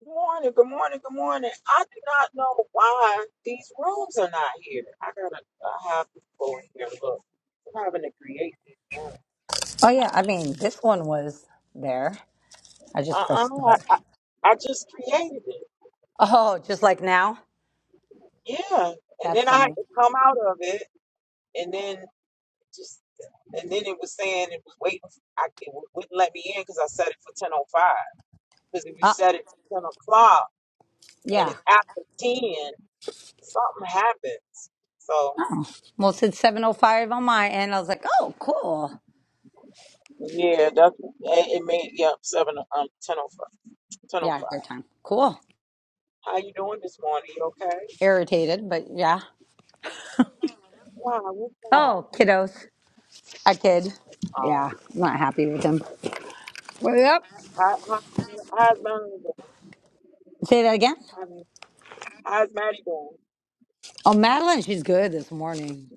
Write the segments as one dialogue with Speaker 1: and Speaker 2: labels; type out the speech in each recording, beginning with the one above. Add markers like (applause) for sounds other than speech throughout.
Speaker 1: Good morning, good morning, good morning. I do not know why these rooms are not here. I gotta I have to go in here. Look, I'm having to create these rooms.
Speaker 2: Oh yeah, I mean this one was there. I just pressed
Speaker 1: Uh-uh, I,
Speaker 2: start.
Speaker 1: I, I just created it.
Speaker 2: Oh, just like now?
Speaker 1: Yeah, and
Speaker 2: That's
Speaker 1: then I had
Speaker 2: funny.
Speaker 1: to come out of it, and then just and then it was saying it was waiting. I, it wouldn't let me in because I set it for ten o five. Because if you
Speaker 2: Uh
Speaker 1: set it for ten o'clock and
Speaker 2: yeah.
Speaker 1: it's after ten, something happens. So.
Speaker 2: Well it said seven oh five on my end. I was like, Oh, cool.
Speaker 1: Yeah, that's it it made yep, seven um ten oh five. Ten oh
Speaker 2: Yeah,
Speaker 1: five.
Speaker 2: good time. Cool.
Speaker 1: How you doing this morning? You okay?
Speaker 2: Irritated, but yeah.
Speaker 1: Wow, what's wrong?
Speaker 2: Oh, kiddos. A kid.
Speaker 1: Um
Speaker 2: Yeah, I'm not happy with him. Well, Yep.
Speaker 1: how, how, how's Maddie doing?
Speaker 2: Say that again.
Speaker 1: I mean, how's Maddie doing?
Speaker 2: Oh, Madeline, she's good this morning.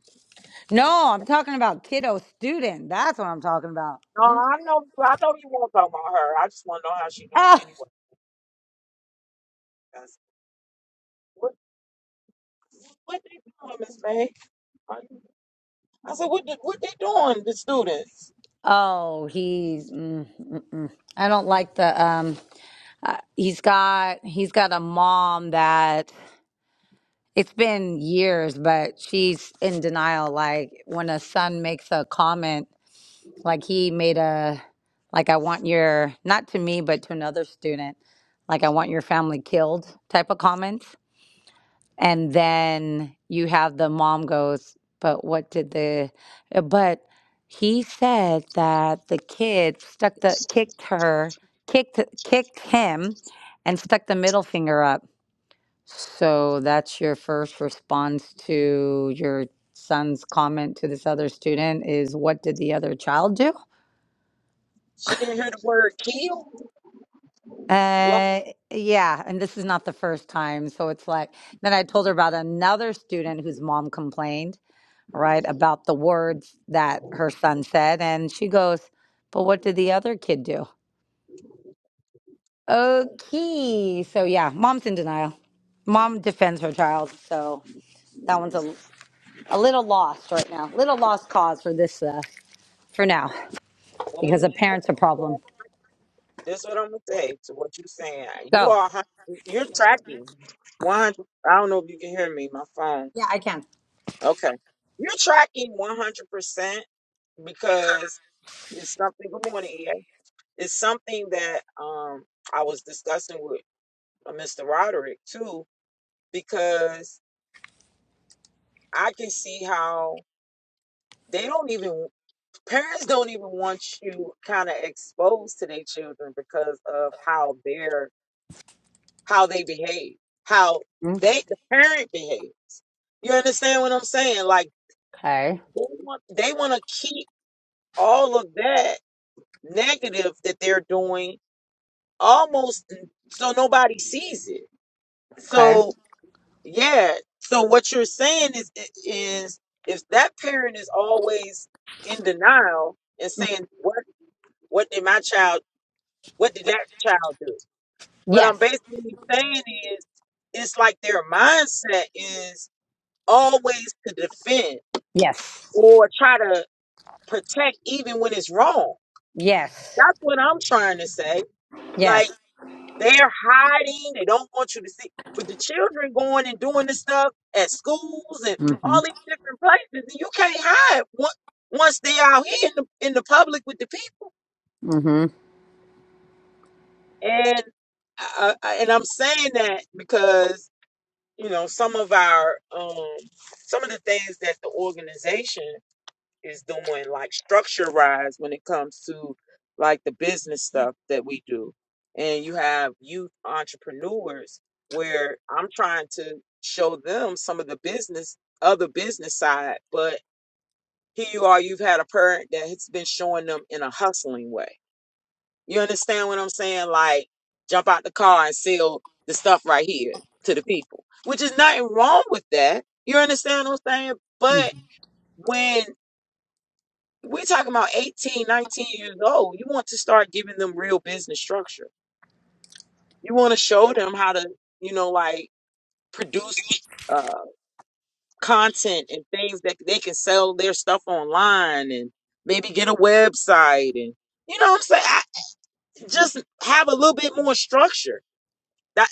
Speaker 2: No, I'm talking about kiddo student. That's what I'm talking about.
Speaker 1: No, I know I know you won't talk about her. I just wanna know how she doing
Speaker 2: Oh,
Speaker 1: anyway. Because what what they doing, Miss May? Are you- I said, what did, what they doing, the students?
Speaker 2: oh, he's. Mm, mm, mm. I don't like the um uh, he's got he's got a mom that it's been years but she's in denial like when a son makes a comment like he made a like i want your not to me but to another student like i want your family killed type of comments and then you have the mom goes but what did the uh, but he said that the kid stuck the kicked her kicked kicked him and stuck the middle finger up so that's your first response to your son's comment to this other student is what did the other child do
Speaker 1: She didn't hear the word kill? Like,
Speaker 2: uh yeah and this is not the first time so it's like then i told her about another student whose mom complained right, about the words that her son said. And she goes, But what did the other kid do? Okay. So, yeah, mom's in denial. Mom defends her child. So that one's a, a little lost right now, little lost cause for this, uh, for now, because
Speaker 1: woman.
Speaker 2: the parent's a problem.
Speaker 1: This is what I'm gonna say to what you're saying. You
Speaker 2: So,
Speaker 1: are hun- you're tracking 100. I don't know if you can hear me. My phone.
Speaker 2: yeah, I can.
Speaker 1: Okay, you're tracking 100 percent because it's something. Good morning, EA. It's something that um I was discussing with uh, Mr. Roderick too because I can see how they don't even parents don't even want you kind of exposed to their children because of how they're how they behave, how they the parent behave. You understand what I'm saying? Like
Speaker 2: Okay.
Speaker 1: they want they want to keep all of that negative that they're doing almost so nobody sees it.
Speaker 2: Okay.
Speaker 1: So yeah, so what you're saying is is if that parent is always in denial and saying what what did my child what did that child do? What I'm
Speaker 2: Yes.
Speaker 1: basically saying is it's like their mindset is always to defend
Speaker 2: Yes.
Speaker 1: or try to protect even when it's wrong.
Speaker 2: Yes.
Speaker 1: That's what I'm trying to say. Like
Speaker 2: Yes.
Speaker 1: they're hiding, they don't want you to see. But the children going and doing this stuff at schools and
Speaker 2: Mm hmm.
Speaker 1: all these different places, and you can't hide on- once they out here in the, in the public with the people.
Speaker 2: Mm
Speaker 1: And I, I, and I'm saying that because you know some of our um, some of the things that the organization is doing like structure wise when it comes to like the business stuff that we do. And you have youth entrepreneurs where I'm trying to show them some of the business other business side, but here you are, you've had a parent that has been showing them in a hustling way. You understand what I'm saying? Like jump out the car and sell the stuff right here to the people. Which is nothing wrong with that. You understand what I'm saying?
Speaker 2: hmm.
Speaker 1: But when we're talking about 18, 19 years old. You want to start giving them real business structure. You want to show them how to, you know, like produce uh, content and things that they can sell their stuff online and maybe get a website and you know what I'm saying. I, just have a little bit more structure. That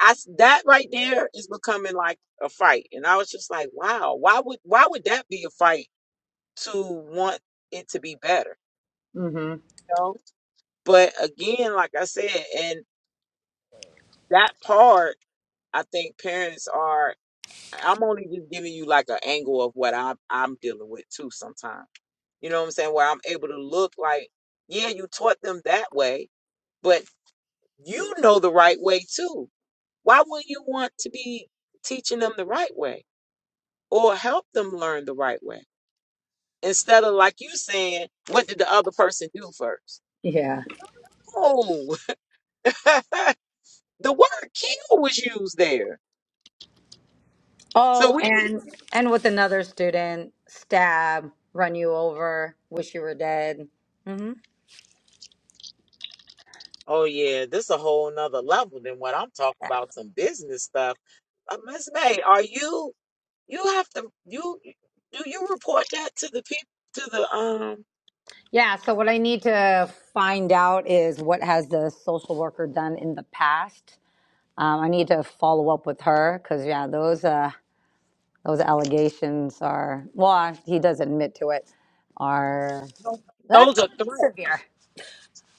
Speaker 1: I s that right there is becoming like a fight, and I was just like, wow, why would why would that be a fight to want it to be better?
Speaker 2: Mm hmm.
Speaker 1: But again, like I said, and that part I think parents are. I'm only just giving you like an angle of what I'm I'm dealing with too. Sometimes, you know what I'm saying, where I'm able to look like, yeah, you taught them that way, but you know the right way too. Why wouldn't you want to be teaching them the right way or help them learn the right way instead of like you saying, what did the other person do first?
Speaker 2: Yeah.
Speaker 1: Oh, (laughs) the word "kill" was used there So
Speaker 2: Oh,
Speaker 1: we,
Speaker 2: and and with another student, stab, run you over, wish you were dead. hmm
Speaker 1: oh yeah, this a whole nother level than what I'm talking about. Some business stuff. Uh, Miss May, are you? You have to. You do you report that to the people to the um?
Speaker 2: Yeah. So what I need to find out is what has the social worker done in the past. Um, I need to follow up with her because yeah, those uh, those allegations are well, he does admit to it. Are
Speaker 1: Those
Speaker 2: that's
Speaker 1: those are
Speaker 2: pretty
Speaker 1: threats.
Speaker 2: severe.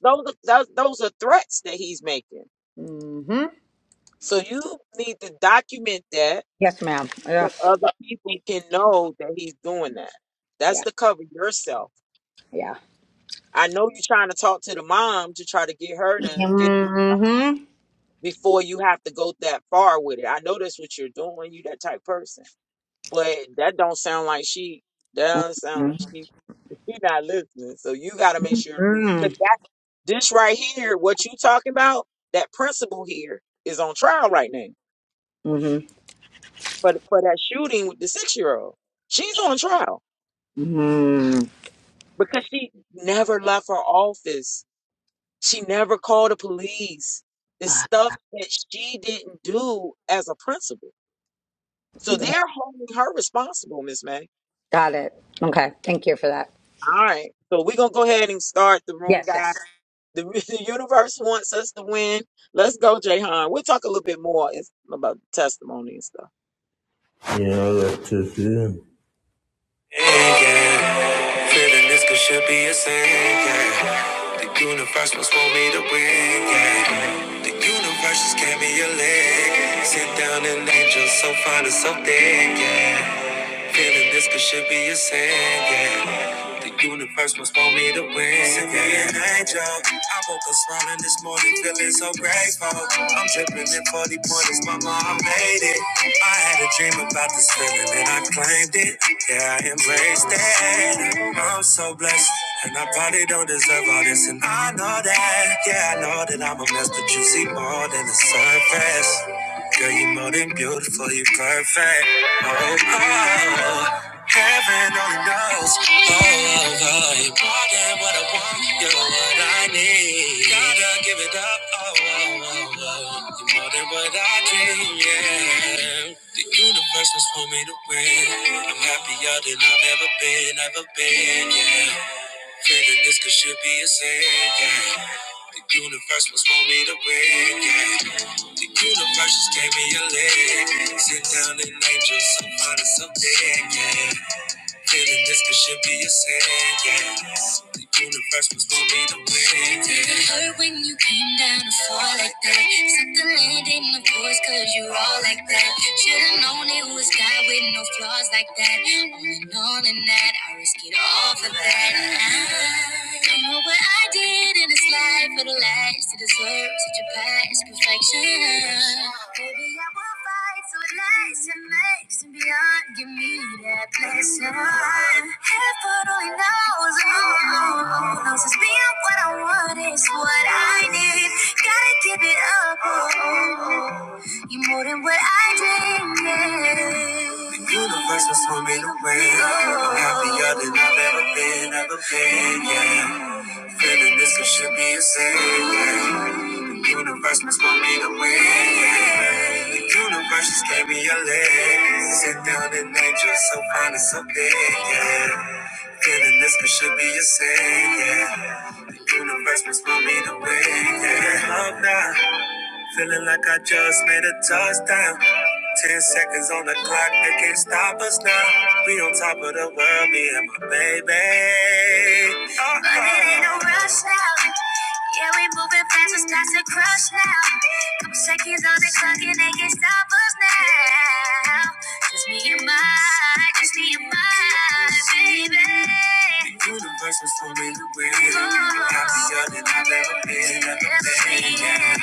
Speaker 1: Those are, those those are threats that he's making.
Speaker 2: hmm
Speaker 1: So you need to document that
Speaker 2: Yes, ma'am. Yeah.
Speaker 1: so other people can know that he's doing that.
Speaker 2: Yeah.
Speaker 1: That's to cover yourself.
Speaker 2: Yeah.
Speaker 1: I know you're trying to talk to the mom to try to get her to get
Speaker 2: hmm
Speaker 1: before you have to go that far with it. I know that's what you're doing. You that type person, but that don't sound like she. That don't sound like she. She not listening. So you got to make sure because that this right here, what you talking about, that principal here is on trial right now
Speaker 2: hmm
Speaker 1: for for that shooting with the six year old. She's on trial
Speaker 2: Mm.
Speaker 1: because she never left her office. She never called the police. It's
Speaker 2: Ah,
Speaker 1: stuff that she didn't do as a principal So they're holding her responsible, Miss May.
Speaker 2: Got it. Okay. Thank you for that.
Speaker 1: All right. So we're gonna go ahead and start the room,
Speaker 2: Yes,
Speaker 1: guy.
Speaker 2: yes.
Speaker 1: The, (laughs) the universe wants us to win. Let's go, Jayhan. We'll talk a little bit more is- about testimony and stuff.
Speaker 3: You know, that's just it. Yeah, feeling this could should be a sin. Yeah. The universe must want me to win. Yeah. The universe just gave me a leg. Sit down and angel so fine and so thick. Yeah. Feeling this could should be a sin, yeah. The universe must want me to win. Send me an angel. I woke up smiling this morning, feeling so grateful. I'm dripping in 40 pointers, mama, I made it. I had a dream about this feeling and I claimed it. Yeah, I embraced it. I'm so blessed. And I probably don't deserve all this, and I know that. Yeah, I know that I'm a mess, but you see more than the surface. Girl, you're more than beautiful, you're perfect. Oh, oh, oh. heaven only knows. Oh, oh, oh. you're more than what I want, you're what I need. Gotta give it up. Oh, oh, oh, oh. you're more than what I dream. Yeah, the universe was for me to win. I'm happier than I've ever been, ever been. Yeah. Feeling this could should be a sin, yeah. The universe must want me to win, yeah. The universe just gave me a leg. Sit down and angel, so fine and so big, yeah. Feeling this could should be a sin, yeah. The universe was for me to win, yeah. Did it hurt when you came down to fall like that? Set the land in the course, cause you all like that. Should've known it was God with no flaws like that. All in all, in that, I risk it all for that. I don't know what I did in this life for the last to deserve such a past perfection. Maybe I will find life with lights and lights and beyond. Give me that blessing. Heaven only knows, oh, knows it's being what I want is what I need. Gotta give it up, oh, you are more than what I dreamed. The universe was swimming away. I'm happier than I've ever been, ever been. Yeah, feeling this it should be a sin. Yeah. The Universe must want me to win. The universe just gave me a leg. Sit down and angel, so fine and so big, yeah. Feeling this could should be a sin, yeah. The universe must want me to win, yeah. Love now. Feeling like I just made a touchdown. Ten seconds on the clock, they can't stop us now. We on top of the world, me and my baby. Uh-uh. But it ain't no rush now. Yeah, we moving fast, it's past the crush now. Couple seconds on the clock, and they can't stop us now. Just me and my, just Universe was for me to win. Happier than I've ever been. Ever been. Yeah.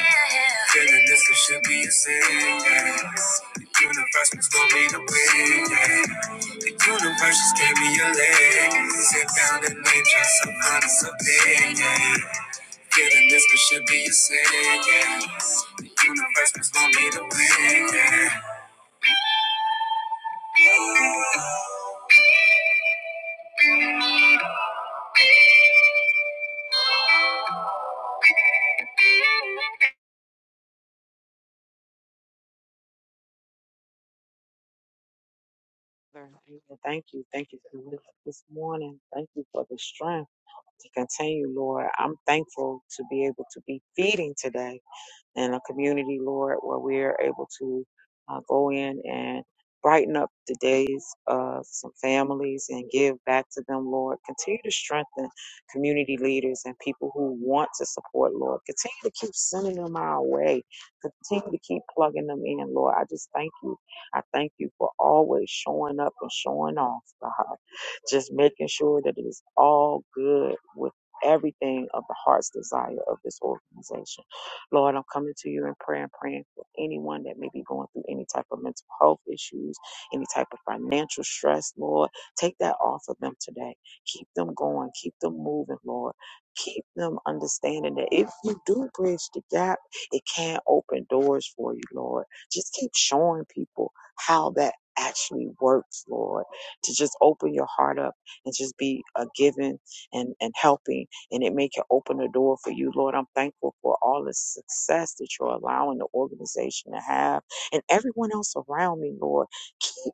Speaker 3: Feeling this it should be a sin. Yeah. The universe was for me to win. Yeah. The universe just gave me a leg. Sit down and nature some honest opinion. Yeah. Feeling this it should be a sin. Yeah. The universe was for me to win. Yeah. Oh.
Speaker 1: Sure. Amen. Thank you. Thank you for this this morning. Thank you for the strength to continue, Lord. I'm thankful to be able to be feeding today. And a community, Lord, where we are able to uh, go in and brighten up the days of some families and give back to them, Lord. Continue to strengthen community leaders and people who want to support, Lord. Continue to keep sending them our way. Continue to keep plugging them in, Lord. I just thank you. I thank you for always showing up and showing off, God. Just making sure that it is all good with everything of the heart's desire of this organization. Lord, I'm coming to you in prayer and praying for anyone that may be going through any type of mental health issues, any type of financial stress, Lord. Take that off of them today. Keep them going. Keep them moving, Lord. Keep them understanding that if you do bridge the gap, it can open doors for you, Lord. Just keep showing people how that actually works, Lord. To just open your heart up and just be a giving and, and helping and it may can open the door for you, Lord. I'm thankful for all the success that you're allowing the organization to have and everyone else around me, Lord. Keep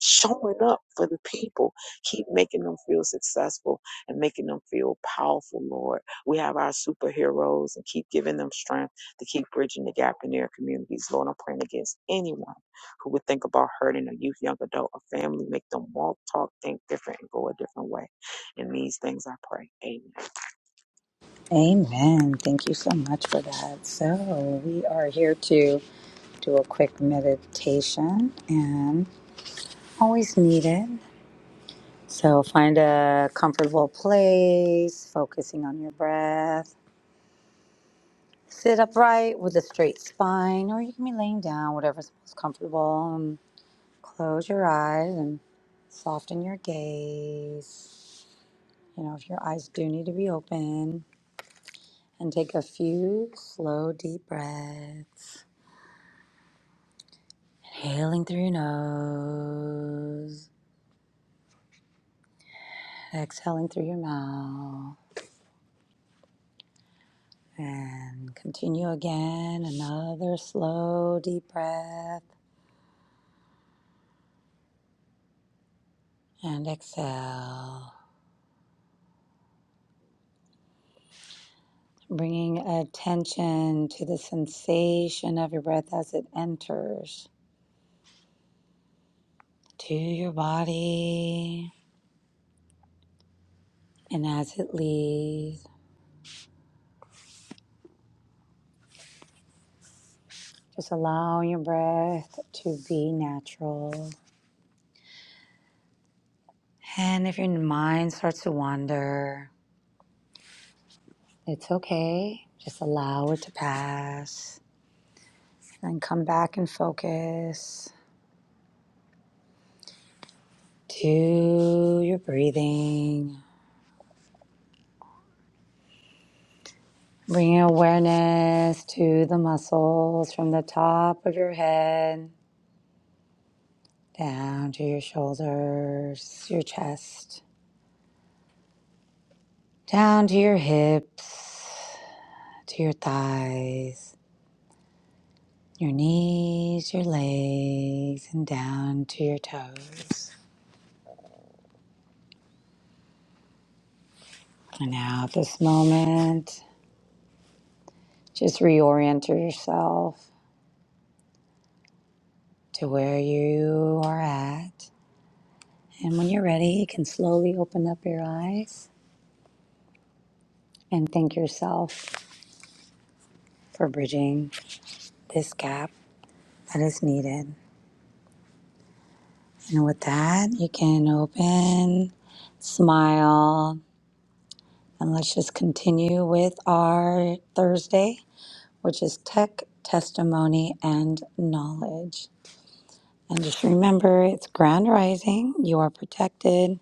Speaker 1: showing up for the people. Keep making them feel successful and making them feel powerful, Lord. We have our superheroes and keep giving them strength to keep bridging the gap in their communities, Lord. I'm praying against anyone who would think about hurting a youth, young adult, a family, make them walk, talk, think different, and go a different way. In these things I pray. Amen.
Speaker 2: Amen. Thank you so much for that. So, we are here to do a quick meditation and always needed. So, find a comfortable place, focusing on your breath. Sit upright with a straight spine, or you can be laying down, whatever's most comfortable. And close your eyes and soften your gaze. You know, if your eyes do need to be open and take a few slow, deep breaths. Inhaling through your nose, exhaling through your mouth, and continue again. Another slow, deep breath and exhale. Bringing attention to the sensation of your breath as it enters to your body and as it leaves. Just allow your breath to be natural. And if your mind starts to wander, it's okay. Just allow it to pass. And then come back and focus to your breathing. Bring your awareness to the muscles from the top of your head down to your shoulders, your chest, down to your hips, to your thighs your knees, your legs, and down to your toes. And now, at this moment, just reorient yourself to where you are at. And when you're ready, you can slowly open up your eyes and thank yourself for bridging this gap that is needed. And with that, you can open, smile, and let's just continue with our Thursday which is tech, testimony, and knowledge. And just remember it's grand rising, you are protected,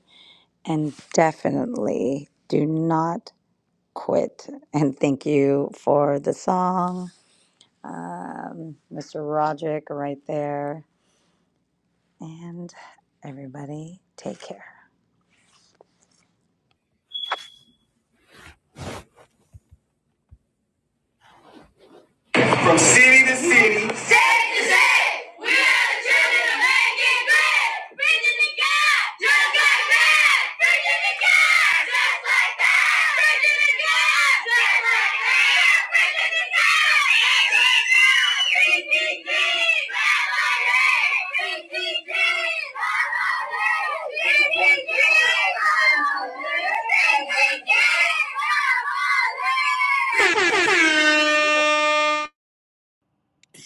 Speaker 2: and definitely do not quit. And thank you for the song, um, Mr. Roderick, right there. And everybody, take care.
Speaker 3: From city to city. State to state. We are the children of making great. Preaching to God. Just like that. Preaching to God. Just like that. Preaching to God. Just like that. Preaching to God. PTG. PTG. PTG. PTG. PTG.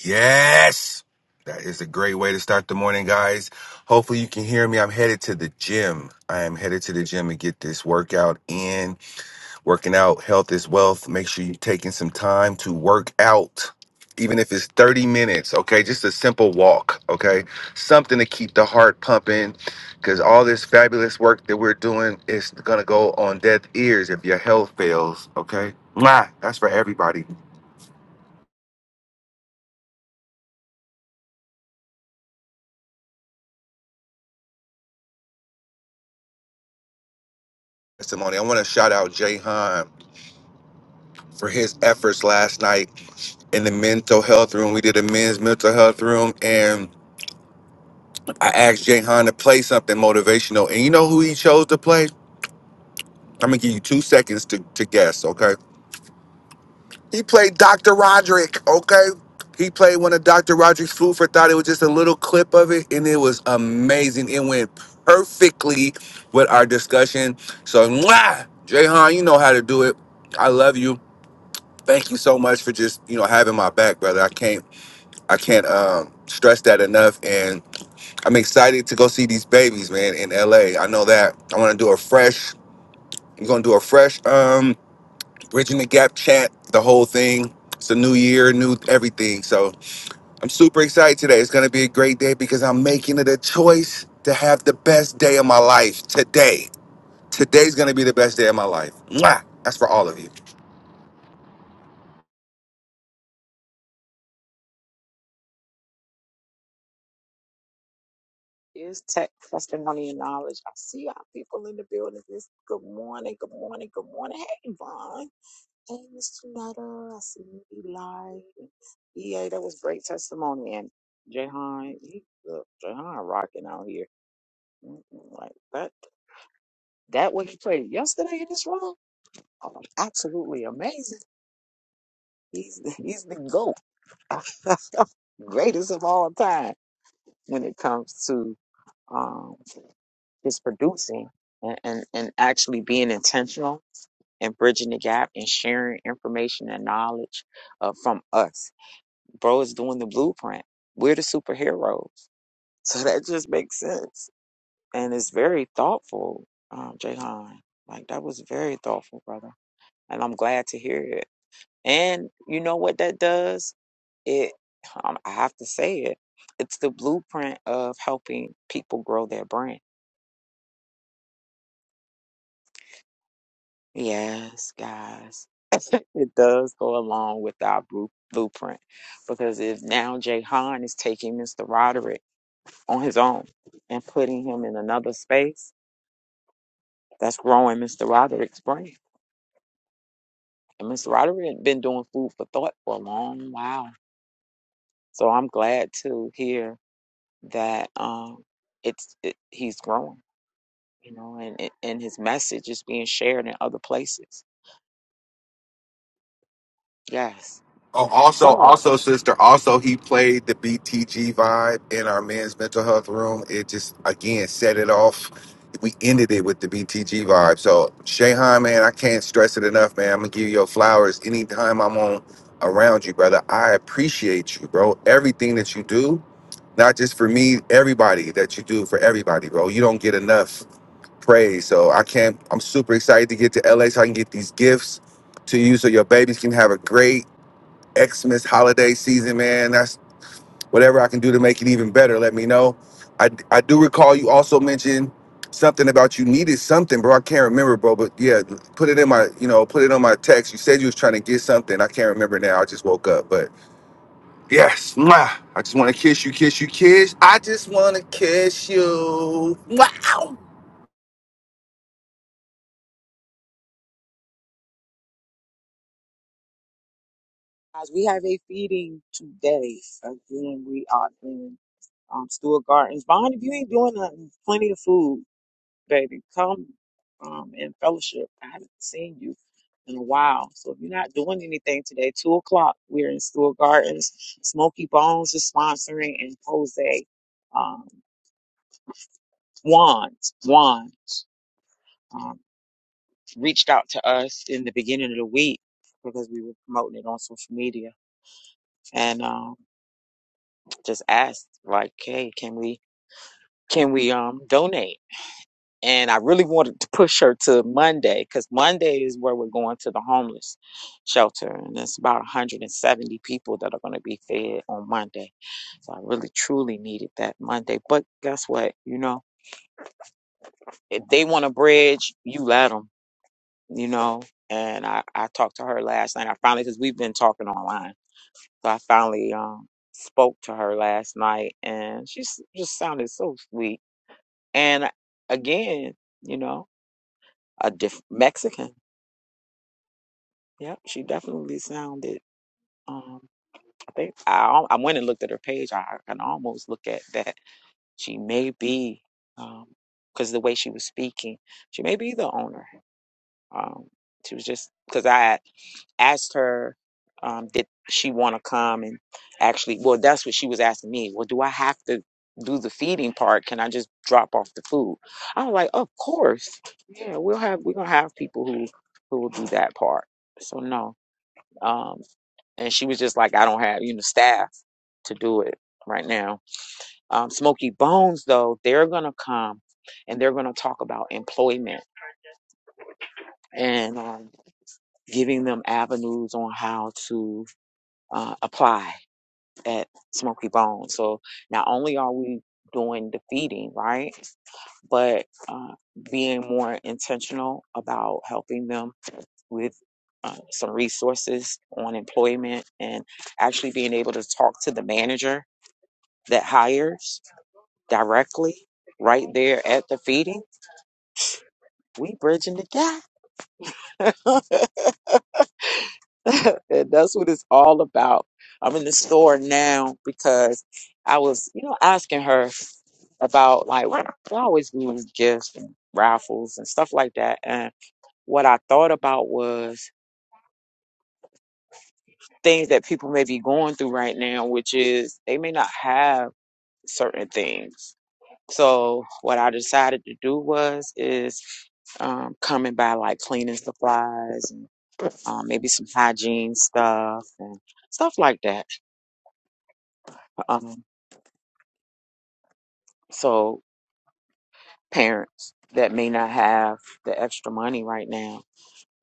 Speaker 4: Yes. That is a great way to start the morning, guys. Hopefully, you can hear me. I'm headed to the gym. I am headed to the gym to get this workout in. Working out, health is wealth. Make sure you're taking some time to work out, even if it's 30 minutes, okay? Just a simple walk, okay? Something to keep the heart pumping because all this fabulous work that we're doing is going to go on deaf ears if your health fails, okay? Mwah! That's for everybody testimony. I want to shout out Jay for his efforts last night in the mental health room. We did a men's mental health room, and I asked Jahan to play something motivational. And you know who he chose to play? I'm gonna give you two seconds to, to guess, okay? He played Dr. Roderick, okay? He played one of Dr. Roderick's Food for Thought. It was just a little clip of it, and it was amazing. It went perfectly with our discussion. So, mwah! Jahan, you know how to do it. I love you. Thank you so much for just, you know, having my back, brother. I can't I can't um, stress that enough. And I'm excited to go see these babies, man, in LA. I know that. I want to do a fresh. I'm gonna do a fresh um, bridging the gap chat. The whole thing. It's a new year, new everything. So I'm super excited today. It's gonna be a great day because I'm making it a choice to have the best day of my life today. Today's gonna be the best day of my life. Mwah! That's for all of you.
Speaker 1: Is tech testimony and knowledge. I see our people in the building. This good morning, good morning, good morning. Hey, Vaughn. Hey, Miss Tunetta. I see you, Eli. Yeah, that was great testimony. And Jahan, he, look, Jahan rocking out here. Mm, mm, Like that, that what he played yesterday in this room. Oh, absolutely amazing. He's the, he's the GOAT, (laughs) greatest of all time when it comes to. um, is producing and, and, and actually being intentional and bridging the gap and sharing information and knowledge uh, from us. Bro is doing the blueprint. We're the superheroes. (laughs) So that just makes sense. And it's very thoughtful, um, Jahan. Like, that was very thoughtful, brother. And I'm glad to hear it. And you know what that does? It, um, I have to say it, it's the blueprint of helping people grow their brand. Yes, guys It does go along with our bru- blueprint because if now Jay Han is taking Mr. Roderick on his own and putting him in another space, that's growing Mr. Roderick's brain. And Mr. Roderick had been doing food for thought for a long while. So I'm glad to hear that um, it's it, he's growing, you know, and and and his message is being shared in other places. Yes.
Speaker 4: Oh, also,
Speaker 1: So
Speaker 4: also, sister. Also, he played the BTG vibe in our men's mental health room. It just again set it off. We ended it with the BTG vibe. So, Shayhan, man, I can't stress it enough, man. I'm gonna give you your flowers anytime I'm on around you, brother. I appreciate you, bro. Everything that you do, not just for me, everybody that you do for everybody, bro. You don't get enough praise. So, I can't. I'm super excited to get to LA so I can get these gifts to you, so your babies can have a great Xmas holiday season, man. That's whatever I can do to make it even better. Let me know. I, I do recall you also mentioned something about you needed something, bro. I can't remember, bro. But yeah, put it in my you know put it on my text. You said you was trying to get something. I can't remember now. I just woke up, but yes, mwah. I just want to kiss you, kiss you, kiss. I just want to kiss you. Wow.
Speaker 1: guys, we have a feeding today. Again, we are in. um, Stuart Gardens. Bond, if you ain't doing nothing, there's plenty of food, baby. Come um, and fellowship. I haven't seen you in a while. So if you're not doing anything today, 2 o'clock, we're in Stuart Gardens. Smoky Bones is sponsoring and Jose um, Juan, Juan um, reached out to us in the beginning of the week because we were promoting it on social media and um, just asked, like, hey, can we, can we um, donate? and I really wanted to push her to Monday because Monday is where we're going to the homeless shelter, and it's about 170 people that are going to be fed on Monday. So I really truly needed that Monday. But guess what? You know, if they want a bridge, you let them. You know, and I I talked to her last night. I finally because we've been talking online, so I finally um spoke to her last night, and she s- just sounded so sweet. And again, you know, a diff- Mexican. Yep, she definitely sounded. Um, I think I al- I went and looked at her page. I I can almost look at that. She may be, um, because the way she was speaking, she may be the owner. Um, she was just because I had asked her, um, did she want to come and actually? Well, that's what she was asking me. Well, do I have to do the feeding part? Can I just drop off the food? I was like, of course. Yeah, we'll have we're gonna have people who who will do that part. So no. um, and she was just like, I don't have you know staff to do it right now. Um, Smoky Bones though, they're gonna come and they're gonna talk about employment and um, giving them avenues on how to uh, apply at Smoky Bones. So not only are we doing the feeding right, but uh, being more intentional about helping them with. Uh, some resources on employment and actually being able to talk to the manager that hires directly right there at the feeding, we bridging the gap. (laughs) and that's what it's all about. I'm in the store now because I was, you know, asking her about like what I always do is gifts and raffles and stuff like that. And what I thought about was things that people may be going through right now, which is they may not have certain things So what I decided to do was is um, coming by like cleaning supplies and um, maybe some hygiene stuff and stuff like that. Um, so parents that may not have the extra money right now,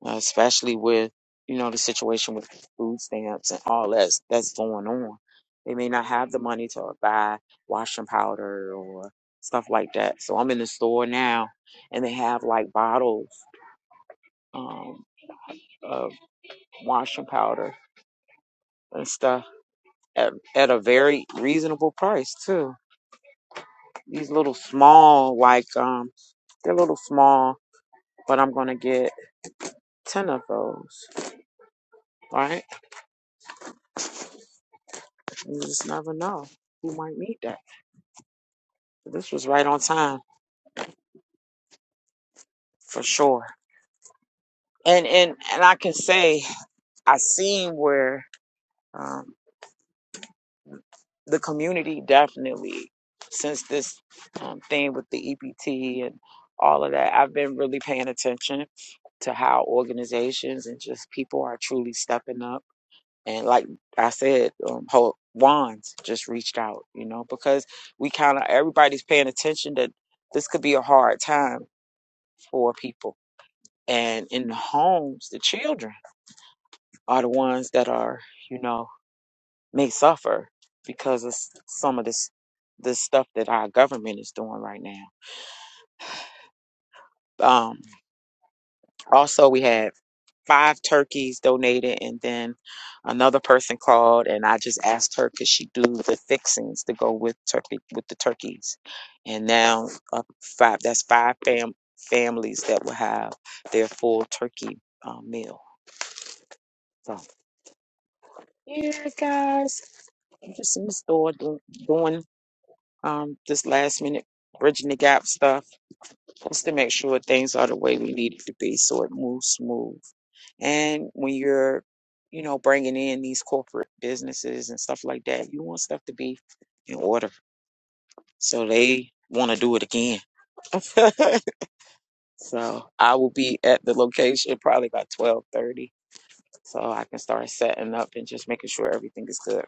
Speaker 1: uh, especially with you know the situation with food stamps and all that that's that's going on, they may not have the money to buy washing powder or stuff like that. So I'm in the store now, and they have like bottles. Um, of washing powder and stuff at, at a very reasonable price too. These little small, like um, they're little small, but I'm gonna get ten of those, right? You just never know who might need that. This was right on time for sure. And and and I can say I seen where um, the community definitely since this um, thing with the EPT and all of that, I've been really paying attention to how organizations and just people are truly stepping up. And like I said, um, Ho- Wands just reached out, you know, because we kind of everybody's paying attention that this could be a hard time for people. And in the homes, the children are the ones that are, you know, may suffer because of s- some of this this stuff that our government is doing right now. Um, also, we had five turkeys donated and then another person called and I just asked her could she do the fixings to go with turkey with the turkeys and now uh, five that's five fam- families that will have their full turkey uh, meal so yeah guys I'm just in the store do- doing um this last minute bridging the gap stuff just to make sure things are the way we need it to be so it moves smooth And when you're, you know, bringing in these corporate businesses and stuff like that, you want stuff to be in order. So they want to do it again. (laughs) so I will be at the location probably by 12:30 so I can start setting up and just making sure everything is good.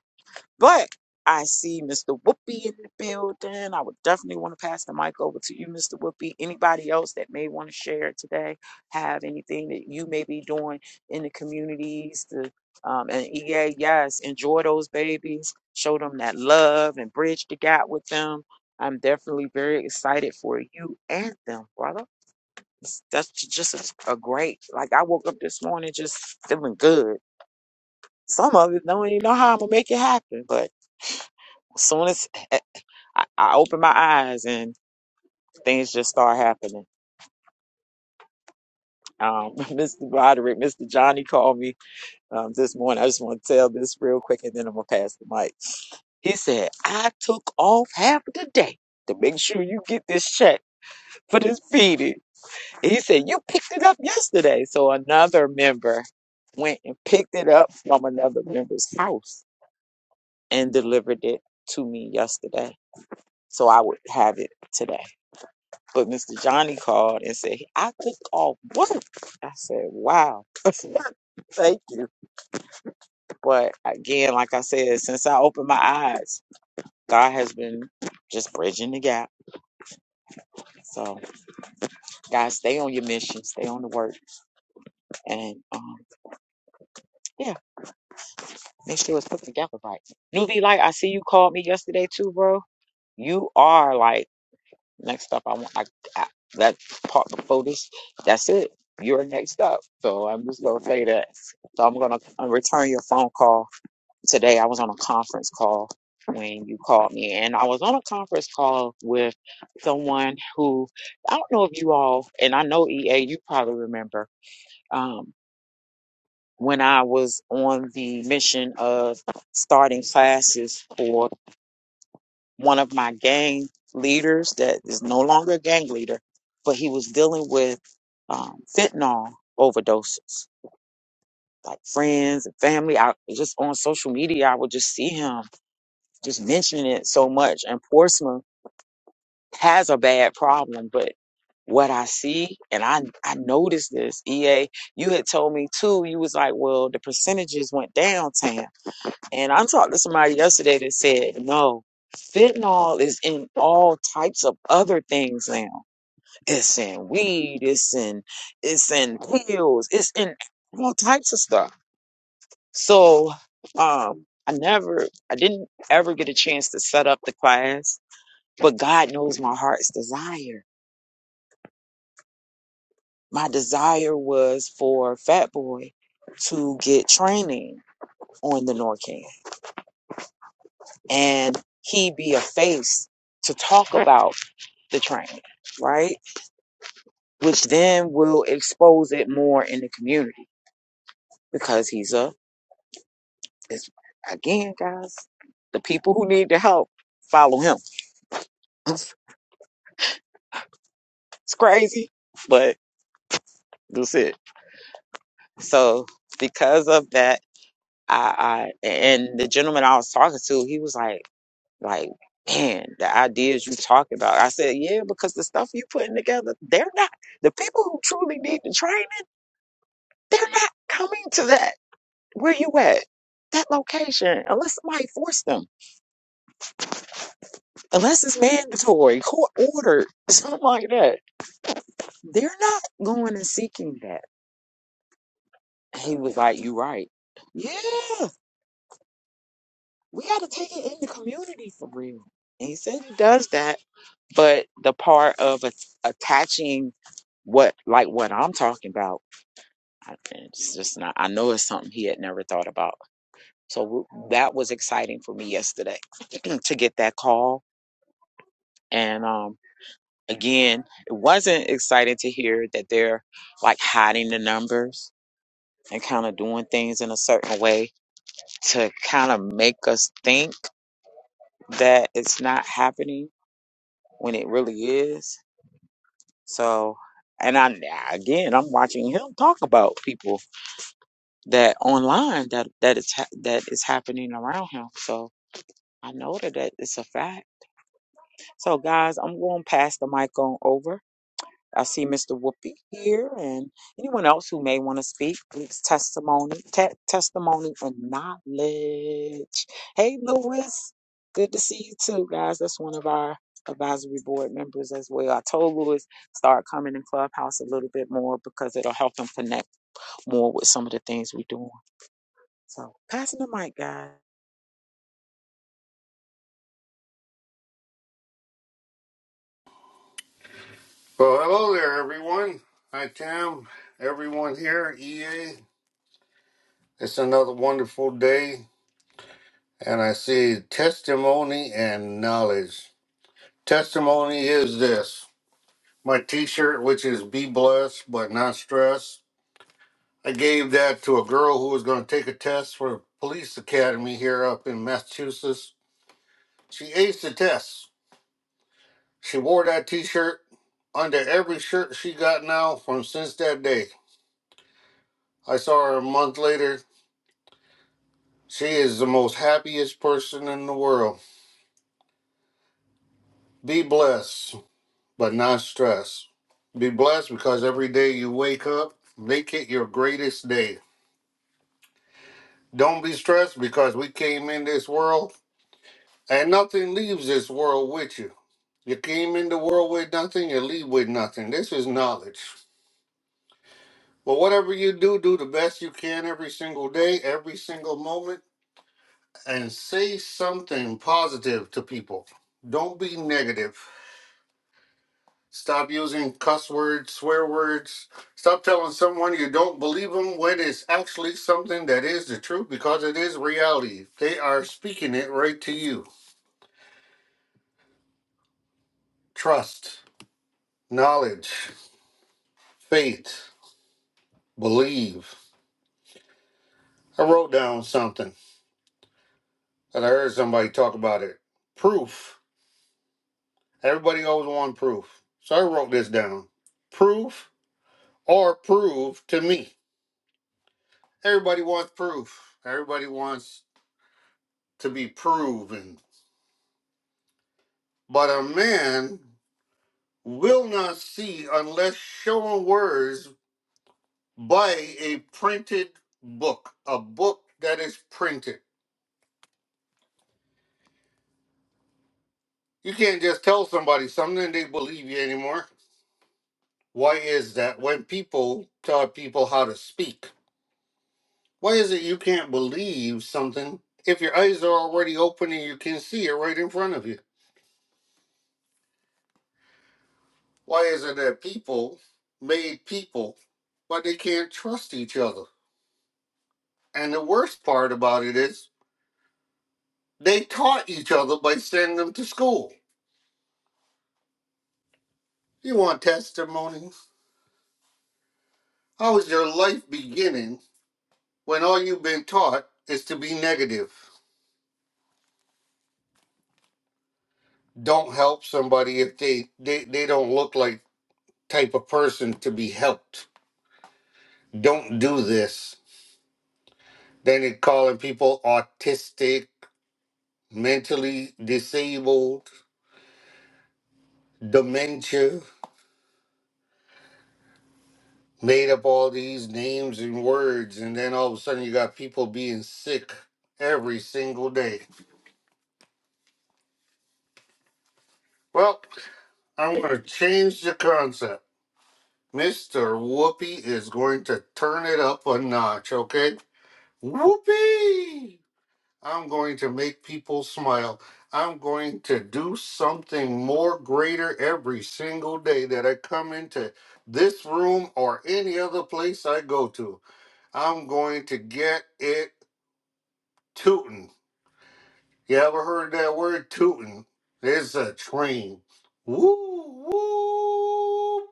Speaker 1: But I see Mr. Whoopi in the building. I would definitely want to pass the mic over to you, Mr. Whoopi. Anybody else that may want to share today, have anything that you may be doing in the communities to um, and EA, yes, enjoy those babies, show them that love and bridge the gap with them. I'm definitely very excited for you and them, brother. It's- That's ju- just a, a great, like I woke up this morning just feeling good. Some of it don't even know how I'm gonna make it happen, but soon as eh, I, I opened my eyes and things just start happening. Um, (laughs) Mr. Roderick, Mr. Johnny called me um, this morning. I just want to tell this real quick and then I'm going to pass the mic. He said, I took off half of the day to make sure you get this check for this feeding. And he said, You picked it up yesterday. So another member went and picked it up from another member's house and delivered it to me yesterday. So I would have it today. But Mr. Johnny called and said, I took off work. I said, wow, (laughs) thank you. But again, like I said, since I opened my eyes, God has been just bridging the gap. So, guys, stay on your mission, stay on the work, and um, yeah, make sure it's put together right. Newbie Light, I see you called me yesterday too, bro. You are like Next up, I want I, I, that part before this. That's it. You're next up. So I'm just gonna say that. So I'm gonna uh, return your phone call today. I was on a conference call when you called me, and I was on a conference call with someone who I don't know if you all, and I know EA, you probably remember. Um, when I was on the mission of starting classes for one of my gang leaders that is no longer a gang leader, but he was dealing with um, fentanyl overdoses, like friends and family. I just on social media, I would just see him just mentioning it so much. And Portsmouth has a bad problem, but what I see, and I I noticed this. EA, you had told me too. You was like, well, the percentages went down, Tam. And I talked to somebody yesterday that said, no, fentanyl is in all types of other things now. It's in weed, it's in it's in pills, it's in all types of stuff. So um I never I didn't ever get a chance to set up the class, but God knows my heart's desire. My desire was for Fat Boy to get training on the Norcan and he be a face to talk about. the train, right? Which then will expose it more in the community because he's a, it's, again, guys, the people who need the help follow him. (laughs) It's crazy, but that's it. So because of that, I, I and the gentleman I was talking to, he was like, like, man, the ideas you talk about. I said, yeah, because the stuff you putting together, they're not the people who truly need the training. They're not coming to that Where you at? That location, unless somebody forced them, unless it's mandatory, court ordered, (laughs) something like that. They're not going and seeking that. He was like, You right. Yeah, we got to take it in the community for real. And he said he does that, but the part of a- attaching what, like what I'm talking about, I, it's just not. I know it's something he had never thought about. So w- that was exciting for me yesterday (clears throat) to get that call, and um, Again, it wasn't exciting to hear that they're like hiding the numbers and kind of doing things in a certain way to kind of make us think that it's not happening when it really is. So, and I again, I'm watching him talk about people that online that that is ha- that is happening around him. So I know that that it's a fact. So guys, I'm going to pass the mic on over I see Mr. Whoopi here and anyone else who may want to speak. It's testimony, te- testimony and knowledge. Hey, Lewis, good to see you too, guys. That's one of our advisory board members as well. I told Lewis start coming in Clubhouse a little bit more because it'll help him connect more with some of the things we're doing. So passing the mic, guys.
Speaker 5: Well, hello there, everyone. Hi, Tim. Everyone here, EA. It's another wonderful day, and I see testimony and knowledge. Testimony is this my t shirt, which is Be Blessed But Not Stressed. I gave that to a girl who was going to take a test for the police academy here up in Massachusetts. She aced the test. She wore that t shirt under every shirt she got now from since that day. I saw her a month later She is the most happiest person in the world. Be blessed, but not stressed. Be blessed because every day you wake up, make it your greatest day. Don't be stressed because we came in this world and nothing leaves this world with you. You came in the world with nothing, you leave with nothing. This is knowledge. But whatever you do, do the best you can every single day, every single moment, and say something positive to people. Don't be negative. Stop using cuss words, swear words. Stop telling someone you don't believe them when it's actually something that is the truth because it is reality. They are speaking it right to you. Trust, knowledge, faith, believe. I wrote down something that I heard somebody talk about it. Proof. Everybody always want proof. So I wrote this down. Proof or prove to me. Everybody wants proof. Everybody wants to be proven But a man will not see unless shown words by a printed book, a book that is printed. You can't just tell somebody something and they believe you anymore. Why is that? When people tell people how to speak, why is it you can't believe something if your eyes are already open and you can see it right in front of you? Why is it that people made people, but they can't trust each other? And the worst part about it is They taught each other by sending them to school. You want testimonies? How is your life beginning when all you've been taught is to be negative? Don't help somebody if they, they, they don't look like type of person to be helped. Don't do this. Then they're calling people autistic, mentally disabled, dementia, made up all these names and words, and then all of a sudden you got people being sick every single day. Well, I'm going to change the concept. Mr. Whoopi is going to turn it up a notch, okay? Whoopi! I'm going to make people smile. I'm going to do something more greater every single day that I come into this room or any other place I go to. I'm going to get it tootin'. You ever heard that word tootin'? It's a train. Woo, woo.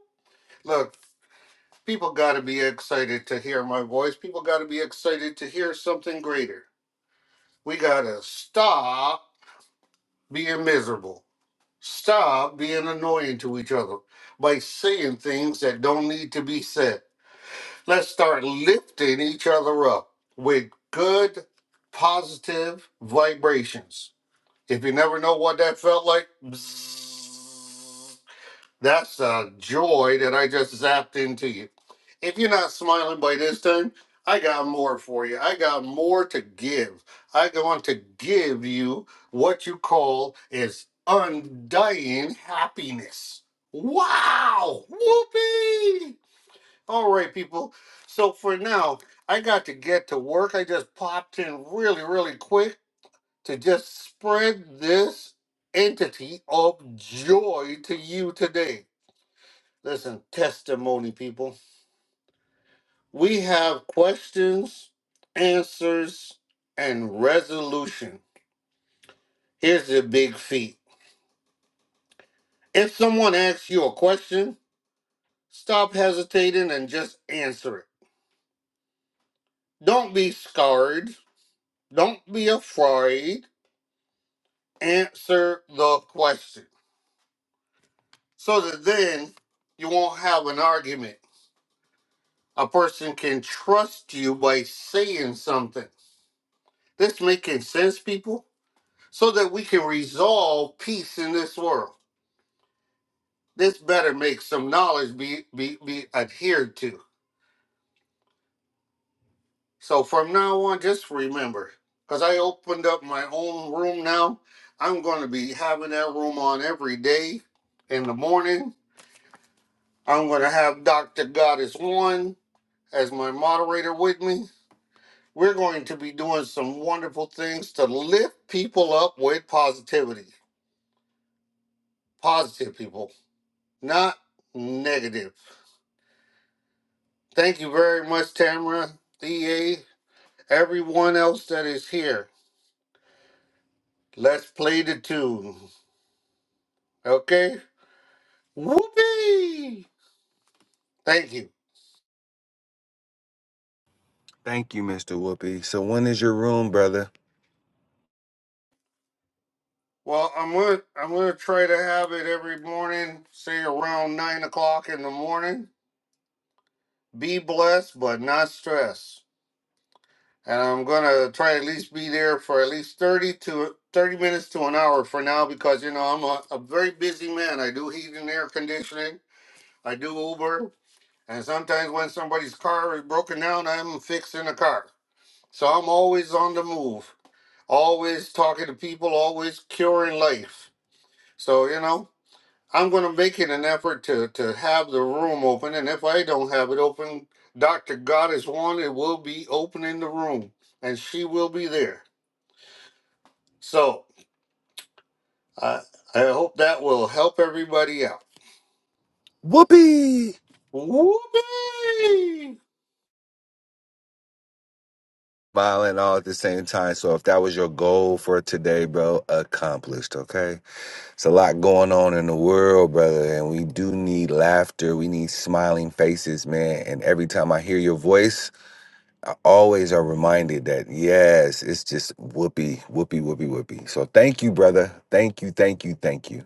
Speaker 5: Look, People got to be excited to hear my voice. People got to be excited to hear something greater. We got to stop being miserable. Stop being annoying to each other by saying things that don't need to be said. Let's start lifting each other up with good, positive vibrations. If you never know what that felt like, bzzz, That's a joy that I just zapped into you. If you're not smiling by this time, I got more for you. I got more to give. I want to give you what you call is undying happiness. Wow! Whoopee! All right, people. So for now, I got to get to work. I just popped in really, really quick to just spread this entity of joy to you today. Listen, testimony, people. We have questions, answers, and resolution. Here's the big feat. If someone asks you a question, stop hesitating and just answer it. Don't be scared. Don't be afraid. Answer the question so that then you won't have an argument. A person can trust you by saying something. This making sense, people? so that we can resolve peace in this world. This better make some knowledge be, be, be adhered to. So from now on, just remember, because I opened up my own room now, I'm going to be having that room on every day in the morning. I'm going to have Dr. God is One as my moderator with me. We're going to be doing some wonderful things to lift people up with positivity. Positive people, not negative. Thank you very much, Tamara, DA, everyone else that is here. Let's play the tune. Okay? Whoopee! Thank you.
Speaker 4: Thank you, Mr. Whoopi. So when is your room, brother?
Speaker 5: Well, I'm gonna I'm gonna try to have it every morning, say around nine o'clock in the morning. Be blessed but not stressed. And I'm gonna try at least be there for at least thirty to thirty minutes to an hour for now because you know I'm a, a very busy man. I do heat and air conditioning. I do Uber. And sometimes when somebody's car is broken down, I'm fixing a car. So I'm always on the move, always talking to people, always curing life. So, you know, I'm going to make it an effort to, to have the room open. And if I don't have it open, Dr. Goddess Wanted will be opening the room and she will be there. So I I hope that will help everybody out.
Speaker 4: Whoopi.
Speaker 5: Whoopee!
Speaker 4: smiling all at the same time. So if that was your goal for today, bro, accomplished, okay? It's a lot going on in the world, brother, and we do need laughter. We need smiling faces, man. And every time I hear your voice, I always are reminded that yes, it's just whoopee, whoopee, whoopee, whoopee. So thank you, brother. Thank you, thank you, thank you.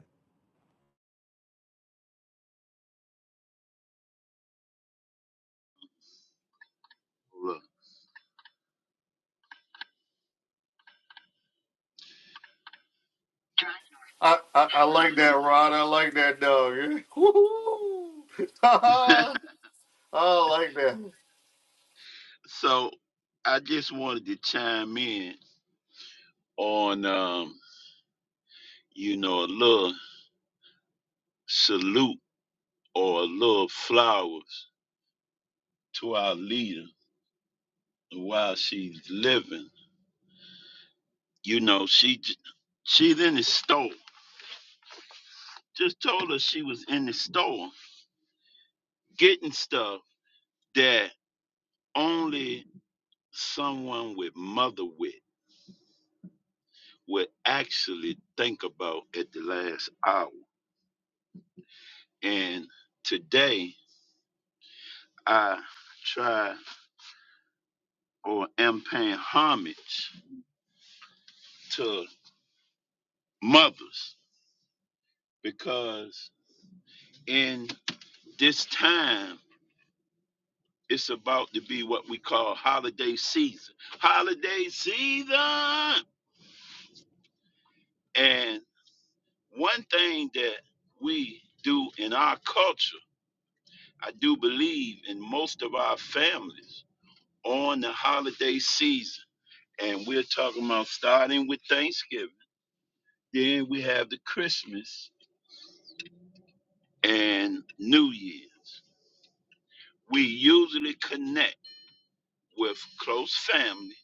Speaker 6: (laughs)
Speaker 5: I, I, I like that, Ron. I like that dog. (laughs) Woo-hoo. (laughs) I like that.
Speaker 6: so I just wanted to chime in on um, you know, a little salute or a little flowers to our leader while she's living. You know, she j- she's in the store. Just told her she was in the store getting stuff that only someone with mother wit would actually think about at the last hour. And today I try or am paying homage to mothers because in this time it's about to be what we call holiday season. Holiday season! And one thing that we do in our culture, I do believe in most of our families on the holiday season. And we're talking about starting with Thanksgiving, then we have the Christmas, and New Year's. We usually connect with close family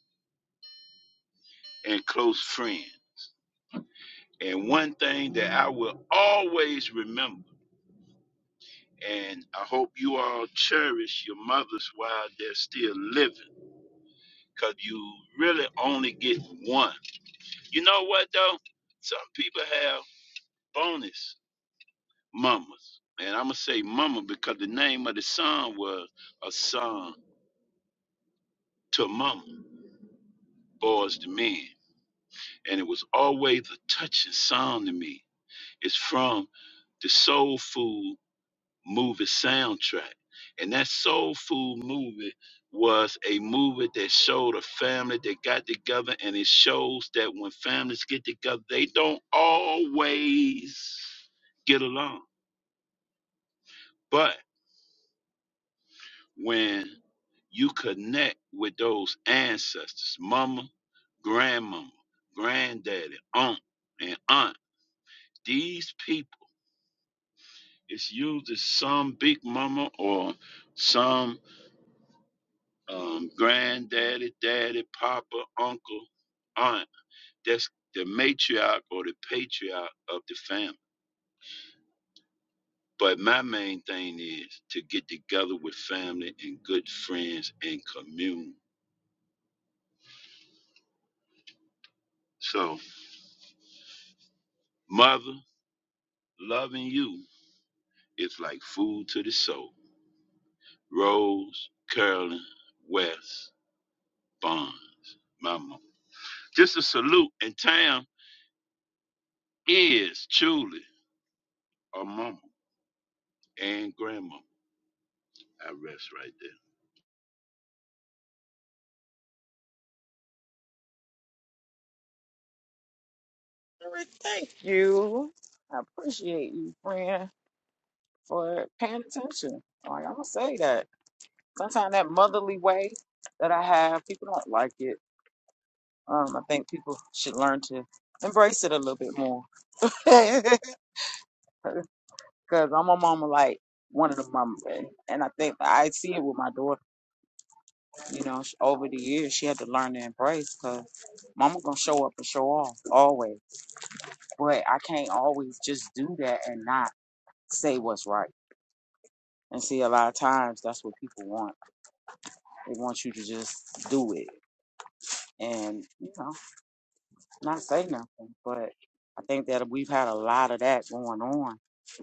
Speaker 6: and close friends. And one thing that I will always remember, and I hope you all cherish your mothers while they're still living, because you really only get one. You know what, though? Some people have bonus mamas. And I'm going to say mama because the name of the son was a son to mama, boys to men. And it was always a touching song to me. It's from the Soul Food movie soundtrack. And that Soul Food movie was a movie that showed a family that got together, and it shows that when families get together, they don't always get along. But when you connect with those ancestors, mama, grandmama, granddaddy, aunt, and aunt, these people It's used as some big mama or some um, granddaddy, daddy, papa, uncle, aunt. That's the matriarch or the patriarch of the family. But my main thing is to get together with family and good friends and commune. So, mother, loving you is like food to the soul. Rose, Carolyn, West, Bonds, my mama. Just a salute, and Tam is truly. a mama and grandma. I rest right there.
Speaker 1: Rick, Thank you. I appreciate you, friend, for paying attention. Like I'm gonna say that. Sometimes that motherly way that I have, people don't like it. Um, I think people should learn to embrace it a little bit more. (laughs) Cause I'm a mama like one of the mama, and and I think I see it with my daughter. You know, sh- over the years she had to learn to embrace. Cause mama gonna show up and show off always, but I can't always just do that and not say what's right. And see, a lot of times that's what people want. They want you to just do it, and you know. not say nothing, but I think that we've had a lot of that going on,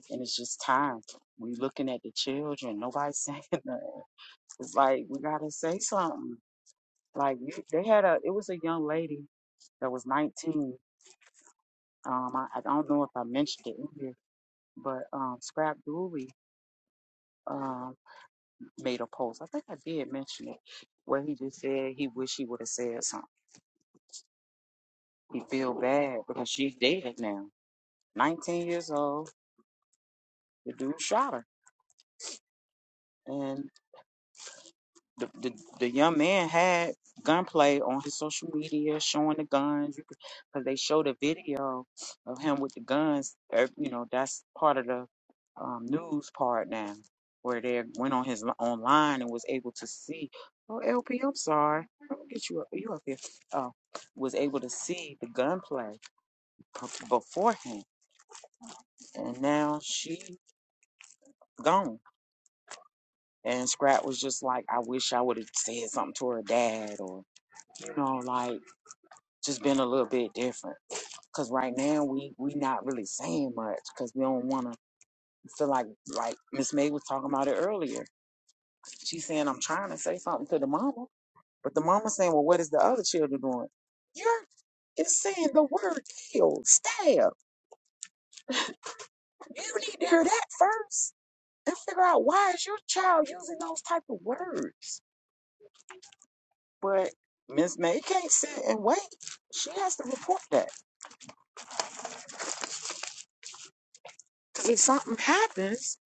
Speaker 1: and it's just time. We looking at the children, nobody (laughs) saying nothing. It's like we gotta say something. Like you- they had a, it was a young lady that was 19. Um, I, I don't know if I mentioned it in here, but um, Scrap Dooley um made a post. I think I did mention it, where he just said he wish he would have said something. He feel bad because she's dead now, 19 years old. The dude shot her the, the the young man had gunplay on his social media showing the guns because they showed a video of him with the guns Er, you know that's part of the um, news part now where they went on his li- online and was able to see oh lp i'm sorry let me get you up you up here oh was able to see the gunplay b- beforehand and now she gone and scrap was just like i wish i would have said something to her dad or you know like just been a little bit different. Cause right now we we not really saying much because we don't want to feel like like Miss May was talking about it earlier. She's saying I'm trying to say something to the mama, but the mama saying, well, what is the other children doing? You're it's saying the word kill, stab. You need to hear that first and figure out why is your child using those type of words. But Miss May can't sit and wait. She has to report that because if something happens,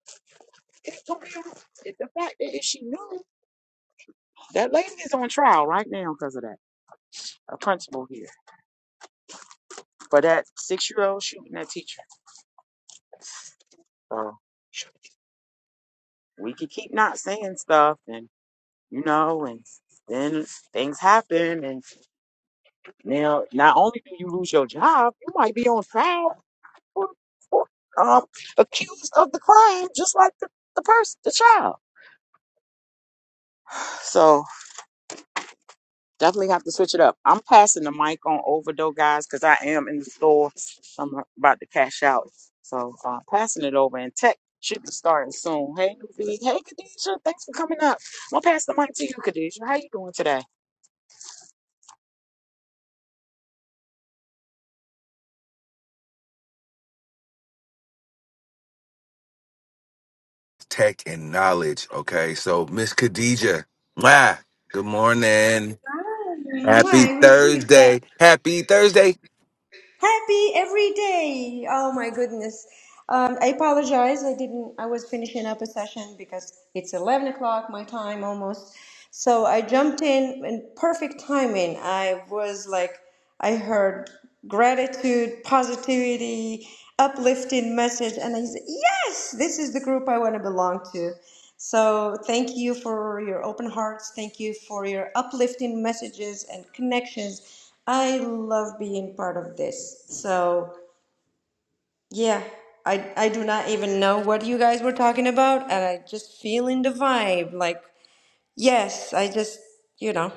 Speaker 1: it can be. It's the fact that if she knew That lady is on trial right now because of that. A principal here for that six year old shooting that teacher. So we could keep not saying stuff and, you know, and then things happen. And now, not only do you lose your job, you might be on trial for, for um, accused of the crime, just like the, the person, the child. So. Definitely have to switch it up. I'm passing the mic on over though, guys, because I am in the store. I'm about to cash out. So uh, passing it over and tech should be starting soon. Hey, Newbie. Hey, Khadijah. Thanks for coming up. I'm going to pass the mic to you, Khadijah. How you doing today?
Speaker 4: Tech and knowledge, okay? So Miss Khadija, mwah, good morning. Happy
Speaker 7: I received that.
Speaker 4: Thursday. Happy Thursday.
Speaker 7: Happy every day. Oh my goodness. Um, I apologize. I didn't. I was finishing up a session because it's eleven o'clock my time almost. So I jumped in in perfect timing. I was like, I heard gratitude, positivity, uplifting message, and I said, yes, this is the group I want to belong to. So thank you for your open hearts. Thank you for your uplifting messages and connections. I love being part of this. So. Yeah, I I do not even know what you guys were talking about, and I just feeling the vibe. Like, yes, I just, you know,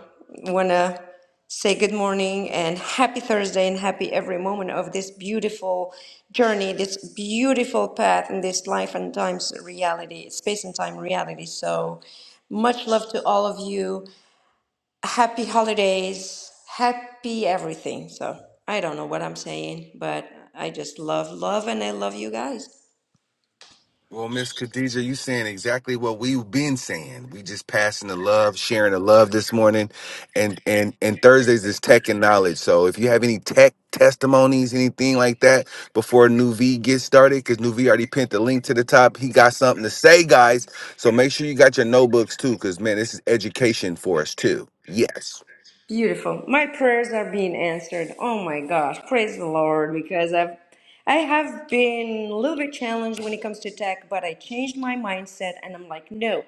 Speaker 7: wanna say good morning and happy Thursday and happy every moment of this beautiful journey, this beautiful path in this life and times reality, space and time reality. So much love to all of you happy holidays, happy everything. So I don't know what I'm saying, but I just love love and I love you guys.
Speaker 4: Well, Miss Khadija, you saying exactly what we've been saying. We just passing the love, sharing the love this morning, and and and Thursdays is tech and knowledge. So if you have any tech testimonies, anything like that, before New V gets started, because New V already pinned the link to the top. He got something to say, guys. So make sure you got your notebooks too, because man, this is education for us too. Yes.
Speaker 7: Beautiful. My prayers are being answered. Oh my gosh. Praise the Lord because I've I have been a little bit challenged when it comes to tech, but I changed my mindset and I'm like, no.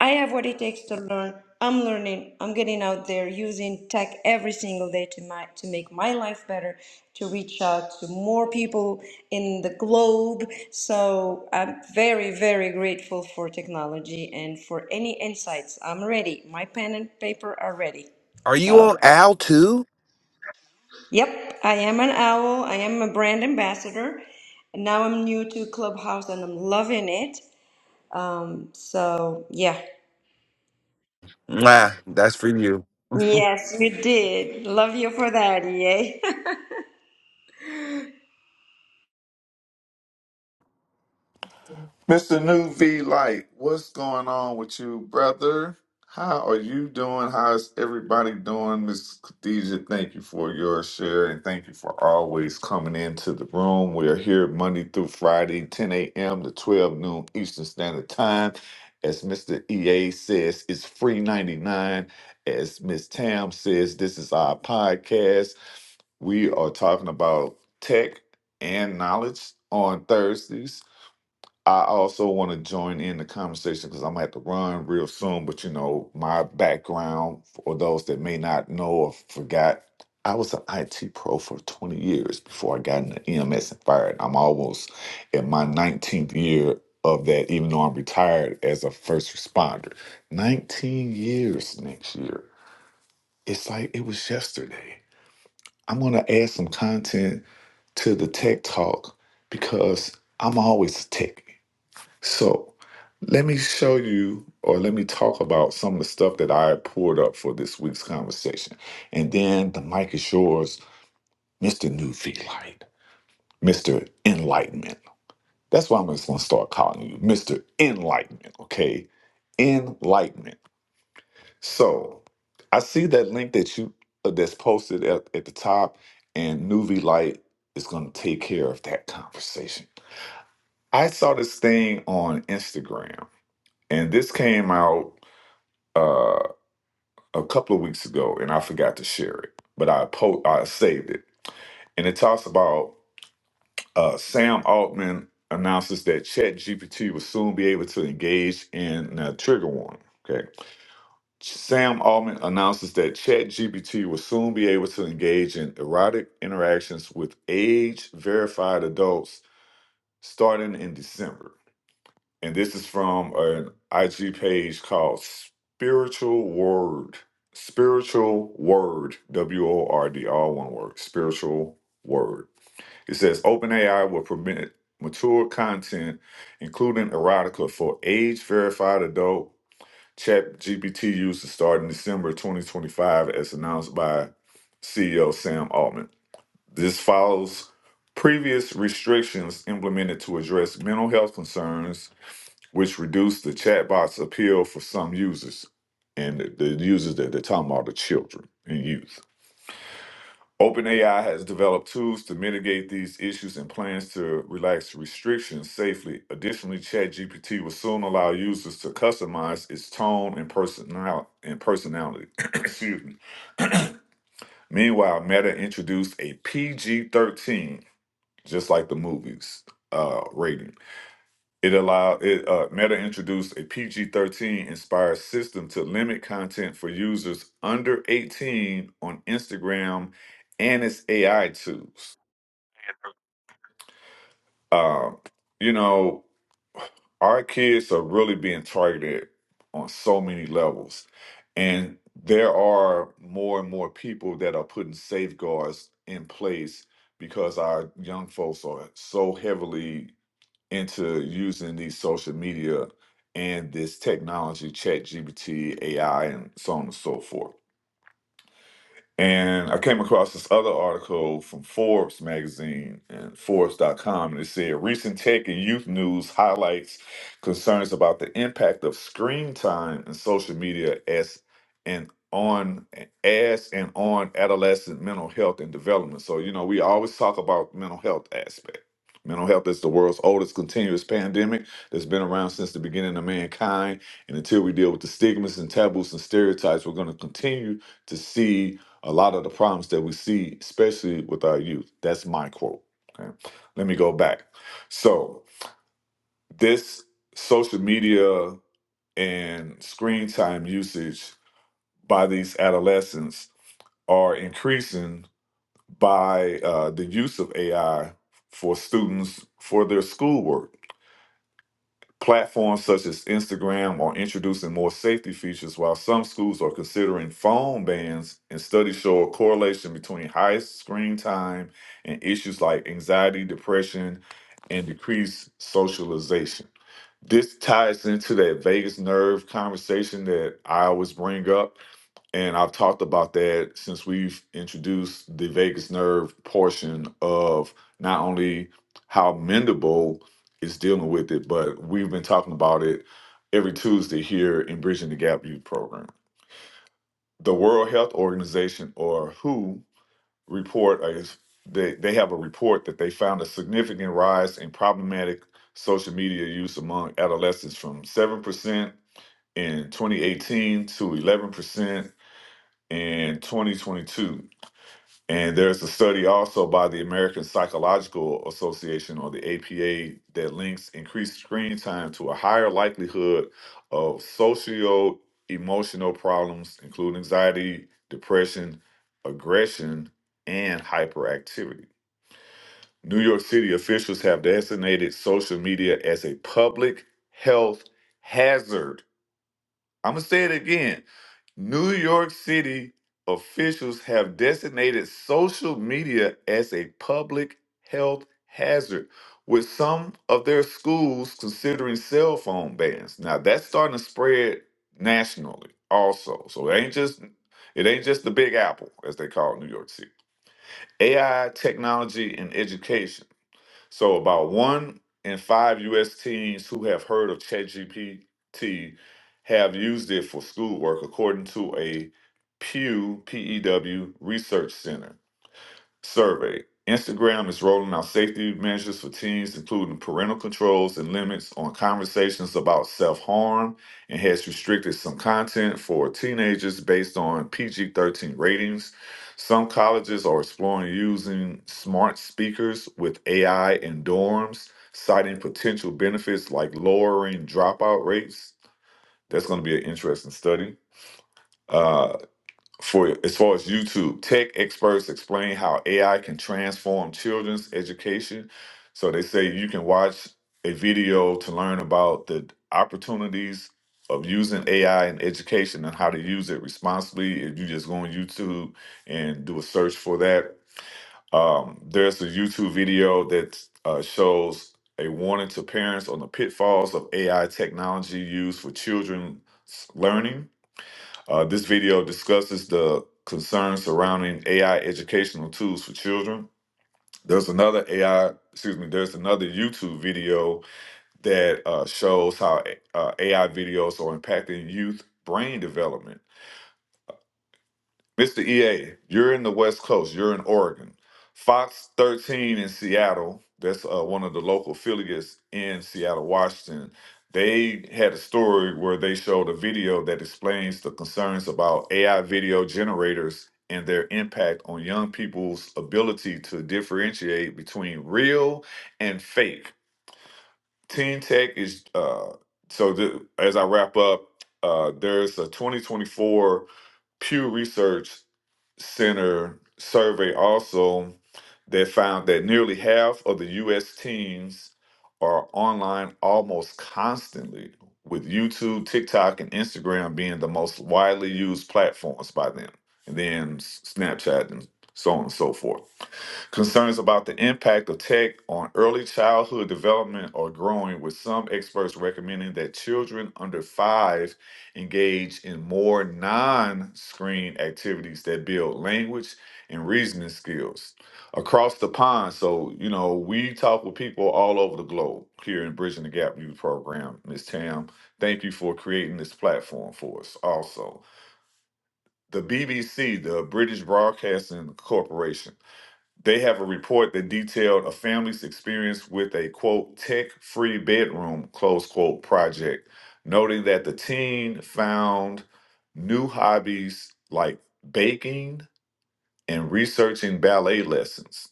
Speaker 7: I have what it takes to learn. I'm learning. I'm getting out there using tech every single day to my to make my life better, to reach out to more people in the globe. So I'm very, very grateful for technology and for any insights. I'm ready. My pen and paper are ready.
Speaker 4: Are you
Speaker 7: So,
Speaker 4: on Al too?
Speaker 7: yep, I am an owl. I am a brand ambassador. And now I'm new to Clubhouse and I'm loving it. Um, so, yeah.
Speaker 4: Nah, that's for you.
Speaker 7: Yes, you did. Love you for that, yay.
Speaker 8: Mr. New V Light, what's going on with you, brother? How are you doing? How's everybody doing? Miss Khadija, thank you for your share and thank you for always coming into the room. We are here Monday through Friday, 10 a.m. to 12 noon Eastern Standard Time. As Mr. EA says, it's free 99. As Miss Tam says, this is our podcast. We are talking about tech and knowledge on Thursdays I also want to join in the conversation because I'm gonna have to run real soon. But you know, my background for those that may not know or forgot, I was an IT pro for 20 years before I got into EMS and fire. And I'm almost in my 19th year of that, even though I'm retired as a first responder. 19 years next year. It's like it was yesterday. I'm gonna add some content to the tech talk because I'm always a techie. So let me show you or let me talk about some of the stuff that I poured up for this week's conversation. And then the mic is yours, Mr. New Light, Mr. Enlightenment. That's why I'm just gonna start calling you Mr. Enlightenment, okay? Enlightenment. So I see that link that you uh, that's posted at, at the top, and New Light is gonna take care of that conversation. I saw this thing on Instagram, and this came out uh, a couple of weeks ago, and I forgot to share it, but I po- I saved it, and it talks about uh, Sam Altman announces that ChatGPT will soon be able to engage in uh, trigger warning. Okay, Sam Altman announces that ChatGPT will soon be able to engage in erotic interactions with age-verified adults starting in December. and this is from an IG page called Spiritual Word. Spiritual Word, W O R D, all one word. Spiritual Word. It says OpenAI will permit mature content, including erotica, for age verified adult chat GPT users starting December 2025, as announced by CEO Sam Altman. This follows previous restrictions implemented to address mental health concerns which reduced the chatbot's appeal for some users. And the, the users that they're talking about are children and youth. OpenAI has developed tools to mitigate these issues and plans to relax restrictions safely. Additionally, ChatGPT will soon allow users to customize its tone and, personal- and personality. (coughs) (clears throat) Excuse me. Meanwhile, Meta introduced a PG 13, just like the movies, uh, rating It allowed it uh, Meta introduced a PG-13 inspired system to limit content for users under 18 on Instagram and its AI tools. Uh, you know, our kids are really being targeted on so many levels, and there are more and more people that are putting safeguards in place because our young folks are so heavily into using these social media and this technology, chat GBT, AI, and so on and so forth. And I came across this other article from Forbes magazine and Forbes.com, and it said recent tech and youth news highlights concerns about the impact of screen time and social media as and on as and on adolescent mental health and development. So, you know, we always talk about mental health aspect. Mental health is the world's oldest continuous pandemic that's been around since the beginning of mankind. And until we deal with the stigmas and taboos and stereotypes, we're going to continue to see a lot of the problems that we see, especially with our youth. That's my quote. Okay. Let me go back. So, this social media and screen time usage by these adolescents are increasing by uh, the use of AI for students for their schoolwork Platforms such as Instagram are introducing more safety features, while some schools are considering phone bans, and studies show a correlation between high screen time and issues like anxiety, depression, and decreased socialization. This ties into that vagus nerve conversation that I always bring up and I've talked about that since we've introduced the vagus nerve portion of not only how mendable is dealing with it, but we've been talking about it every Tuesday here in Bridging the Gap Youth Program. The World Health Organization, or WHO, report is they, they have a report that they found a significant rise in problematic social media use among adolescents from 7% in 2018 to 11% in 2022. And there's a study also by the American Psychological Association or the APA that links increased screen time to a higher likelihood of socio emotional problems, including anxiety, depression, aggression, and hyperactivity. New York City officials have designated social media as a public health hazard I'm going to say it again. New York City officials have designated social media as a public health hazard, with some of their schools considering cell phone bans. Now that's starting to spread nationally, also. So it ain't just it ain't just the Big Apple, as they call New York City. AI, technology, and education. So about one in five U.S. teens who have heard of ChatGPT have used it for schoolwork, according to a Pew PEW Research Center. Survey. Instagram is rolling out safety measures for teens, including parental controls and limits on conversations about self harm, and has restricted some content for teenagers based on PG 13 ratings. Some colleges are exploring using smart speakers with AI in dorms, citing potential benefits like lowering dropout rates. That's going to be an interesting study. Uh, for as far as YouTube, tech experts explain how AI can transform children's education. So they say you can watch a video to learn about the opportunities of using AI in education and how to use it responsibly. If you just go on YouTube and do a search for that, um, there's a YouTube video that uh, shows a warning to parents on the pitfalls of AI technology used for children's learning uh, this video discusses the concerns surrounding AI educational tools for children. There's another AI, excuse me, there's another YouTube video that uh, shows how uh, AI videos are impacting youth brain development. Mr. EA, you're in the West Coast. You're in Oregon. Fox 13 in Seattle, that's uh, one of the local affiliates in Seattle, Washington. They had a story where they showed a video that explains the concerns about AI video generators and their impact on young people's ability to differentiate between real and fake. Teen Tech is, uh, so the, as I wrap up, uh, there's a 2024 Pew Research Center survey also that found that nearly half of the U.S. teens are online almost constantly, with YouTube, TikTok, and Instagram being the most widely used platforms by them, and then S- Snapchat and so on and so forth. Concerns about the impact of tech on early childhood development are growing, with some experts recommending that children under five engage in more non screen activities that build language and reasoning skills. Across the pond, so, you know, we talk with people all over the globe here in Bridging the Gap Youth Program. Ms. Tam, thank you for creating this platform for us also. The BBC, the British Broadcasting Corporation, they have a report that detailed a family's experience with a quote tech free bedroom close quote project, noting that the teen found new hobbies like baking and researching ballet lessons.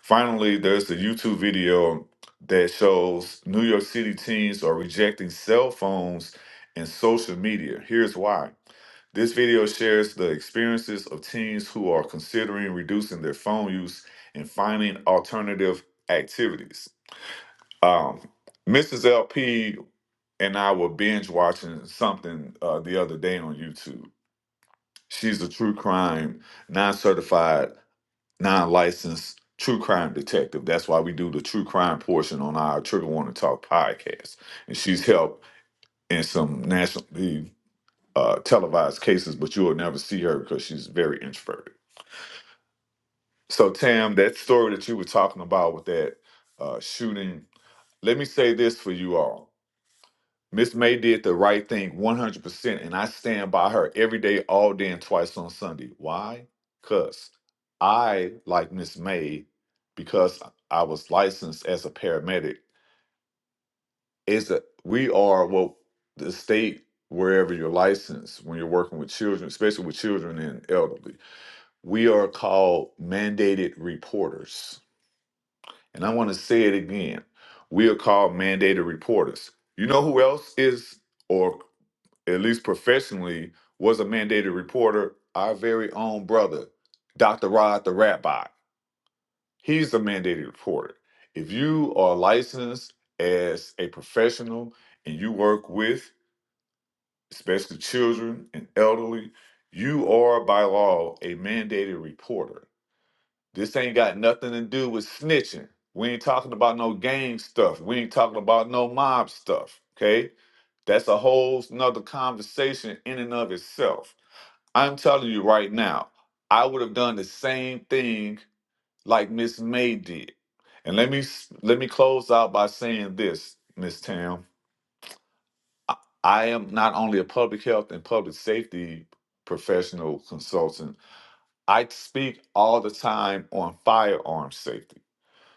Speaker 8: Finally, there's the YouTube video that shows New York City teens are rejecting cell phones and social media. Here's why this video shares the experiences of teens who are considering reducing their phone use and finding alternative activities. Um, Mrs. LP and I were binge watching something uh, the other day on YouTube. She's a true crime, non certified, non licensed true crime detective. That's why we do the true crime portion on our Trigger Warning Talk podcast. And she's helped in some nationally uh, televised cases, but you will never see her because she's very introverted. So Tam, that story that you were talking about with that uh, shooting, let me say this for you all. Miss May did the right thing 100%, and I stand by her every day, all day, and twice on Sunday. Why? Because I like Miss May because I was licensed as a paramedic. Is that we are well the state wherever you're licensed when you're working with children, especially with children and elderly. We are called mandated reporters And I want to say it again. We are called mandated reporters. You know who else is, or at least professionally, was a mandated reporter? Our very own brother, Dr. Rod the Rabbi. He's a mandated reporter. If you are licensed as a professional and you work with, especially children and elderly, you are by law a mandated reporter. This ain't got nothing to do with snitching. We ain't talking about no gang stuff. We ain't talking about no mob stuff. Okay? That's a whole nother conversation in and of itself. I'm telling you right now, I would have done the same thing like Miss May did. And let me let me close out by saying this, Miss Tam. I am not only a public health and public safety professional consultant, I speak all the time on firearm safety.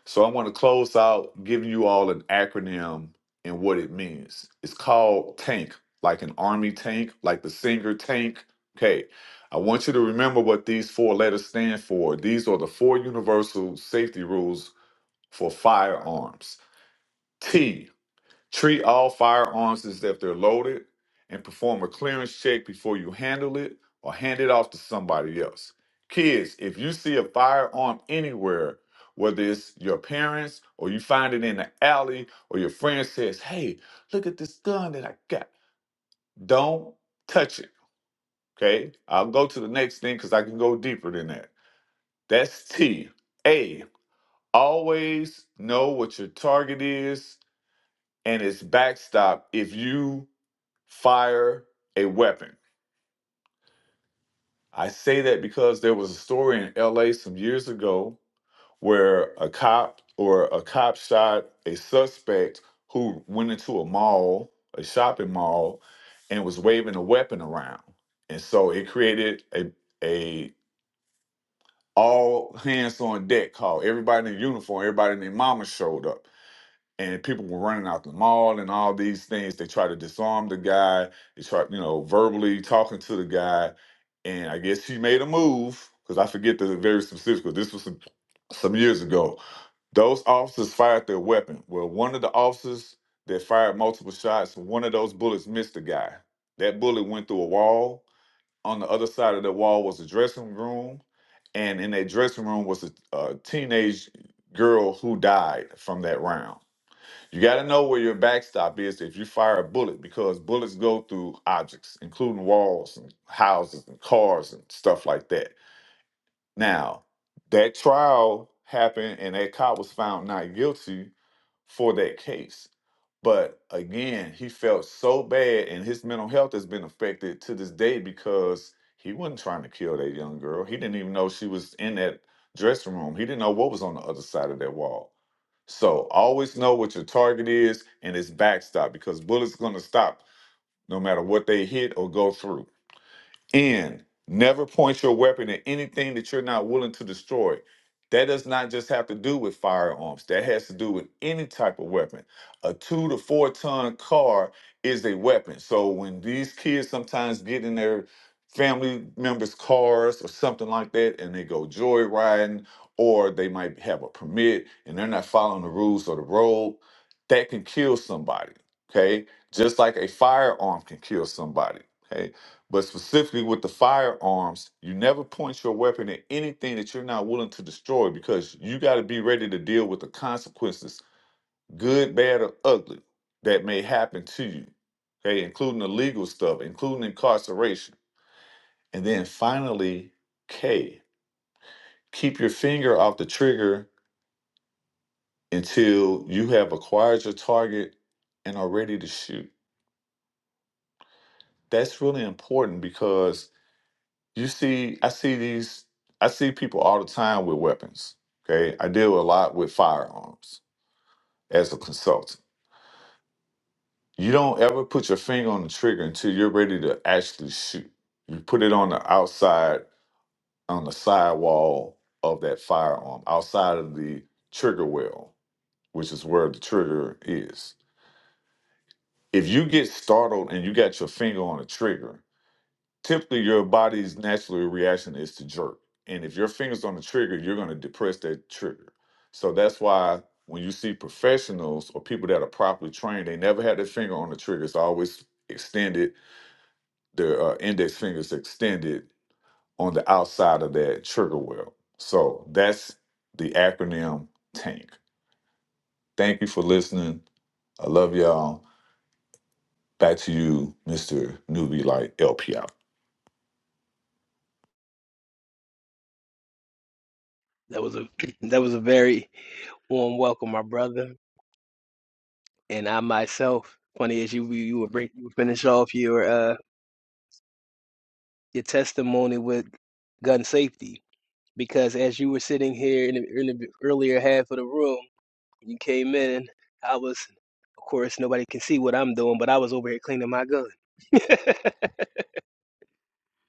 Speaker 8: So I want to close out giving you all an acronym and what it means. It's called TANK, like an army tank, like the singer tank. Okay. I want you to remember what these four letters stand for. These are the four universal safety rules for firearms. T. Treat all firearms as if they're loaded and perform a clearance check before you handle it or hand it off to somebody else. Kids, if you see a firearm anywhere, whether it's your parents or you find it in the alley or your friend says, hey, look at this gun that I got, don't touch it. Okay. I'll go to the next thing because I can go deeper than that. That's T. A. Always know what your target is and its backstop if you fire a weapon. I say that because there was a story in LA some years ago where a cop or a cop shot a suspect who went into a mall, a shopping mall, and was waving a weapon around. And so it created a a all hands on deck call. Everybody in uniform, everybody and their mama showed up and people were running out the mall and all these things. They tried to disarm the guy. They tried, you know, verbally talking to the guy, and I guess she made a move because I forget the very specifics, specifics. 'cause This was some, some years ago. Those officers fired their weapon. Well, one of the officers that fired multiple shots, one of those bullets missed the guy. That bullet went through a wall. On the other side of the wall was a dressing room, and in that dressing room was a, a teenage girl who died from that round you got to know where your backstop is if you fire a bullet because bullets go through objects, including walls and houses and cars and stuff like that. Now, that trial happened and that cop was found not guilty for that case. But again, he felt so bad and his mental health has been affected to this day because he wasn't trying to kill that young girl. He didn't even know she was in that dressing room, he didn't know what was on the other side of that wall so always know what your target is and its backstop because bullets going to stop no matter what they hit or go through. And never point your weapon at anything that you're not willing to destroy. That does not just have to do with firearms. That has to do with any type of weapon. A two to four ton car is a weapon. So when these kids sometimes get in their family members' cars or something like that, and they go joyriding, or they might have a permit and they're not following the rules of the road, that can kill somebody. Okay, just like a firearm can kill somebody. Okay. But specifically with the firearms, you never point your weapon at anything that you're not willing to destroy because you got to be ready to deal with the consequences, good, bad, or ugly, that may happen to you. Okay, including the legal stuff, including incarceration. And then finally, K, keep your finger off the trigger until you have acquired your target and are ready to shoot. That's really important because you see i see these i see people all the time with weapons okay i deal a lot with firearms as a consultant you don't ever put your finger on the trigger until you're ready to actually shoot you put it on the outside on the sidewall of that firearm outside of the trigger well which is where the trigger is if you get startled and you got your finger on the trigger typically your body's natural reaction is to jerk. And if your finger's on the trigger, you're going to depress that trigger. So that's why when you see professionals or people that are properly trained, they never had their finger on the trigger. It's always extended, their uh, index finger's extended on the outside of that trigger well. So that's the acronym TANK. Thank you for listening. I love y'all. Back to you, Mr. Newbie Light LP out.
Speaker 9: That was a (clears throat) that was a very warm welcome, my brother. And I myself, funny as you you would break you would finish off your uh your testimony with gun safety because as you were sitting here in the, in the earlier half of the room, you came in I was of course nobody can see what I'm doing, but I was over here cleaning my gun. (laughs)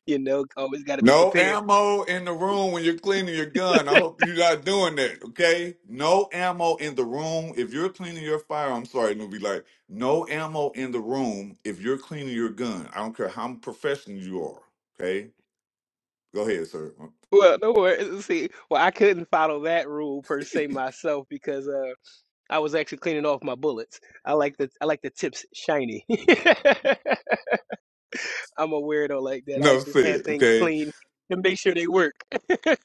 Speaker 9: You know, always got to be
Speaker 8: No
Speaker 9: prepared.
Speaker 8: ammo in the room when you're cleaning your gun. I hope you're not doing that, okay? No ammo in the room. If you're cleaning your fire, I'm sorry, newbie, like, no ammo in the room if you're cleaning your gun. I don't care how professional you are, okay? Go ahead, sir.
Speaker 9: Well, no worries. See, well, I couldn't follow that rule per se myself because uh, I was actually cleaning off my bullets. I like the I like the tips shiny. (laughs) I'm a weirdo like that. I
Speaker 8: No,
Speaker 9: like to
Speaker 8: say
Speaker 9: have
Speaker 8: it,
Speaker 9: things
Speaker 8: okay?
Speaker 9: clean and make sure they work. (laughs)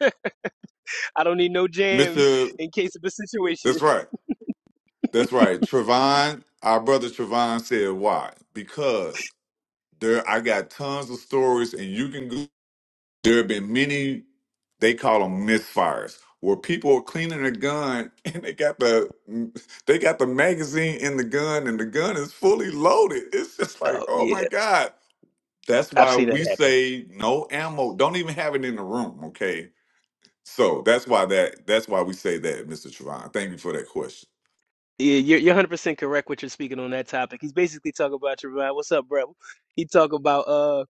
Speaker 9: I don't need no jams
Speaker 8: Mr.
Speaker 9: in case of a situation.
Speaker 8: That's right. That's right. Trevon, our brother Trevon said, why? Because there, I got tons of stories, and you can go. There have been many, they call them misfires, where people are cleaning a gun (laughs) and they got the they got the magazine in the gun and the gun is fully loaded. It's just like,
Speaker 9: Oh
Speaker 8: oh my
Speaker 9: yeah,
Speaker 8: God. That's
Speaker 9: I've
Speaker 8: why
Speaker 9: seen that
Speaker 8: we
Speaker 9: happen.
Speaker 8: say no ammo. Don't even have it in the room, okay? So that's why that that's why we say that, Mr. Trevon. Thank you for that question.
Speaker 9: Yeah, you're you're 100 percent correct what you're speaking on that topic. He's basically talking about your vibe. What's up, bro? He talk about uh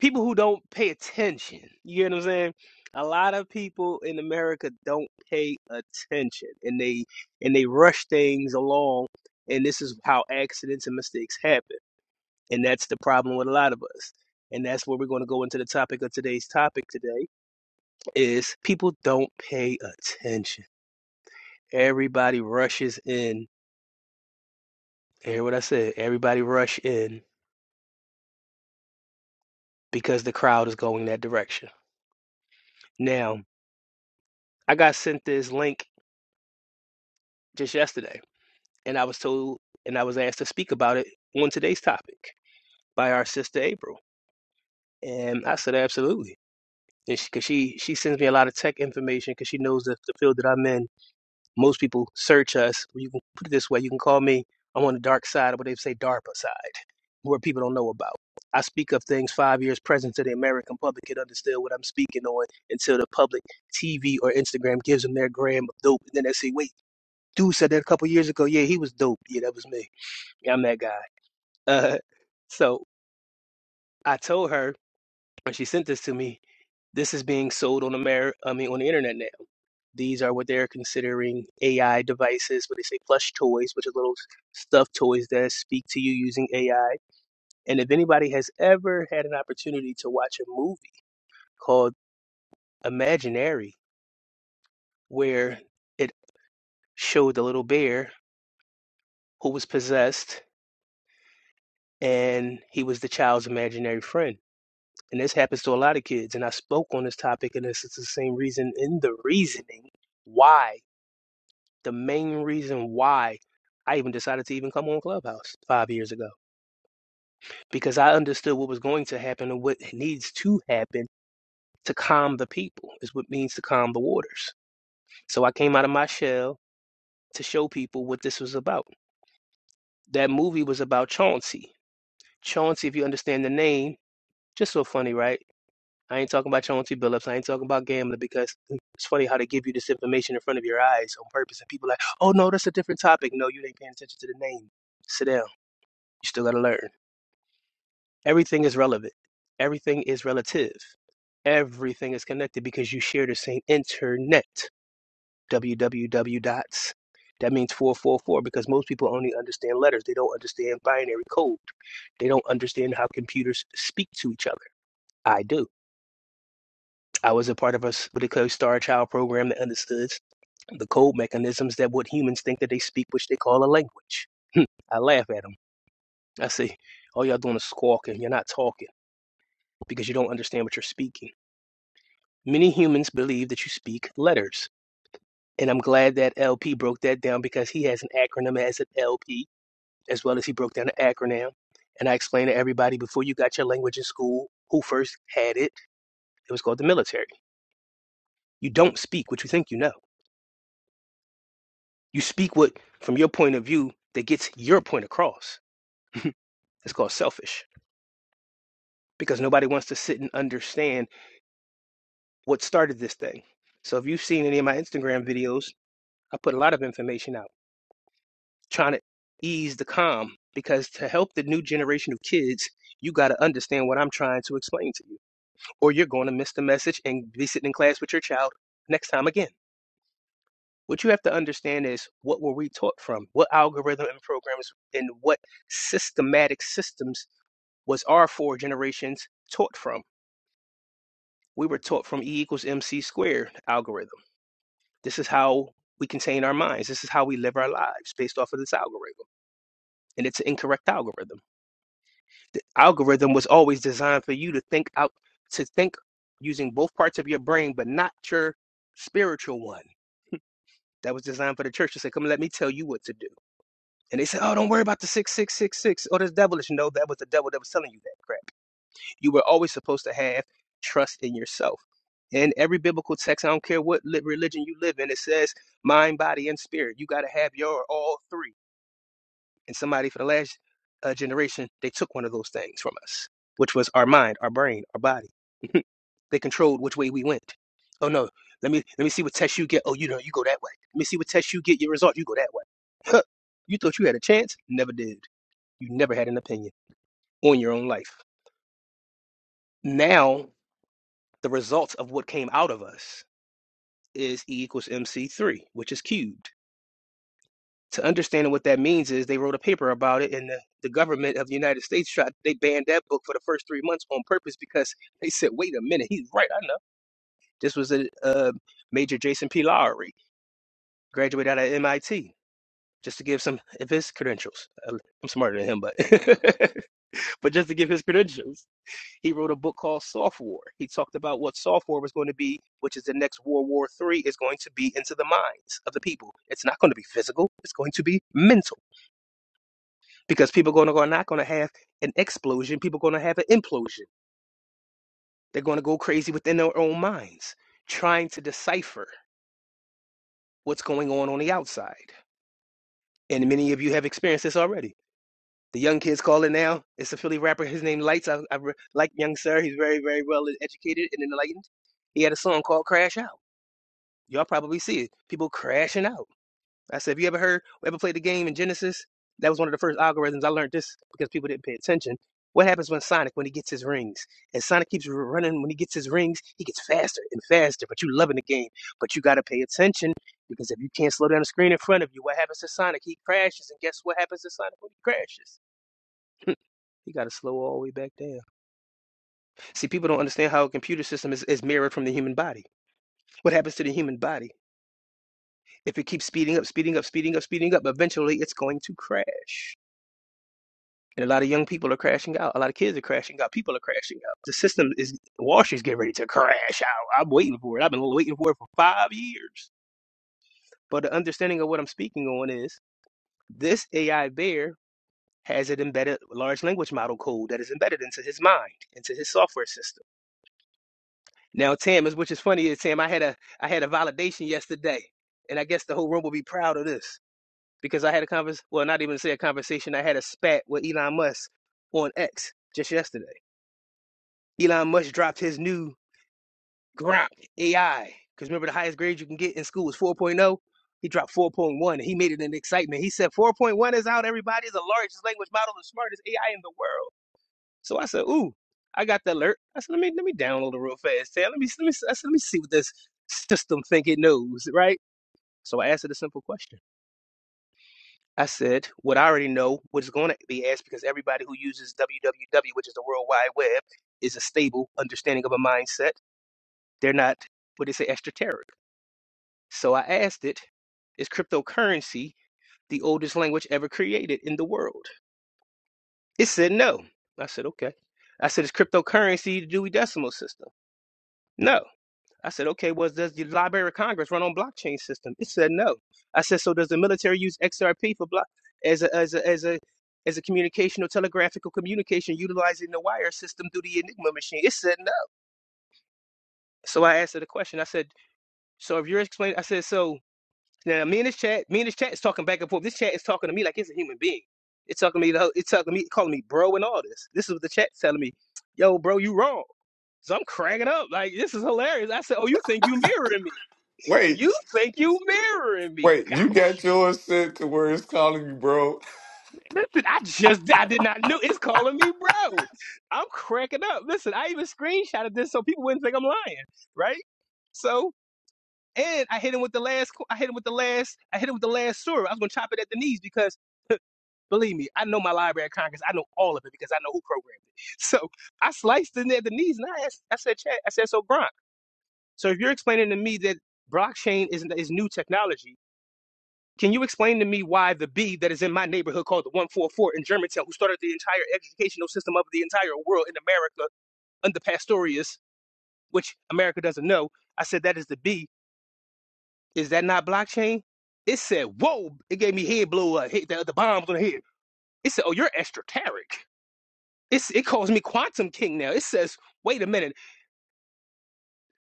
Speaker 9: people who don't pay attention. You get what I'm saying? A lot of people in America don't pay attention and they and they rush things along and this is how accidents and mistakes happen. And that's the problem with a lot of us. And that's where we're going to go into the topic of today's topic today is people don't pay attention. Everybody rushes in. Hear what I said? Everybody rush in because the crowd is going that direction. Now, I got sent this link just yesterday and I was told and I was asked to speak about it on today's topic by our sister April. And I said, absolutely. And she, cause she, she sends me a lot of tech information because she knows that the field that I'm in, most people search us. Well, You can put it this way. You can call me. I'm on the dark side of what they say DARPA side, where people don't know about. I speak of things five years present to the American public can understand what I'm speaking on until the public TV or Instagram gives them their gram of dope. And then they say, wait, dude said that a couple years ago. Yeah, he was dope. Yeah, that was me. Yeah, I'm that guy. Uh, so I told her when she sent this to me, this is being sold on the mer- I mean, on the internet now. These are what they're considering AI devices, what they say plush toys, which are little stuffed toys that speak to you using AI. And if anybody has ever had an opportunity to watch a movie called Imaginary, where it showed the little bear who was possessed and he was the child's imaginary friend and this happens to a lot of kids and i spoke on this topic and this is the same reason in the reasoning why the main reason why i even decided to even come on clubhouse five years ago because i understood what was going to happen and what needs to happen to calm the people is what means to calm the waters so i came out of my shell to show people what this was about that movie was about chauncey chauncey if you understand the name just so funny right I ain't talking about your own T Billups. I ain't talking about gambling because it's funny how they give you this information in front of your eyes on purpose. And people are like, oh, no, that's a different topic. No, you ain't paying attention to the name. Sit down. You still got to learn. Everything is relevant, everything is relative, everything is connected because you share the same internet. www dots. That means 444 because most people only understand letters. They don't understand binary code. They don't understand how computers speak to each other. I do. I was a part of a what they call Star Child program that understood the code mechanisms that what humans think that they speak, which they call a language. (laughs) I laugh at them. I say, all y'all doing is squawking. You're not talking because you don't understand what you're speaking. Many humans believe that you speak letters. And I'm glad that LP broke that down because he has an acronym as an LP, as well as he broke down an acronym. And I explained to everybody before you got your language in school who first had it, it was called the military. You don't speak what you think you know You speak what from your point of view that gets your point across. (laughs) It's called selfish because nobody wants to sit and understand what started this thing. So if you've seen any of my Instagram videos, I put a lot of information out trying to ease the calm because to help the new generation of kids, you got to understand what I'm trying to explain to you or you're going to miss the message and be sitting in class with your child next time again. What you have to understand is what were we taught from? What algorithm and programs and what systematic systems was our four generations taught from? We were taught from E equals MC squared algorithm. This is how we contain our minds. This is how we live our lives based off of this algorithm. And it's an incorrect algorithm. The algorithm was always designed for you to think out, to think using both parts of your brain, but not your spiritual one. That was designed for the church to say, come let me tell you what to do. And they said, oh, don't worry about the 6666 Oh, this devilish. No, that was the devil that was telling you that. You were always supposed to have trust in yourself. In every biblical text, I don't care what li- religion you live in, it says mind, body, and spirit. You got to have your all three. And somebody for the last uh, generation, they took one of those things from us, which was our mind, our brain, our body. (laughs) they controlled which way we went. Oh no, let me let me see what test you get. Oh, you know, you go that way. Let me see what test you get. Your result, you go that way. Huh. You thought you had a chance, never did. You never had an opinion on your own life. Now the result of what came out of us is E equals MC3, which is cubed. To understand what that means is they wrote a paper about it, and the, the government of the United States tried, they banned that book for the first three months on purpose because (laughs) they said, wait a minute, he's right, I know. This was a uh, Major Jason P. Lowry, graduated out of MIT, just to give some of his credentials. Uh, I'm smarter than him, but (laughs) but just to give his credentials. He wrote a book called Soft War. He talked about what soft war was going to be, which is the next World War three is going to be into the minds of the people. It's not going to be physical, it's going to be mental. Because people are going to, are not going to have an explosion, people are going to have an implosion. They're going to go crazy within their own minds, trying to decipher what's going on on the outside. And many of you have experienced this already. The young kids call it now. It's a Philly rapper. His name Lights. I, I re- like young sir. He's very, very well educated and enlightened. He had a song called Crash Out. Y'all probably see it. People crashing out. I said, have you ever heard, ever played the game in Genesis? That was one of the first algorithms. I learned this because people didn't pay attention. What happens when Sonic, when he gets his rings? And Sonic keeps running when he gets his rings, he gets faster and faster, but you loving the game. But you got to pay attention because if you can't slow down the screen in front of you, what happens to Sonic? He crashes, and guess what happens to Sonic when he crashes? (laughs) You got to slow all the way back down. See, people don't understand how a computer system is, is mirrored from the human body. What happens to the human body? If it keeps speeding up, speeding up, speeding up, speeding up, eventually it's going to crash. And a lot of young people are crashing out. A lot of kids are crashing out. People are crashing out. The system is, Wall Street's getting ready to crash out. I'm waiting for it. I've been waiting for it for five years. But the understanding of what I'm speaking on is this AI bear has an embedded large language model code that is embedded into his mind, into his software system. Now, Tam, is which is funny is Tam, I had a I had a validation yesterday, and I guess the whole room will be proud of this. because I had a convers well, not even say a conversation. I had a spat with Elon Musk on X just yesterday. Elon Musk dropped his new Grok AI because remember the highest grade you can get in school is 4.0. He dropped 4.1 and he made it an excitement. He said 4.1 is out. Everybody is the largest language model, the smartest AI in the world. So I said, ooh, I got the alert. I said, let me let me download it real fast. Sam. Let me let me I said, let me see what this system think it knows, right? So I asked it a simple question. I said what I already know, what is going to be asked because everybody who uses www, which is the World Wide Web, is a stable understanding of a mindset. They're not what they say extraterritorial. So I asked it, is cryptocurrency the oldest language ever created in the world? It said no. I said okay. I said is cryptocurrency the Dewey Decimal System? No. I said, okay, well, does the Library of Congress run on blockchain system? It said no. I said, so does the military use XRP for block as a as a as a as a communication or telegraphic or communication utilizing the wire system through the Enigma machine? It said no. So I asked her the question. I said, so if you're explaining, I said, so now me and this chat, me and this chat is talking back and forth. This chat is talking to me like it's a human being. It's talking to me, the whole- it's talking to me, calling me bro and all this. This is what the chat's telling me, yo, bro, you wrong. So I'm cracking up. Like, this is hilarious. I said, Oh, you think you mirroring me?
Speaker 8: Wait,
Speaker 9: You think you mirroring me?
Speaker 8: wait, you
Speaker 9: Got
Speaker 8: got
Speaker 9: you.
Speaker 8: yours set to where it's calling you, bro?
Speaker 9: Listen, I just I did not know it's calling me bro. I'm cracking up. Listen, I even screenshotted this so people wouldn't think I'm lying, right? So and I hit him with the last. qu- I hit him with the last. I hit him with the last story. I was gonna chop it at the knees because believe me, I know my Library of Congress. I know all of it because I know who programmed it. (laughs) So I sliced in at the knees and I asked. I said, Chad. I said, so Bronk. So if you're explaining to me that blockchain is is new technology Can you explain to me why the B that is in my neighborhood called the 144 in Germantown, who started the entire educational system of the entire world in America under Pastorius, which America doesn't know, I said that is the B. Is that not blockchain? It said, whoa, it gave me head blow, uh, hit the, the bombs on the head. It said, oh, you're esoteric. It's, it calls me quantum king now. It says, wait a minute.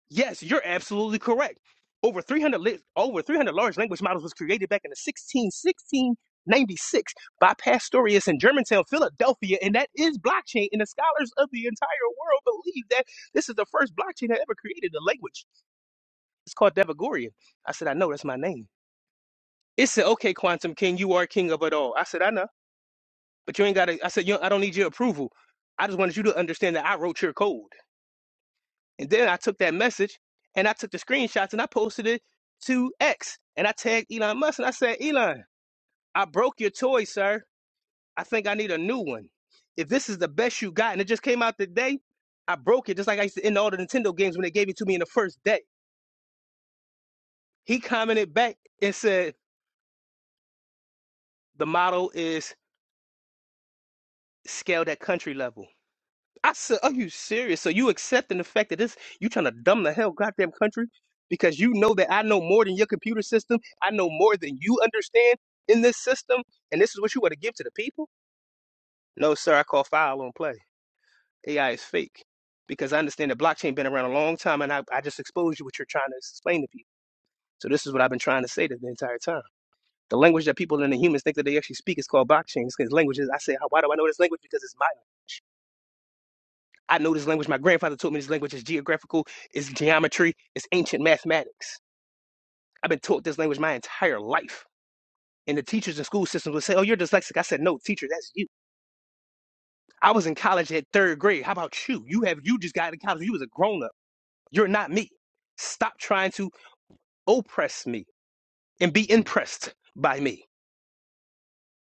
Speaker 9: Yes, you're absolutely correct. Over 300 lit over 300 large language models was created back in the sixteen, sixteen ninety six by Pastorius in Germantown, Philadelphia, and that is blockchain. And the scholars of the entire world believe that this is the first blockchain that ever created a language. It's called Devagorian. I said, I know that's my name. It said, okay, Quantum King, you are king of it all. I said, I know, but you ain't got to. I said, you, I don't need your approval. I just wanted you to understand that I wrote your code. And then I took that message and I took the screenshots and I posted it to X. And I tagged Elon Musk and I said, Elon, I broke your toy, sir. I think I need a new one. If this is the best you got, and it just came out today, I broke it just like I used to in all the Nintendo games when they gave it to me in the first day. He commented back and said, The model is scaled at country level. I said, "Are you serious? So you accepting the fact that this you trying to dumb the hell goddamn country because you know that I know more than your computer system. I know more than you understand in this system, and this is what you want to give to the people? No, sir. I call foul on play. AI is fake because I understand that blockchain been around a long time, and I, I just exposed you what you're trying to explain to people. So this is what I've been trying to say the entire time. The language that people and the humans think that they actually speak is called blockchain. It's 'cause languages. I say, why do I know this language? Because it's my I know this language. My grandfather taught me this language It's geographical, it's geometry, it's ancient mathematics. I've been taught this language my entire life. And the teachers in school systems would say, Oh, you're dyslexic. I said, No, teacher, that's you. I was in college at third grade. How about you? You have you just got out of college. You was a grown up. You're not me. Stop trying to oppress me and be impressed by me.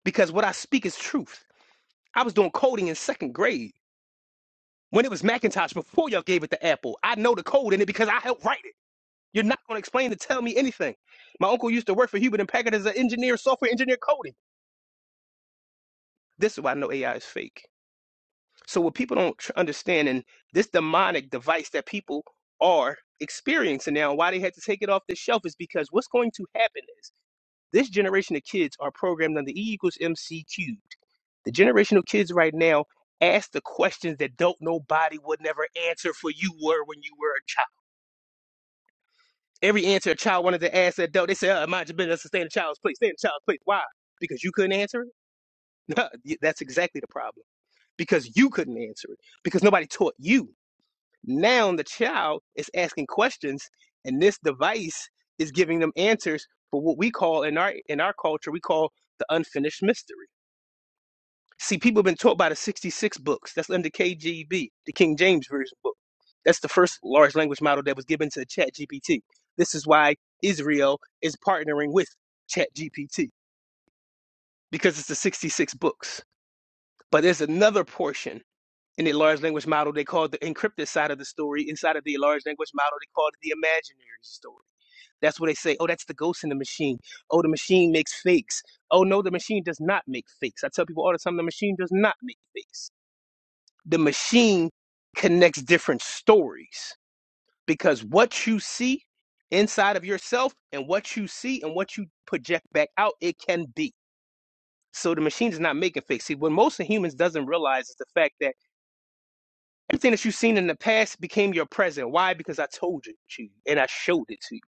Speaker 9: Because what I speak is truth. I was doing coding in second grade when it was Macintosh before y'all gave it to Apple. I know the code in it because I helped write it. You're not going to explain to tell me anything. My uncle used to work for hewlett and Packard as an engineer, software engineer coding. This is why I know AI is fake. So what people don't tr- understand and this demonic device that people are experiencing now, why they had to take it off the shelf is because what's going to happen is this generation of kids are programmed under E equals MC cubed. The generation of kids right now ask the questions that don't nobody would never answer for you were when you were a child. Every answer a child wanted to ask an adult, they said, oh, mind your business, stay in the child's place, stay in the child's place. Why? Because you couldn't answer it? (laughs) That's exactly the problem. Because you couldn't answer it. Because nobody taught you. Now the child is asking questions, and this device is giving them answers for what we call in our in our culture, we call the unfinished mystery. See, people have been taught by the 66 books. That's under KJV, the King James Version book. That's the first large language model that was given to ChatGPT. This is why Israel is partnering with ChatGPT because it's the 66 books. But there's another portion in the large language model they call the encrypted side of the story. Inside of the large language model, they call it the imaginary story. That's where they say, oh, that's the ghost in the machine. Oh, the machine makes fakes. Oh, no, the machine does not make fakes. I tell people all the time, the machine does not make fakes. the machine connects different stories because what you see inside of yourself and what you see and what you project back out it can be so the machine is not making fake see what most of humans doesn't realize is the fact that everything that you've seen in the past became your present why because i told you to you and i showed it to you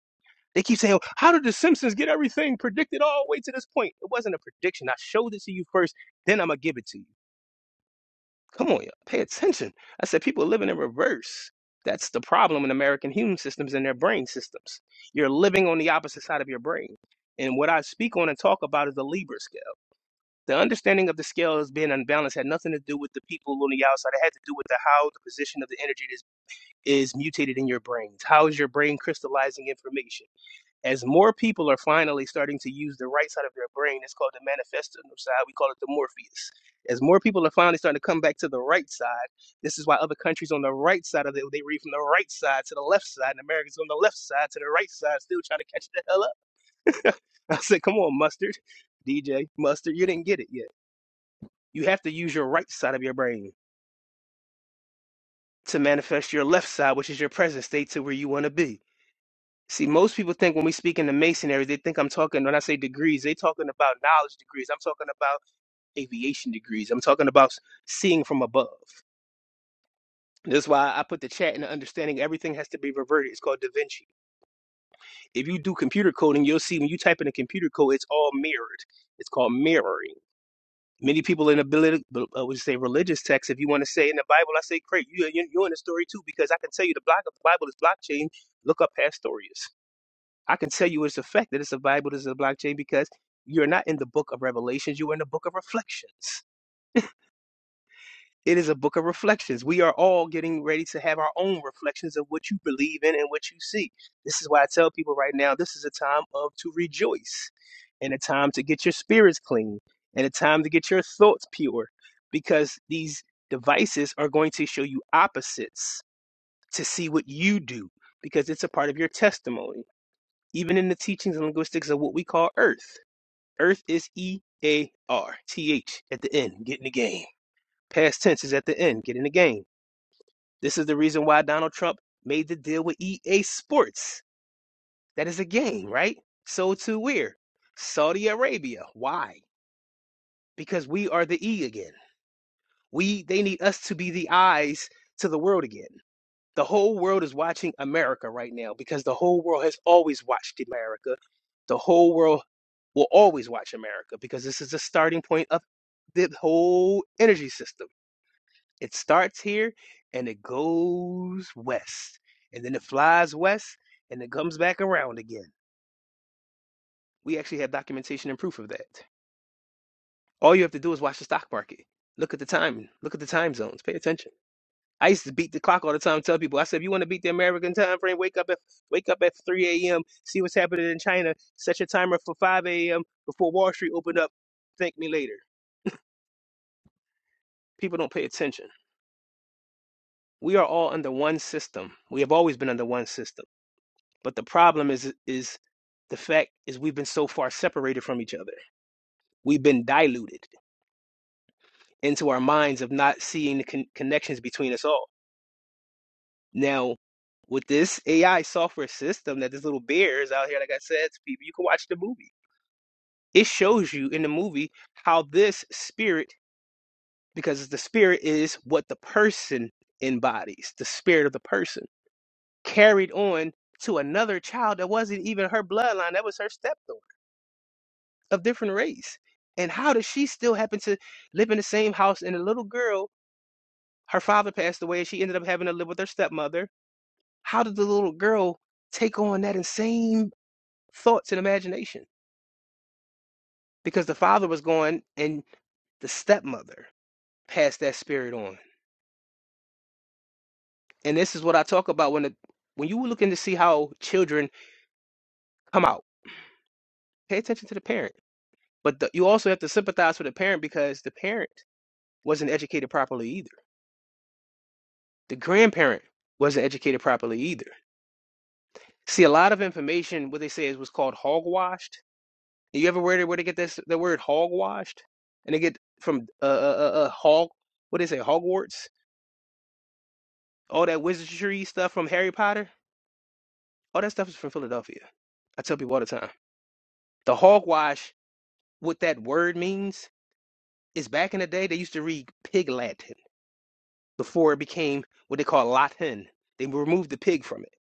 Speaker 9: they keep saying how did the simpsons get everything predicted all the way to this point it wasn't a prediction i showed it to you first then i'm gonna give it to you Come on, y'all, pay attention. I said people are living in reverse. That's the problem in American human systems and their brain systems. You're living on the opposite side of your brain. And what I speak on and talk about is the Libra scale. The understanding of the scale as being unbalanced had nothing to do with the people on the outside. It had to do with the how the position of the energy is, is mutated in your brains. How is your brain crystallizing information? as more people are finally starting to use the right side of their brain, it's called the manifestal side. We call it the Morpheus. As more people are finally starting to come back to the right side, this is why other countries on the right side of it, they read from the right side to the left side, and Americans on the left side to the right side, still trying to catch the hell up. (laughs) I said, come on, mustard, DJ, mustard, you didn't get it yet. You have to use your right side of your brain to manifest your left side, which is your present state to where you want to be. See, most people think when we speak in the masonry, they think I'm talking, when I say degrees, they talking about knowledge degrees. I'm talking about aviation degrees. I'm talking about s- seeing from above. That's why I put the chat in the understanding everything has to be reverted. It's called Da Vinci. If you do computer coding, you'll see when you type in a computer code, it's all mirrored. It's called mirroring. Many people in ability, I would say religious texts. If you want to say in the Bible, I say great. You, you- you're in the story too because I can tell you the block of the Bible is blockchain. Look up Pastorius. I can tell you it's a fact that it's a Bible, this is a blockchain, because you're not in the book of revelations, you're in the book of reflections. It is a book of reflections. We are all getting ready to have our own reflections of what you believe in and what you see. This is why I tell people right now this is a time of to rejoice and a time to get your spirits clean and a time to get your thoughts pure because these devices are going to show you opposites to see what you do because it's a part of your testimony even in the teachings and linguistics of what we call earth. Earth is E A R T H at the end. Get in the game. Past tense is at the end. Get in the game. This is the reason why Donald Trump made the deal with EA Sports. That is a game, right? So too we're Saudi Arabia. Why? Because we are the E again. We they need us to be the eyes to the world again. The whole world is watching America right now because the whole world has always watched America. The whole world will always watch America because this is the starting point of the whole energy system. It starts here and it goes west. And then it flies west and it comes back around again. We actually have documentation and proof of that. All you have to do is watch the stock market. Look at the time. Look at the time zones. Pay attention. I used to beat the clock all the time. Tell people, I said, if you want to beat the American time frame, wake up at wake up at 3 a.m. See what's happening in China. Set your timer for 5 a.m. before Wall Street opened up. Thank me later. People don't pay attention. We are all under one system. We have always been under one system. But the problem is is the fact is we've been so far separated from each other. We've been diluted into our minds of not seeing the con- connections between us all. Now, with this AI software system that this little bear is out here, like I said to people, you can watch the movie. It shows you in the movie how this spirit, because the spirit is what the person embodies, the spirit of the person, carried on to another child that wasn't even her bloodline, that was her stepdaughter of different race. And how does she still happen to live in the same house? And the little girl, her father passed away, and she ended up having to live with her stepmother. How did the little girl take on that insane? thoughts and imagination because the father was gone, and the stepmother passed that spirit on and this is what i talk about when the, when you were looking to see how children come out pay attention to the parent but the, you also have to sympathize with the parent because the parent wasn't educated properly either the grandparent wasn't educated properly either see a lot of information what they say is what's called hogwashed you ever where they, where they get this the word hogwashed and they get from uh, uh, uh uh, hog what do they say hogwarts All that wizardry stuff from Harry Potter, all that stuff is from Philadelphia. I tell people all the time. The hogwash, what that word means, is back in the day they used to read pig Latin before it became what they call Latin. They removed the pig from it.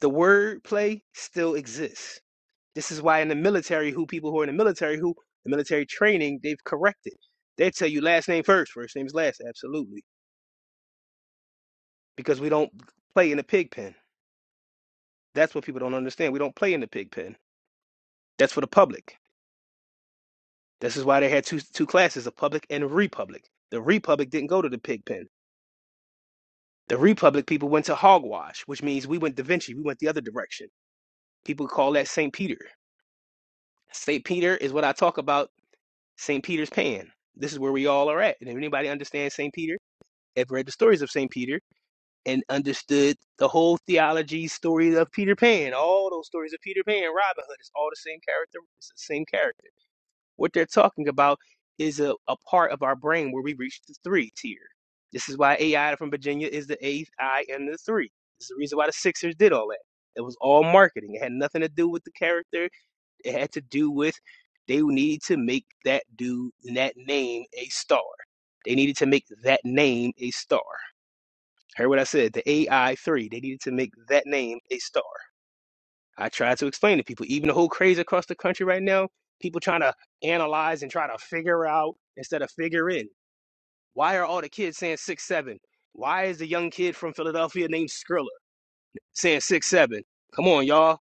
Speaker 9: The word play still exists. This is why in the military, who people who are in the military, who the military training, they've corrected. They tell you last name first, first name is last, absolutely. Because we don't play in the pig pen. That's what people don't understand. We don't play in the pig pen. That's for the public. This is why they had two two classes, a public and a republic. The republic didn't go to the pig pen. The republic people went to hogwash, which means we went Da Vinci. We went the other direction. People call that St. Peter. St. Peter is what I talk about, St. Peter's Pan. This is where we all are at. And if anybody understands St. Peter, have read the stories of St. Peter and understood the whole theology story of Peter Pan, all those stories of Peter Pan, Robin Hood, it's all the same character, it's the same character What they're talking about is a, a part of our brain where we reach the three tier. This is why AI from Virginia is the eighth I and the three. This is the reason why the Sixers did all that. It was all marketing. It had nothing to do with the character. It had to do with they needed to make that dude and that name a star. They needed to make that name a star. Heard what I said? The AI three. They needed to make that name a star. I try to explain to people, even the whole craze across the country right now, people trying to analyze and try to figure out instead of figure in. Why are all the kids saying six seven? Why is the young kid from Philadelphia named Skrilla saying six seven? Come on, y'all.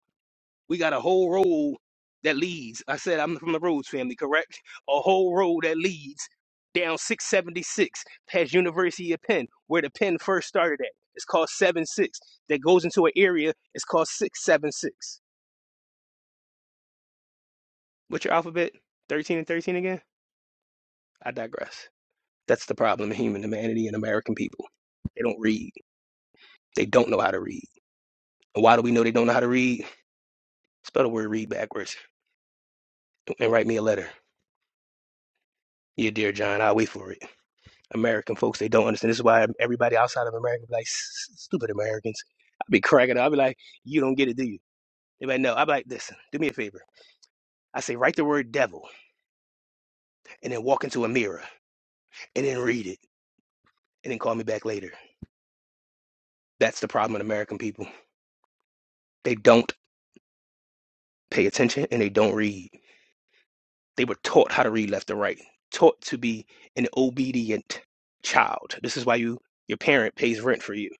Speaker 9: We got a whole road that leads. I said I'm from the Rhodes family, correct? A whole road that leads down 676 past University of Penn, where the Penn first started at. It's called 7-6. That goes into an area, it's called 676. What's your alphabet? 13 and 13 again? I digress. That's the problem in human humanity and American people. They don't read. They don't know how to read. And why do we know they don't know how to read? Spell the word read backwards and write me a letter. Yeah, dear John, I'll wait for it. American folks, they don't understand. This is why everybody outside of America be like, stupid Americans. I'll be cracking up. I'll be like, you don't get it, do you? They be like, no. I'll be like, listen, do me a favor. I say, write the word devil and then walk into a mirror and then read it and then call me back later. That's the problem with American people. They don't pay attention and they don't read. They were taught how to read left and right, taught to be an obedient child. This is why you your parent pays rent for you.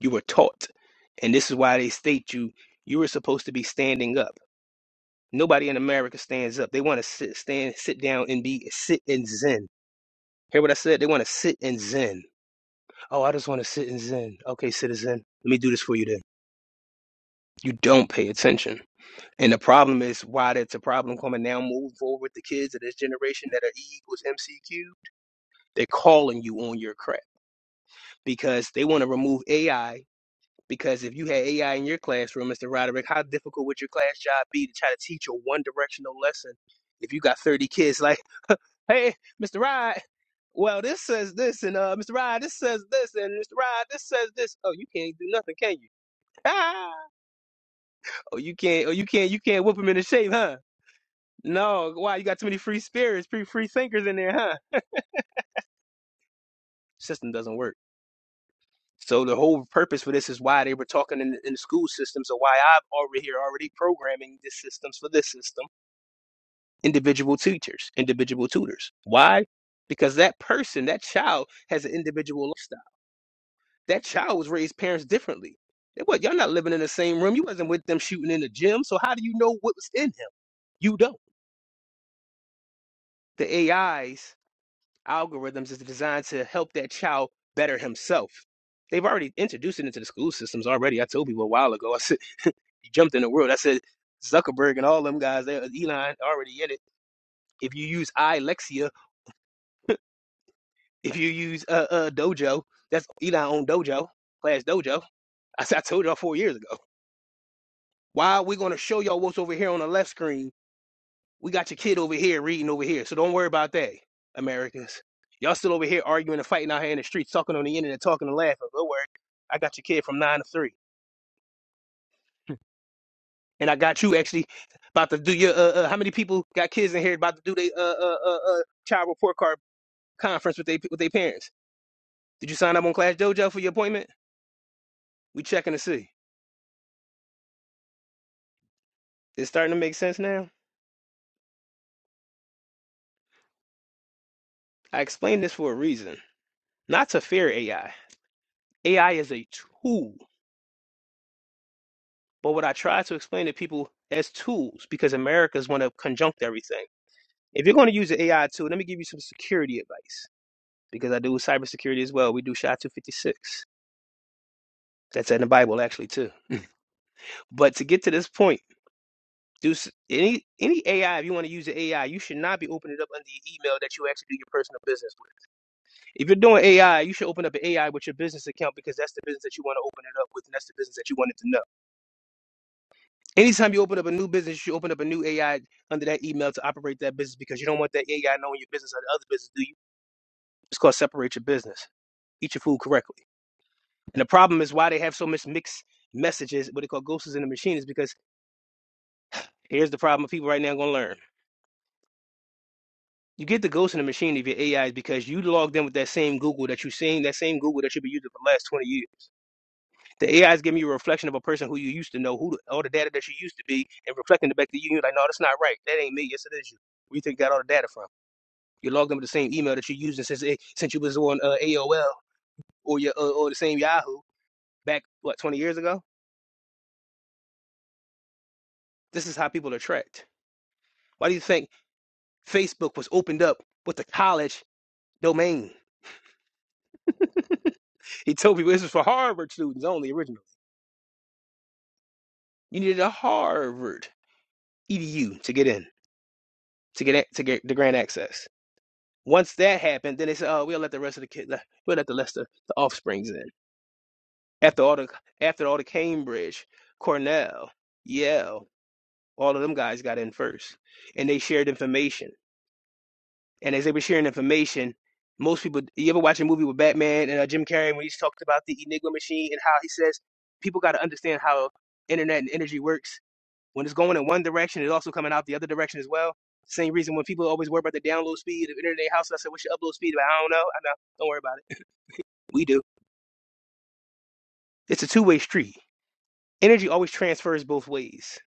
Speaker 9: You were taught. And this is why they state you you were supposed to be standing up. Nobody in America stands up. They want to sit stand sit down and be sit and zen. Hear what I said? They want to sit and zen. Oh, I just want to sit and zen. Okay, citizen. Let me do this for you then. You don't pay attention. And the problem is why that's a problem coming now. Moving forward with the kids of this generation that are E equals MCQ, they're calling you on your crap because they want to remove AI. Because if you had AI in your classroom, Mr. Roderick, how difficult would your class job be to try to teach a one directional lesson if you got 30 kids (laughs) like, hey, Mr. Rod, well, this says this, and uh, Mr. Rod, this says this, and Mr. Rod, this says this. Oh, you can't do nothing, can you? (laughs) Ah! Oh, you can't. Oh, you can't. You can't whip them in the shape, huh? No, wow, you got too many free spirits, free free thinkers in there, huh? System doesn't work. So the whole purpose for this is why they were talking in, in the school system. So why I'm already here, already programming the systems for this system, individual teachers, individual tutors. Why? Because that person, that child, has an individual lifestyle. That child was raised parents differently. And What y'all not living in the same room? You wasn't with them shooting in the gym. So how do you know what was in him? You don't. The AIs algorithms is designed to help that child better himself. They've already introduced it into the school systems already. I told people a while ago. I said (laughs) you jumped in the world. I said Zuckerberg and all them guys, they uh, Elon already in it. If you use iLexia, if you use uh, uh Dojo, that's Elon owned Dojo, Class Dojo. I said I told y'all four years ago. Why are we gonna show y'all what's over here on the left screen We got your kid over here reading over here. So don't worry about that, Americans. Y'all still over here arguing and fighting out here in the streets, talking on the internet, talking and laughing. Don't worry. I got your kid from nine to three. And I got you actually about to do your, uh, uh how many people got kids in here about to do their, uh, uh, uh, uh, child report card conference with their with their parents? Did you sign up on Clash Dojo for your appointment? We checking to see. It's starting to make sense now. I explained this for a reason. Not to fear AI. AI is a tool. But what I try to explain to people as tools, because Americans want to conjunct everything. If you're going to use an AI tool, let me give you some security advice, because I do cybersecurity as well. We do SHA 256. That's in the Bible, actually, too. But to get to this point, do s- any any AI, if you want to use the AI, you should not be opening it up under your email that you actually do your personal business with. If you're doing AI, you should open up an AI with your business account because that's the business that you want to open it up with, and that's the business that you want it to know. Anytime you open up a new business, you open up a new AI under that email to operate that business because you don't want that AI knowing your business or the other business, do you? It's called separate your business. Eat your food correctly. And the problem is why they have so much mixed messages, what they call ghosts in the machine, is because here's the problem people right now gonna learn. You get the ghost in the machine of your AI is because you logged in with that same Google that you're seeing, that same Google that you've been using for the last 20 years. The AI is giving you a reflection of a person who you used to know, who the, all the data that you used to be, and reflecting it back to you. You're like, no, that's not right. That ain't me. Yes, it is you. Where you think you got all the data from? You log them with the same email that you're using since it, since you was on uh, AOL or your uh, or the same Yahoo back what 20 years ago. This is how people are tracked. Why do you think Facebook was opened up with the college domain? He told people this was for Harvard students only originally. You needed a Harvard EDU to get in to get to get the grant access. Once that happened, then they said, "Oh, we'll let the rest of the kid, we'll let the rest of the offsprings in." After all the after all the Cambridge, Cornell, Yale. All of them guys got in first, and they shared information. And as they were sharing information, most people. You ever watch a movie with Batman and uh, Jim Carrey when he's talked about the Enigma machine and how he says people got to understand how internet and energy works. When it's going in one direction, it's also coming out the other direction as well. Same reason when people always worry about the download speed of internet in their house. I said, "What's your upload speed?" But I don't know. I know. Don't worry about it. (laughs) We do. It's a two-way street. Energy always transfers both ways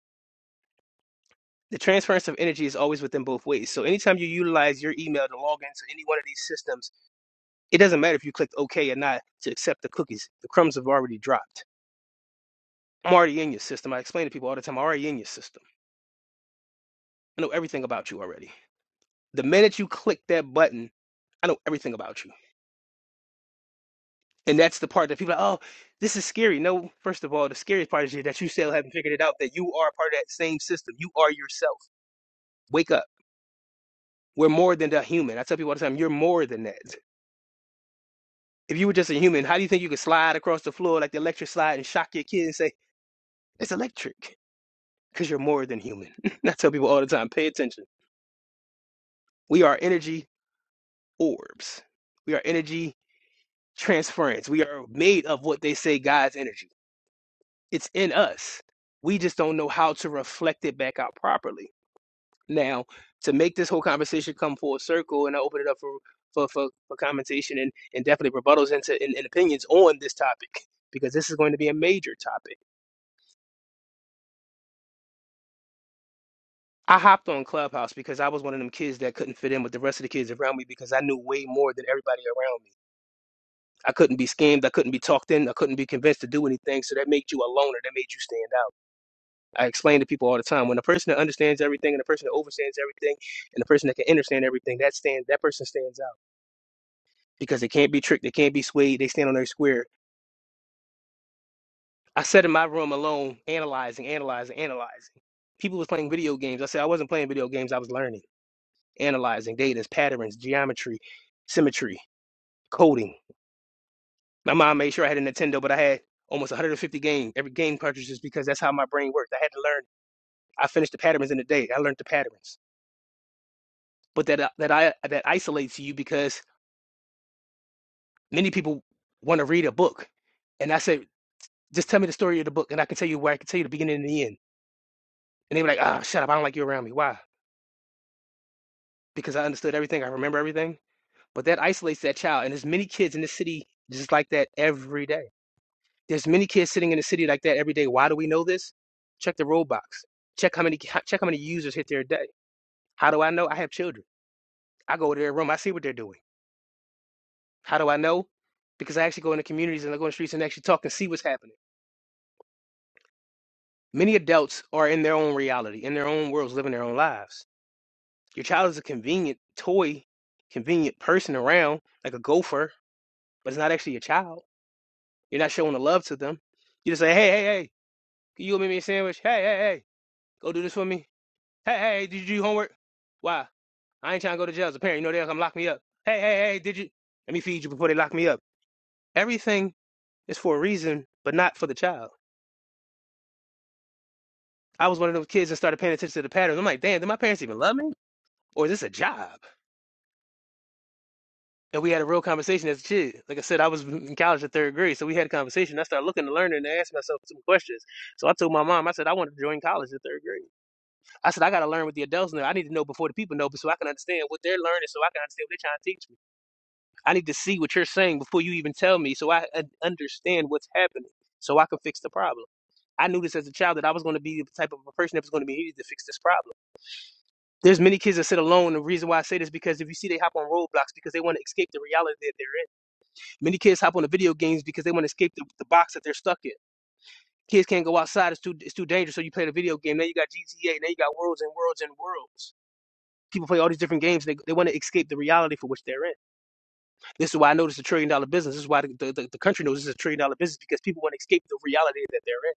Speaker 9: The transference of energy is always within both ways. So anytime you utilize your email to log into any one of these systems, it doesn't matter if you clicked OK or not to accept the cookies. The crumbs have already dropped. I'm already in your system. I explain to people all the time, I'm already in your system. I know everything about you already. The minute you click that button, I know everything about you. And that's the part that people are, like, oh, this is scary. No, first of all, the scariest part is that you still haven't figured it out that you are part of that same system. You are yourself. Wake up. We're more than a human. I tell people all the time, you're more than that. If you were just a human, how do you think you could slide across the floor like the electric slide and shock your kid and say, it's electric? Because you're more than human. (laughs) I tell people all the time, pay attention. We are energy orbs. We are energy transference. We are made of what they say God's energy. It's in us. We just don't know how to reflect it back out properly. Now, to make this whole conversation come full circle, and I open it up for for, for, for commentation and, and definitely rebuttals into and, and opinions on this topic, because this is going to be a major topic I hopped on Clubhouse because I was one of them kids that couldn't fit in with the rest of the kids around me because I knew way more than everybody around me. I couldn't be scammed. I couldn't be talked in. I couldn't be convinced to do anything. So that made you a loner. That made you stand out. I explain to people all the time when a person that understands everything and a person that overstands everything and the person that can understand everything, that stand that person stands out because they can't be tricked. They can't be swayed. They stand on their square. I sat in my room alone, analyzing, analyzing, analyzing. People was playing video games. I said I wasn't playing video games. I was learning. analyzing data, patterns, geometry, symmetry, coding. My mom made sure I had a Nintendo, but I had almost 150 games. every game cartridges because that's how my brain worked. I had to learn. I finished the patterns in the day. I learned the patterns, but that uh, that I that isolates you because many people want to read a book, and I said, just tell me the story of the book, and I can tell you where I can tell you the beginning and the end. And they were like, ah, oh, shut up, I don't like you around me. Why? Because I understood everything. I remember everything. But that isolates that child, and there's many kids in this city just like that every day There's many kids sitting in the city like that every day. Why do we know this? Check the Roblox. Check how many check how many users hit there a day. How do I know? I have children. I go to their room. I see what they're doing. How do I know? Because I actually go in the communities and I go in the streets and actually talk and see what's happening. Many adults are in their own reality, in their own worlds, living their own lives. Your child is a convenient toy, convenient person around, like a gopher, but it's not actually your child. You're not showing the love to them. You just say, hey, hey, hey, can you go make me a sandwich? Hey, hey, hey, go do this for me Hey, hey, did you do your homework? Why? I ain't trying to go to jail as a parent. You know they'll come lock me up. Hey, hey, hey, did you? Let me feed you before they lock me up. Everything is for a reason, but not for the child. I was one of those kids that started paying attention to the patterns. I'm like, damn, do my parents even love me? Or is this a job? And we had a real conversation as a kid. Like I said, I was in college in third grade, so we had a conversation. I started looking to learn and asked myself some questions. So I told my mom, I said, I want to join college in third grade. I said, I got to learn what the adults know. I need to know before the people know, but so I can understand what they're learning, so I can understand what they're trying to teach me. I need to see what you're saying before you even tell me so I un- understand what's happening so I can fix the problem. I knew this as a child that I was going to be the type of a person that was going to be needed to fix this problem. There's many kids that sit alone. The reason why I say this is because if you see they hop on roadblocks because they want to escape the reality that they're in. Many kids hop on the video games because they want to escape the, the box that they're stuck in. Kids can't go outside; it's too it's too dangerous. So you play the video game. Now you got GTA. Now you got worlds and worlds and worlds. People play all these different games. They they want to escape the reality for which they're in. This is why I know this is a trillion dollar business. This is why the, the, the country knows this is a trillion dollar business because people want to escape the reality that they're in.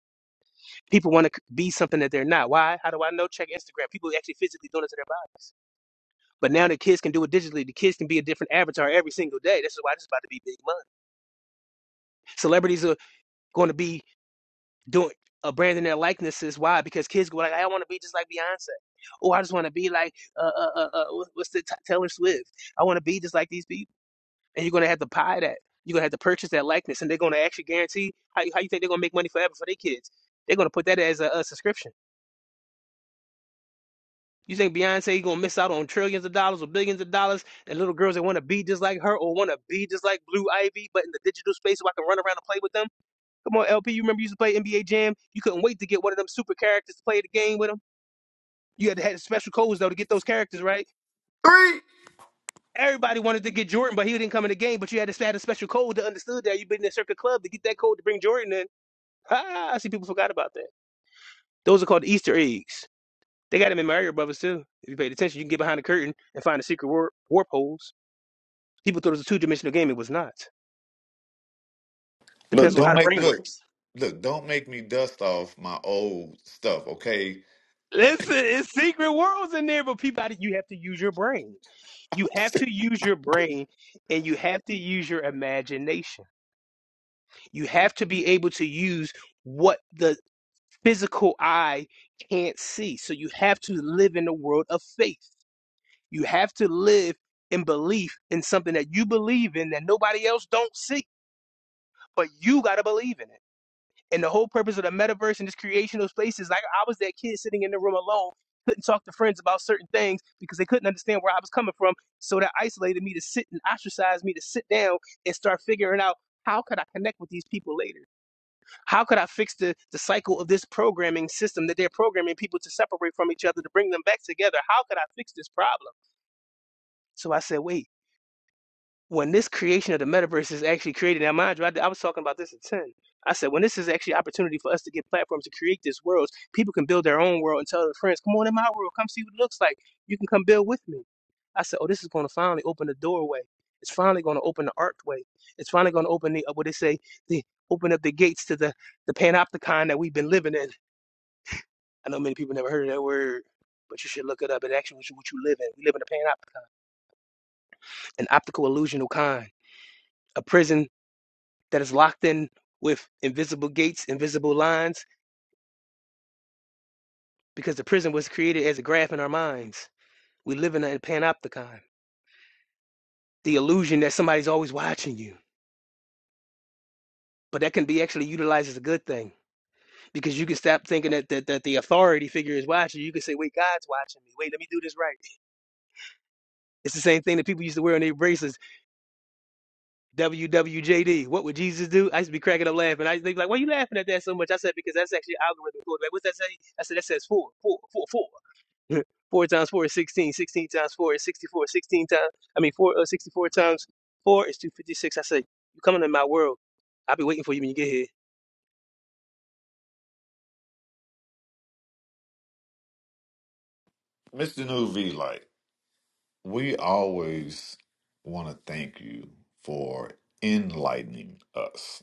Speaker 9: People want to be something that they're not. Why? How do I know? Check Instagram. People actually physically doing it to their bodies. But now the kids can do it digitally. The kids can be a different avatar every single day. This is why this is about to be big money. Celebrities are going to be doing uh, branding their likenesses. Why? Because kids go like, I want to be just like Beyonce. Or I just want to be like, uh, uh, uh, uh, what's the t- Taylor Swift? I want to be just like these people. and you're gonna have to buy that. You're gonna have to purchase that likeness, and they're gonna actually guarantee how how you think they're gonna make money forever for their kids? They're gonna put that as a, a subscription. You think Beyonce gonna miss out on trillions of dollars or billions of dollars, and little girls that want to be just like her or want to be just like Blue Ivy, but in the digital space, so I can run around and play with them? Come on, LP, you remember you used to play NBA Jam? You couldn't wait to get one of them super characters to play the game with them. You had to have special codes though to get those characters right.
Speaker 8: Three.
Speaker 9: Everybody wanted to get Jordan, but he didn't come in the game. But you had to have a special code to understood that you've been in a circuit club to get that code to bring Jordan in Ah, I see people forgot about that. Those are called Easter eggs. They got them in Mario Brothers too. If you paid attention, you can get behind the curtain and find the secret warp, warp holes. People thought it was a two dimensional game. It was not.
Speaker 8: Look,
Speaker 9: Depends on how
Speaker 8: don't
Speaker 9: the
Speaker 8: make
Speaker 9: brain
Speaker 8: look,
Speaker 9: works.
Speaker 8: look, don't make me dust off my old stuff, okay?
Speaker 9: Listen, it's secret worlds in there, but people, you have to use your brain. You
Speaker 8: (laughs)
Speaker 9: have
Speaker 8: Mr.
Speaker 9: to use your brain and you have to use your imagination. You have to be able to use what the physical eye can't see. So you have to live in a world of faith. You have to live in belief in something that you believe in that nobody else don't see, but you gotta believe in it. And the whole purpose of the metaverse and this creation of spaces, like I was that kid sitting in the room alone, couldn't talk to friends about certain things because they couldn't understand where I was coming from. So that isolated me to sit and ostracized me to sit down and start figuring out how could I connect with these people later? How could I fix the, the cycle of this programming system that they're programming people to separate from each other to bring them back together? How could I fix this problem? So I said, wait. when this creation of the metaverse is actually created. Now, mind you, I, I was talking about this at 10. I said, when this is actually an opportunity for us to get platforms to create this world, people can build their own world and tell their friends, come on in my world, come see what it looks like. You can come build with me. I said, oh, this is going to finally open the doorway. It's finally going to open the archway. It's finally going to open the, uh, what they say, the, open up the gates to the, the panopticon that we've been living in. I know many people never heard of that word, but you should look it up. It actually is what you live in. We live in a panopticon, an optical illusional kind, a prison that is locked in with invisible gates, invisible lines, because the prison was created as a graph in our minds. We live in a panopticon, the illusion that somebody's always watching you. But that can be actually utilized as a good thing because you can stop thinking that, that, that the authority figure is watching you. You can say, wait, God's watching me. Wait, let me do this right. It's the same thing that people used to wear on their bracelets WWJD. What would Jesus do? I used to be cracking up laughing. I used to be like, why are you laughing at that so much? I said, because that's actually algorithm code. Like, what's that say? I said, that says four, four, four, four. (laughs) four times four is 16. 16 times four is 64. 16 times, I mean, four, uh, 64 times four is 256. I say you coming in my world. I'll be waiting for you when you get here.
Speaker 8: Nuvi, like, we always want to thank you for enlightening us.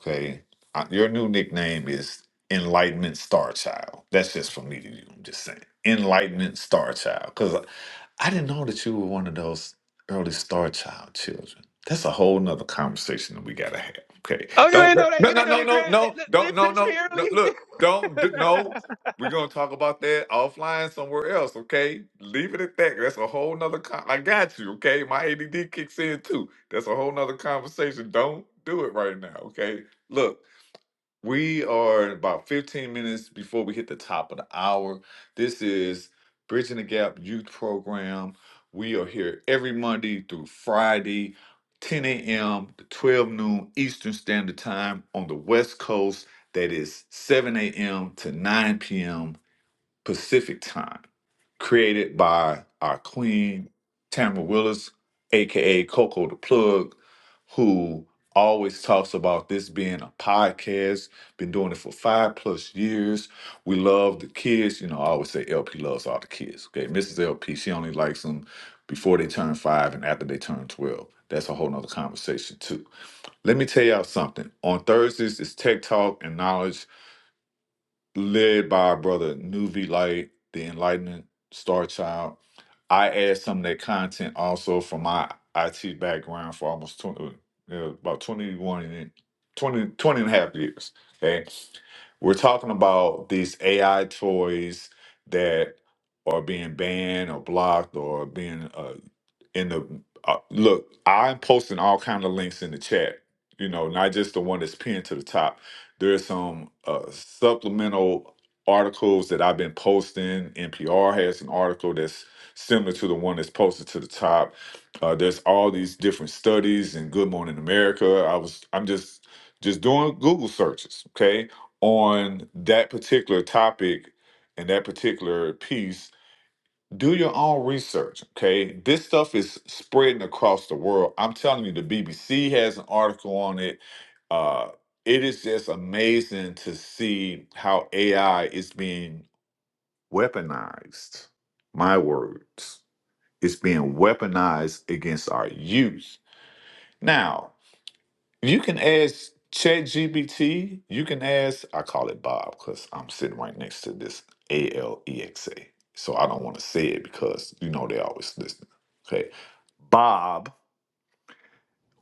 Speaker 8: Okay. Uh, Your new nickname is Enlightenment Star Child. That's just for me to you. I'm just saying. Enlightenment Star Child. Because I didn't know that you were one of those early Star Child children. That's a whole nother conversation that we gotta have. Okay.
Speaker 9: Oh, you
Speaker 8: Don't
Speaker 9: ain't
Speaker 8: no
Speaker 9: know that.
Speaker 8: no
Speaker 9: You
Speaker 8: no
Speaker 9: ain't know
Speaker 8: no
Speaker 9: they
Speaker 8: no
Speaker 9: grabbed, they,
Speaker 8: no,
Speaker 9: they they
Speaker 8: don't no
Speaker 9: pinched me
Speaker 8: no no
Speaker 9: early. (laughs)
Speaker 8: look don't do, no. We're gonna talk about that offline somewhere else, okay? Leave it at that. That's a whole nother con- I got you, okay? My ADD kicks in too. That's a whole nother conversation. Don't do it right now, okay? Look, we are about 15 minutes before we hit the top of the hour. This is Bridging the Gap Youth Program. We are here every Monday through Friday, 10 a.m. to 12 noon Eastern Standard Time on the West Coast. That is 7 a.m. to 9 p.m. Pacific Time created by our queen, Tamara Willis, aka Coco the Plug, who always talks about this being a podcast, been doing it for five plus years. We love the kids. You know, I always say LP loves all the kids. Okay. Mrs. LP, she only likes them before they turn five and after they turn 12. That's a whole nother conversation too. Let me tell y'all something. On Thursdays, it's Tech Talk and Knowledge led by our brother Nuvi Light, the Enlightenment Star Child. I add some of that content also from my IT background for almost 20, uh, yeah, about 21 and 20, twenty and a half years. Okay. We're talking about these AI toys that are being banned or blocked or being uh, in the uh, look. I'm posting all kind of links in the chat, you know, not just the one that's pinned to the top there's some uh, supplemental articles that I've been posting. NPR has an article that's similar to the one that's posted to the top. Uh, there's all these different studies in Good Morning America. I was I'm just just doing Google searches, okay, on that particular topic and that particular piece do your own research, okay? This stuff is spreading across the world. I'm telling you, the BBC has an article on it. Uh, it is just amazing to see how AI is being weaponized. My words, it's being weaponized against our youth. Now, you can ask ChatGPT. You can ask. I call it Bob because I'm sitting right next to this A L E X A. So I don't want to say it because you know they always listen. Okay, Bob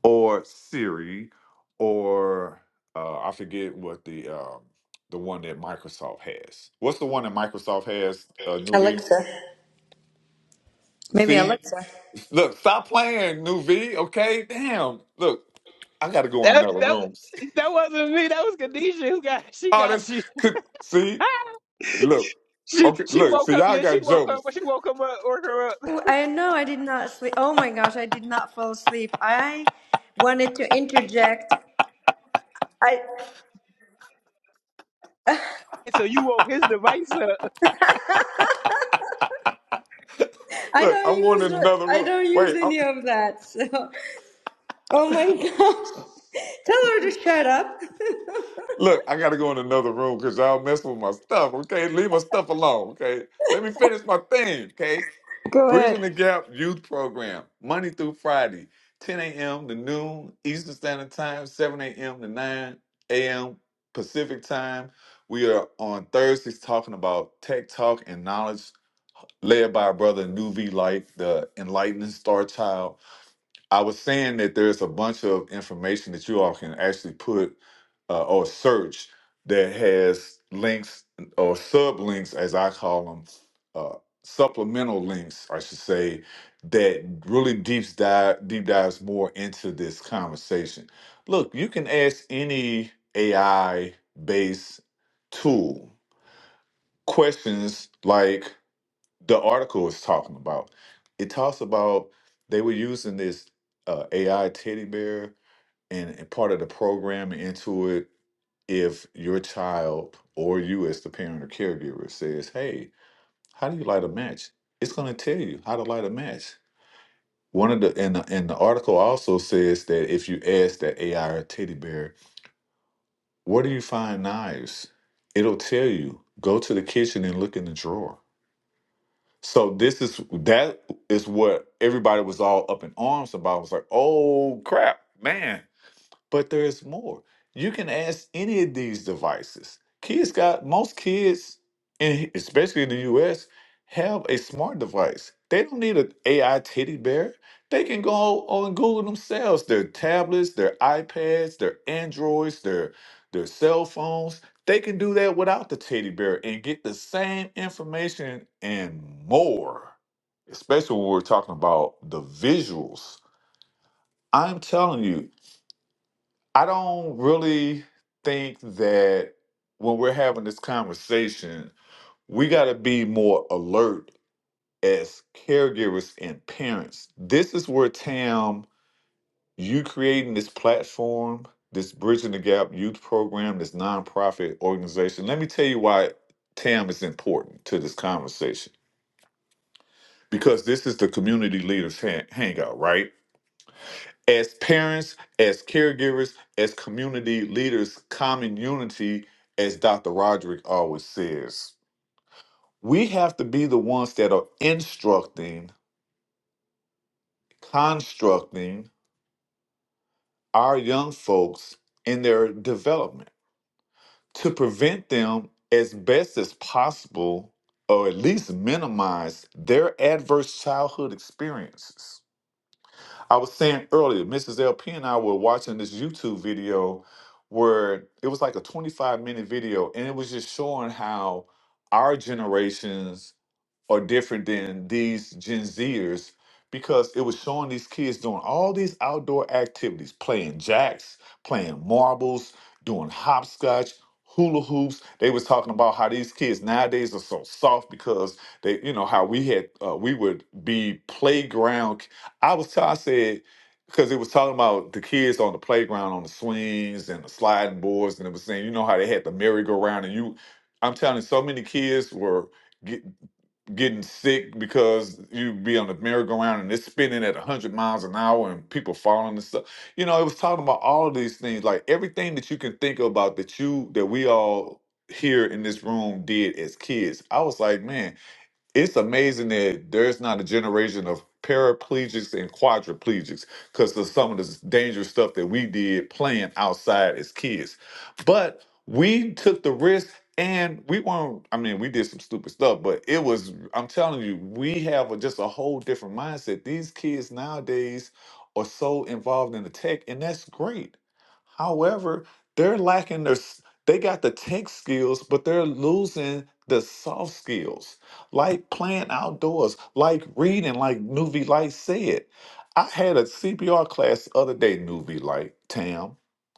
Speaker 8: or Siri or uh, I forget what the um, the one that Microsoft has. What's the one that Microsoft has? Uh,
Speaker 7: (laughs)
Speaker 8: New V.
Speaker 7: Alexa. Maybe
Speaker 8: See,
Speaker 7: Alexa.
Speaker 8: look, stop playing, New V. Okay, damn. Look, I got to go in
Speaker 9: that,
Speaker 8: another
Speaker 9: that,
Speaker 8: room. (laughs)
Speaker 9: that wasn't me. That was Khadijah who got, she
Speaker 8: Oh, that's
Speaker 9: got you.
Speaker 8: could see. Look,
Speaker 9: (laughs) she,
Speaker 8: okay,
Speaker 9: she
Speaker 8: look. So
Speaker 9: woke up.
Speaker 8: y'all
Speaker 9: Yeah, she
Speaker 8: got
Speaker 9: woke up.
Speaker 8: jokes.
Speaker 9: She woke him up, woke her up. (laughs)
Speaker 7: Oh, I know I did not sleep. Oh my gosh, I did not fall asleep. I wanted to interject. I
Speaker 9: So you woke his device up.
Speaker 7: I
Speaker 8: Look,
Speaker 7: don't
Speaker 8: I'm going in
Speaker 7: use
Speaker 8: another
Speaker 7: I
Speaker 8: room.
Speaker 7: don't use
Speaker 8: Wait, I'm,
Speaker 7: any of that. (laughs) So, oh my gosh. (laughs) Tell her to shut up.
Speaker 8: look, I gotta go in another room because y'all messing with my stuff. Okay, leave my stuff alone. Okay, let me finish my thing. Okay,
Speaker 7: (laughs) Go
Speaker 8: Bridging
Speaker 7: ahead.
Speaker 8: the Gap Youth Program, Monday through Friday, 10 a.m. to noon Eastern Standard Time, 7 a.m. to 9 a.m. Pacific Time. We are on Thursdays talking about tech talk and knowledge led by our brother Nuvi Light, the enlightened star child. I was saying that there's a bunch of information that you all can actually put uh, or search that has links or sublinks, as I call them, uh, supplemental links, I should say, that really deep dive deep dives more into this conversation. Look, you can ask any AI based tool questions like the article is talking about. It talks about they were using this uh, AI teddy bear and, and part of the program into it. If your child or you, as the parent or caregiver, says, "Hey, how do you light a match?" It's going to tell you how to light a match. One of the and the, and the article also says that if you ask that AI or teddy bear, "Where do you find knives?" It'll tell you. Go to the kitchen and look in the drawer So this is that is what everybody was all up in arms about. was like, oh crap, man. But there is more. You can ask any of these devices. Kids got most kids, in, especially in the U.S., have a smart device. They don't need an AI teddy bear. They can go on Google themselves. Their tablets, their iPads, their Androids, their their cell phones. They can do that without the teddy bear and get the same information and more. Especially when we're talking about the visuals. I'm telling you, I don't really think that when we're having this conversation, we got to be more alert as caregivers and parents. This is where Tam, you creating this platform, this Bridging the Gap youth program, this nonprofit organization. Let me tell you why Tam is important to this conversation because this is the community leaders hang- hangout, right? as parents, as caregivers, as community leaders, common unity, as Dr. Roderick always says, we have to be the ones that are instructing, constructing our young folks in their development to prevent them as best as possible or at least minimize their adverse childhood experiences. I was saying earlier, Mrs. LP and I were watching this YouTube video where it was like a 25 minute video, and it was just showing how our generations are different than these Gen Zers because it was showing these kids doing all these outdoor activities, playing jacks, playing marbles, doing hopscotch, hula hoops. They was talking about how these kids nowadays are so soft because they, you know, how we had uh, we would be playground. I was I said because it was talking about the kids on the playground on the swings and the sliding boards, and it was saying, you know, how they had the merry-go-round, and you, I'm telling you, so many kids were getting sick because you be on the merry-go-round and it's spinning at 100 miles an hour and people falling and stuff. You know, it was talking about all of these things, like everything that you can think about that you that we all here in this room did as kids. I was like, man, it's amazing that there's not a generation of paraplegics and quadriplegics because of some of this dangerous stuff that we did playing outside as kids. But we took the risk and we weren't, I mean, we did some stupid stuff, but it was, I'm telling you, we have a, just a whole different mindset. These kids nowadays are so involved in the tech, and that's great. However, they're lacking their, s- they got the tech skills, but they're losing the soft skills like playing outdoors, like reading, like Nuvi Light said. I had a CPR class the other day, Nuvi Light, Tam,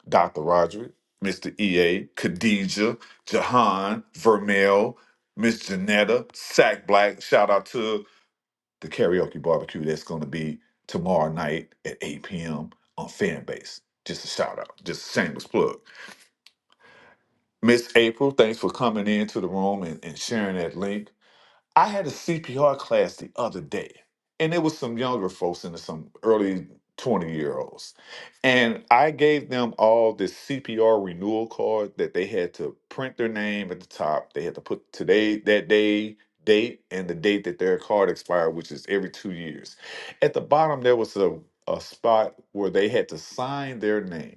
Speaker 8: Dr. Roderick, Mr. EA, Khadija, Jahan, Vermel, Miss Janetta, Sack Black. Shout out to the karaoke barbecue that's going to be tomorrow night at 8 p.m. on Fanbase. Just a shout out, just a shameless plug. Miss April, thanks for coming into the room and, and sharing that link. I had a CPR class the other day, and it was some younger folks and some early 20 year olds. And I gave them all this CPR renewal card that they had to print their name at the top. They had to put today, that day, date, and the date that their card expired, which is every two years. At the bottom, there was a, a spot where they had to sign their name.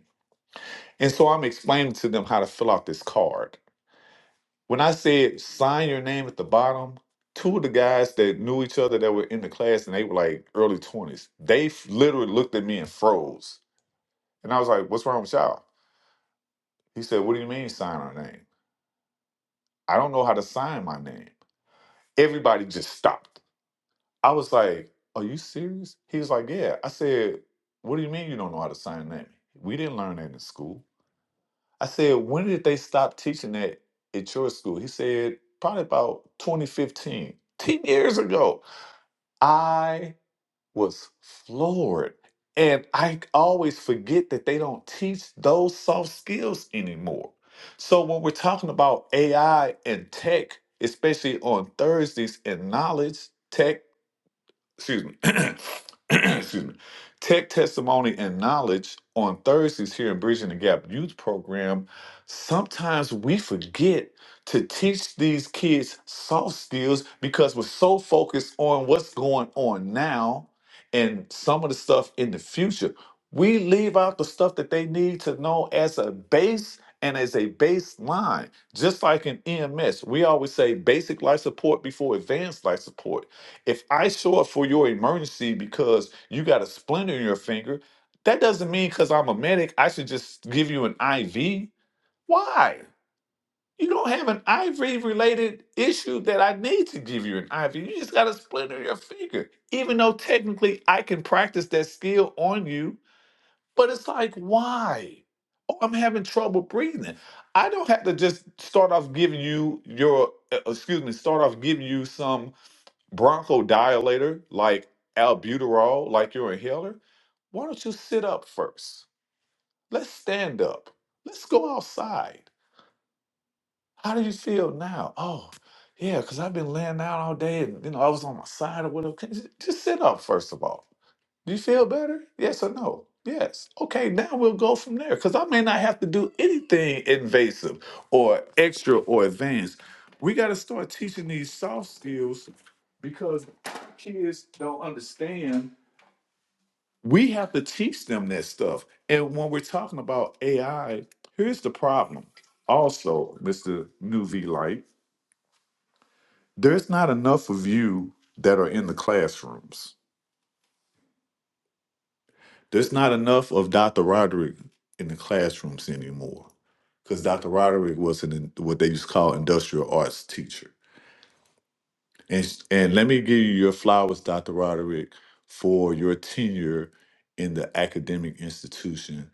Speaker 8: And so I'm explaining to them how to fill out this card. When I said sign your name at the bottom, two of the guys that knew each other that were in the class and they were like early 20s, they f- literally looked at me and froze. And I was like, what's wrong with y'all? He said, what do you mean sign our name? I don't know how to sign my name. Everybody just stopped. I was like, are you serious? He was like, yeah. I said, what do you mean you don't know how to sign a name? We didn't learn that in school. I said, when did they stop teaching that at your school? He said, probably about 2015, 10 years ago. I was floored. And I always forget that they don't teach those soft skills anymore. So when we're talking about AI and tech, especially on Thursdays and knowledge tech excuse me, (coughs) (clears throat) excuse me, Tech Testimony and Knowledge on Thursdays here in Bridging the Gap Youth Program. Sometimes we forget to teach these kids soft skills because we're so focused on what's going on now and some of the stuff in the future. We leave out the stuff that they need to know as a base and as a baseline. Just like in EMS, we always say basic life support before advanced life support if I show up for your emergency because you got a splinter in your finger, that doesn't mean because I'm a medic, I should just give you an IV. Why? You don't have an IV related issue that I need to give you an IV. You just got a splinter in your finger. Even though technically I can practice that skill on you, but it's like, why? Oh, I'm having trouble breathing. I don't have to just start off giving you your, uh, excuse me, start off giving you some bronchodilator like albuterol, like your inhaler, why don't you sit up first? Let's stand up. Let's go outside. How do you feel now? Oh, yeah, because I've been laying down all day and you know I was on my side or whatever. Can- Just just sit up first of all. Do you feel better? Yes or no? Yes. Okay, now we'll go from there because I may not have to do anything invasive or extra or advanced. We got to start teaching these soft skills because kids don't understand. We have to teach them that stuff. And when we're talking about AI, here's the problem. Also, Mr. New V Light, there's not enough of you that are in the classrooms There's not enough of Dr. Roderick in the classrooms anymore because Dr. Roderick was an, what they used to call industrial arts teacher. And, s- and let me give you your flowers, Dr. Roderick, for your tenure in the academic institution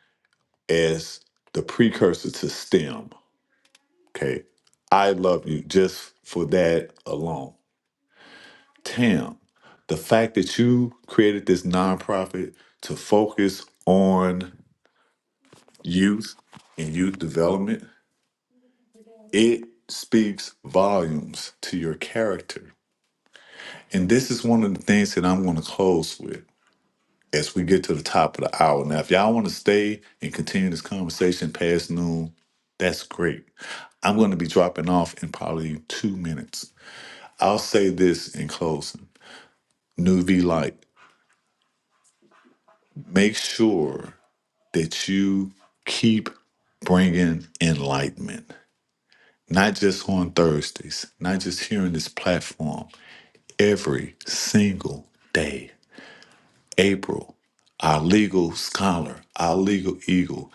Speaker 8: as the precursor to STEM. Okay. I love you just for that alone. Tam, the fact that you created this nonprofit to focus on youth and youth development, it speaks volumes to your character. And this is one of the things that I'm going to close with as we get to the top of the hour. Now, if y'all want to stay and continue this conversation past noon, that's great. I'm going to be dropping off in probably two minutes. I'll say this in closing New V Light, make sure that you keep bringing enlightenment. not just on Thursdays, not just here on this platform, every single day. April, our legal scholar, our legal eagle,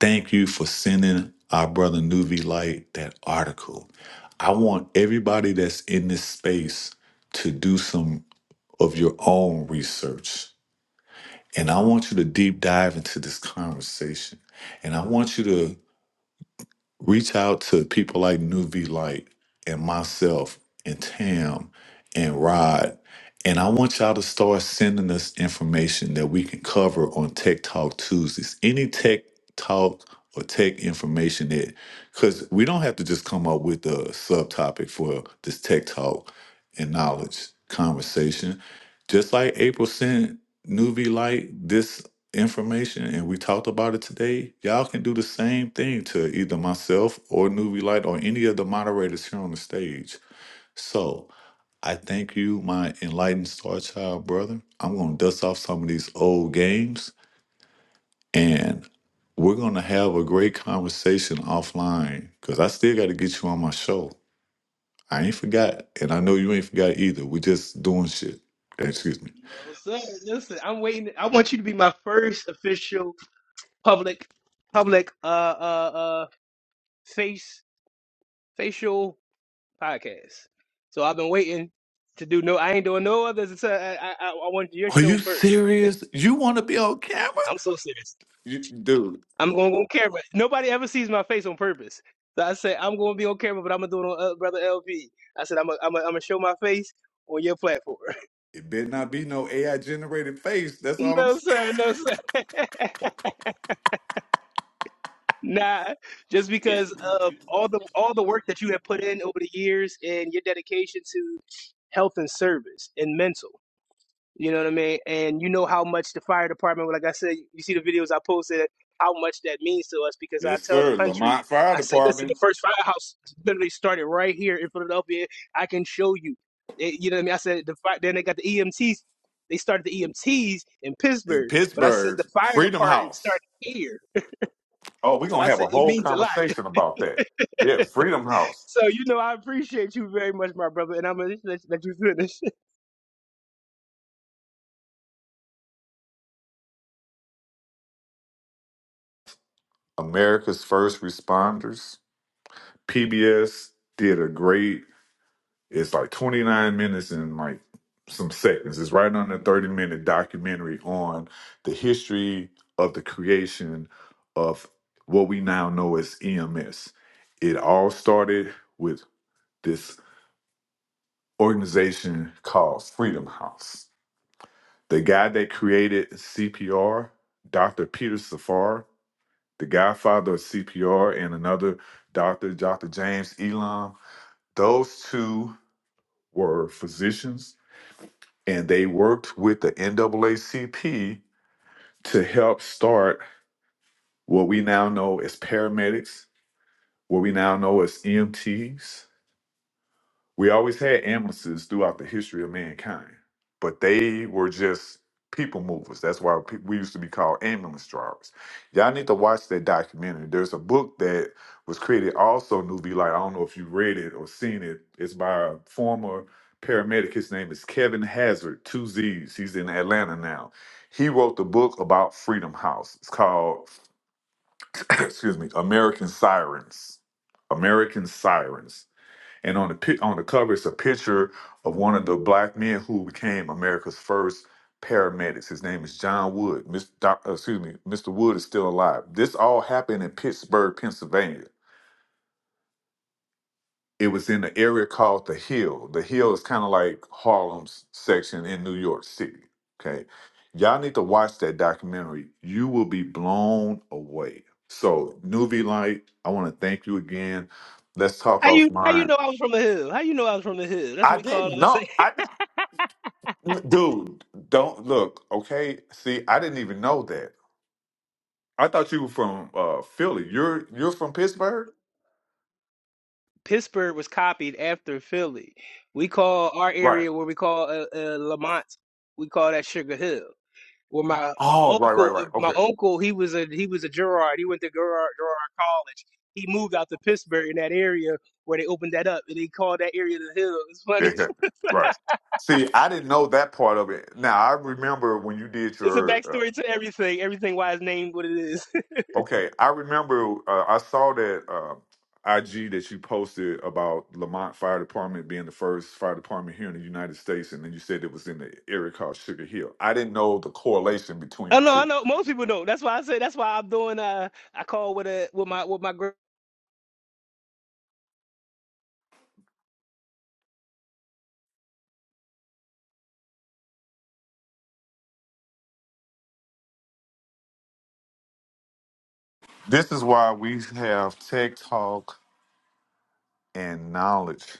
Speaker 8: thank you for sending our brother Nuvi Light that article. I want everybody that's in this space to do some of your own research. And I want you to deep dive into this conversation. And I want you to reach out to people like Nuvi Light and myself and Tam and Rod. And I want y'all to start sending us information that we can cover on Tech Talk Tuesdays. Any tech talk or tech information that, because we don't have to just come up with a subtopic for this tech talk and knowledge conversation. Just like April sent Nuvi Light this information and we talked about it today, y'all can do the same thing to either myself or Nuvi Light or any of the moderators here on the stage. So I thank you, my enlightened star child brother. I'm gonna dust off some of these old games and we're gonna have a great conversation offline because I still gotta get you on my show. I ain't forgot, and I know you ain't forgot either. We just doing shit. Excuse me.
Speaker 9: No, sir. Listen, I'm waiting. I want you to be my first official public, public, uh, uh, uh, face facial podcast. So I've been waiting to do no. I ain't doing no others. It's I I, I I wanted your
Speaker 8: Are you
Speaker 9: show first.
Speaker 8: serious? You wanna be on camera?
Speaker 9: I'm so serious.
Speaker 8: You, dude.
Speaker 9: I'm gonna go on camera. Nobody ever sees my face on purpose. So I said I'm gonna be on camera, but I'm gonna do it on uh, brother LP. I said I'm gonna I'm gonna I'm gonna show my face on your platform.
Speaker 8: It better not be no AI generated face.
Speaker 9: (laughs)
Speaker 8: That's all I'm
Speaker 9: no
Speaker 8: saying.
Speaker 9: sir, no sir. (laughs) nah, just
Speaker 6: Can
Speaker 9: because of all the all the work that you have put in over the years and your dedication to health and service and mental. You know what I mean? And you know how much the fire department, like I said, you see the videos I posted, how much that means to us because I
Speaker 8: Yes,
Speaker 9: tell the
Speaker 8: sir.
Speaker 9: country,
Speaker 8: Lamont Fire
Speaker 9: I say, listen, the
Speaker 8: Department
Speaker 9: first firehouse literally started right here in Philadelphia. I can show you. It- you know what I mean? I said, the fire, then they got the EMTs. They started the EMTs in
Speaker 8: in
Speaker 9: Pittsburgh, but I said
Speaker 8: Pittsburgh,
Speaker 9: the fire
Speaker 8: Freedom
Speaker 9: department
Speaker 8: House.
Speaker 9: started here.
Speaker 8: Oh, we're
Speaker 9: So
Speaker 8: gonna
Speaker 9: I
Speaker 8: have
Speaker 9: said,
Speaker 8: a
Speaker 9: it
Speaker 8: whole
Speaker 9: means a lot. (laughs)
Speaker 8: conversation about that. Yeah, Freedom House.
Speaker 9: So, you know, I appreciate you very much, my brother, and I'm going to let, let you finish.
Speaker 8: America's first responders. PBS did a great it's like 29 minutes and like some seconds. It's right on the 30 minute documentary on the history of the creation of what we now know as EMS. It all started with. this organization called Freedom House. The guy that created CPR, Dr. Peter Safar, the godfather of CPR, and another doctor, Dr. James Elam, those two were physicians and they worked with the NAACP to help start what we now know as paramedics, what we now know as EMTs, We always had ambulances throughout the history of mankind, but they were just people movers. That's why pe- we used to be called ambulance drivers. Y'all need to watch that documentary. There's a book that was created also, Nuvi. Like I don't know if you read it or seen it. It's by a former paramedic. His name is Kevin Hazard, two Z's. He's in Atlanta now. He wrote the book about Freedom House. It's called, (clears throat) excuse me, American Sirens. American Sirens and on the pi- on the cover, it's a picture of one of the black men who became America's first paramedics. His name is John Wood. Mr. Doc, uh, excuse me, Mr. Wood is still alive. This all happened in Pittsburgh, Pennsylvania. It was in an area called the Hill. The Hill is kind of like Harlem's section in New York City. Okay, y'all need to watch that documentary. You will be blown away. So, Nuvi Light, I want to thank you again. Let's
Speaker 9: (laughs)
Speaker 8: talk
Speaker 9: How you how you
Speaker 8: offline.
Speaker 9: know I was from the hood? How you know I was from the hood? That's
Speaker 8: I
Speaker 9: what we
Speaker 8: didn't
Speaker 9: call us.
Speaker 8: know. I Dude, don't look. Okay, see, I didn't even know that. I thought you were from uh, Philly. You're you're from Pittsburgh,
Speaker 9: Pittsburgh was copied after Philly. We call our
Speaker 8: right?
Speaker 9: area where we call uh, uh, Lamont, we call that Sugar Hill. Where my my
Speaker 8: Oh, right, right,
Speaker 9: uncle, uh,
Speaker 8: right.
Speaker 9: my
Speaker 8: Okay,
Speaker 9: uncle, he was a he was a Gerard. He went to Gerard Gerard College. He moved out to Pittsburgh in that area where they opened that up, and they called that area the Hill. It's
Speaker 8: yeah,
Speaker 9: funny. (laughs)
Speaker 8: yeah. right. See, I didn't know that part of it. Now I remember when you did
Speaker 9: It's a
Speaker 8: your.
Speaker 9: backstory to everything. Everything why it's named what it is. (laughs)
Speaker 8: Uh, okay, I remember uh, I saw that uh, IG that you posted about Lamont Fire Department being the first fire department here in the United States, and then you said it was in the area called Sugar Hill. I didn't know the correlation between
Speaker 9: I
Speaker 8: the
Speaker 9: know. I
Speaker 8: two.
Speaker 9: know. Most people know. That's why I say. That's why I'm doing. Uh, I call with a with my with my girl.
Speaker 8: This is why we have tech talk and knowledge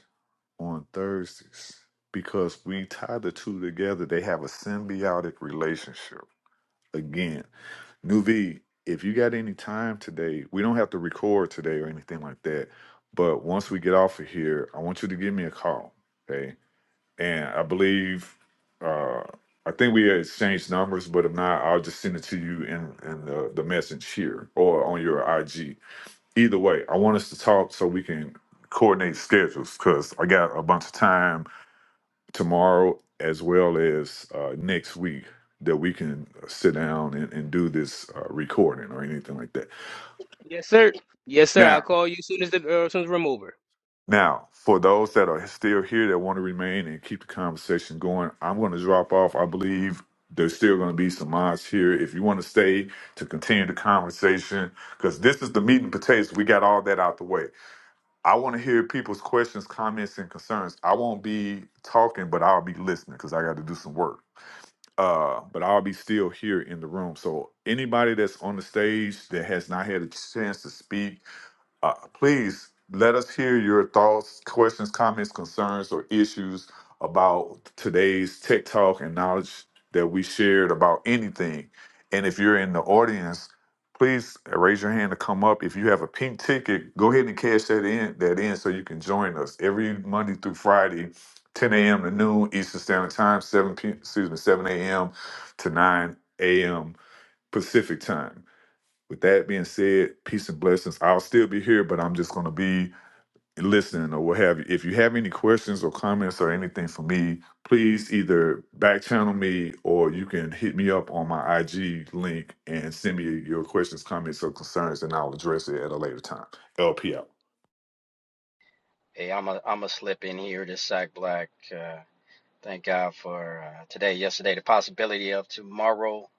Speaker 8: on Thursdays because we tie the two together. They have a symbiotic relationship. Again, Nuvi, if you got any time today, we don't have to record today or anything like that. But once we get off of here, I want you to give me a call. Okay. And I believe, uh, I think we exchanged numbers, but if not, I'll just send it to you in, in the, the message here or on your IG either way, I want us to talk so we can coordinate schedules because I got a bunch of time tomorrow as well as uh, next week that we can sit down and, and do this uh, recording or anything like that.
Speaker 9: Yes, sir. Yes, sir. I'll
Speaker 8: Now,
Speaker 9: call you as soon as the uh, as soon as I'm over.
Speaker 8: now for those that are still here that want to remain and keep the conversation going, I'm going to drop off. I believe there's still going to be some mods here if you want to stay to continue the conversation because this is the meat and potatoes. We got all that out the way. I want to hear people's questions, comments, and concerns. I won't be talking, but I'll be listening because I got to do some work. Uh, but I'll be still here in the room. So anybody that's on the stage that has not had a chance to speak, uh, please let us hear your thoughts, questions, comments, concerns, or issues about today's tech talk and knowledge that we shared about anything. And if you're in the audience, please raise your hand to come up. If you have a pink ticket, go ahead and cash that in, that in so you can join us every Monday through Friday, 10 a.m. to noon Eastern Standard Time, 7 p. excuse me, 7 a.m. to 9 a.m. Pacific Time. With that being said, peace and blessings. I'll still be here, but I'm just going to be listening or what have you. If you have any questions or comments or anything for me, please either back channel me or you can hit me up on my IG link and send me your questions, comments, or concerns, and I'll address it at a later time. LP out.
Speaker 10: Hey, I'm a I'm a slip in here to Sack Black. Uh, thank God for uh, today, yesterday, the possibility of tomorrow.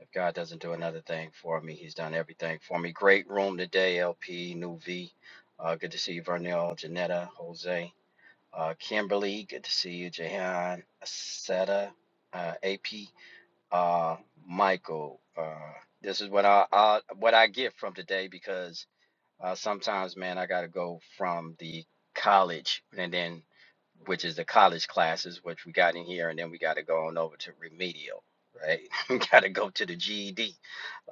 Speaker 10: If God doesn't do another thing for me, He's done everything for me. Great room today, LP, New V. Uh, good to see you, Vernell, Janetta, Jose, uh, Kimberly. Good to see you, Jahan, Seta, uh, AP, uh, Michael. Uh, this is what I, I what I get from today because uh, sometimes, man, I got to go from the college and then, which is the college classes, which we got in here, and then we got to go on over to remedial, right? (laughs) We got to go to the GED,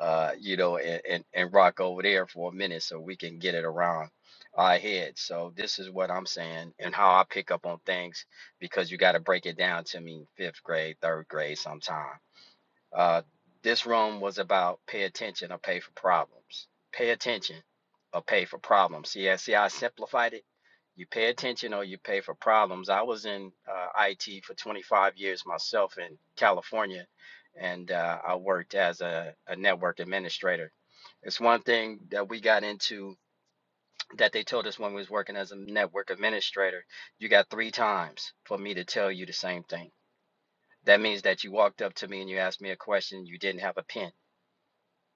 Speaker 10: uh, you know, and, and, and rock over there for a minute so we can get it around our head. So this is what I'm saying and how I pick up on things because you got to break it down to me fifth grade, third grade sometime. Uh, this room was about pay attention or pay for problems. Pay attention or pay for problems. See, I- see, how I simplified it. You pay attention or you pay for problems. I was in uh, IT for 25 years myself in California, and uh, I worked as a, a network administrator. It's one thing that we got into that they told us when we was working as a network administrator. You got three times for me to tell you the same thing. That means that you walked up to me and you asked me a question. You didn't have a pen.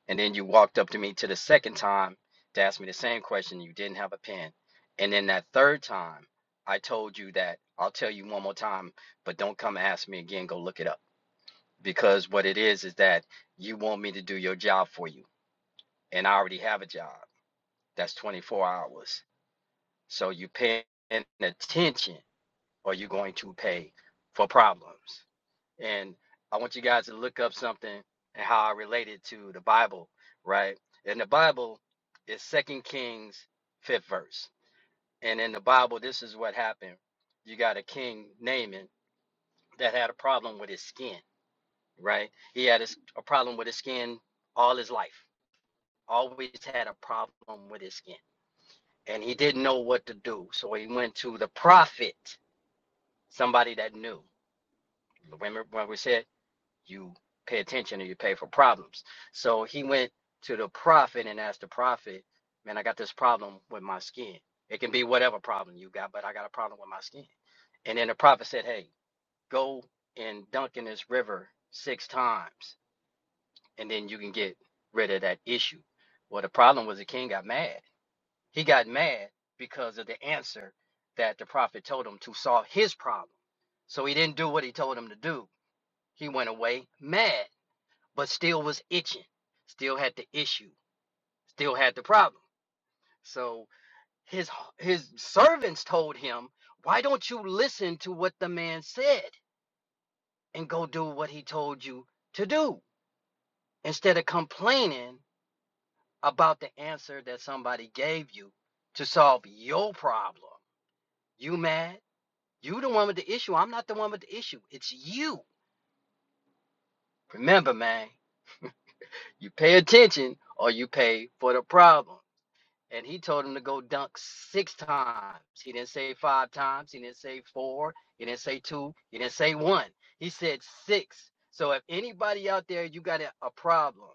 Speaker 10: And then you walked up to me to the second time to ask me the same question. You didn't have a pen. And then that third time, I told you that I'll tell you one more time, but don't come ask me again. Go look it up. Because what it is is that you want me to do your job for you. And I already have a job that's 24 hours. So you paying attention or you're going to pay for problems and I want you guys to look up something and how I relate it to the Bible, right? In the Bible, it's Second Kings fifth verse, and in the Bible, this is what happened. You got a king Naaman that had a problem with his skin, right? He had a, s- a problem with his skin all his life. Always had a problem with his skin, and he didn't know what to do, so he went to the prophet, somebody that knew. Remember when we said you pay attention or you pay for problems. So he went to the prophet and asked the prophet, Man, I got this problem with my skin. It can be whatever problem you got, but I got a problem with my skin. And then the prophet said, Hey, go and dunk in this river six times, and then you can get rid of that issue. Well, the problem was the king got mad. He got mad because of the answer that the prophet told him to solve his problem. So he didn't do what he told him to do. He went away mad but still was itching, still had the issue, still had the problem. So his his servants told him, "Why don't you listen to what the man said and go do what he told you to do instead of complaining about the answer that somebody gave you to solve your problem? You mad? You the one with the issue. I'm not the one with the issue. It's you. Remember, man, you pay attention or you pay for the problem. and he told him to go dunk six times. He didn't say five times. He didn't say four. He didn't say two. He didn't say one. He said six. So if anybody out there, you got a, a problem.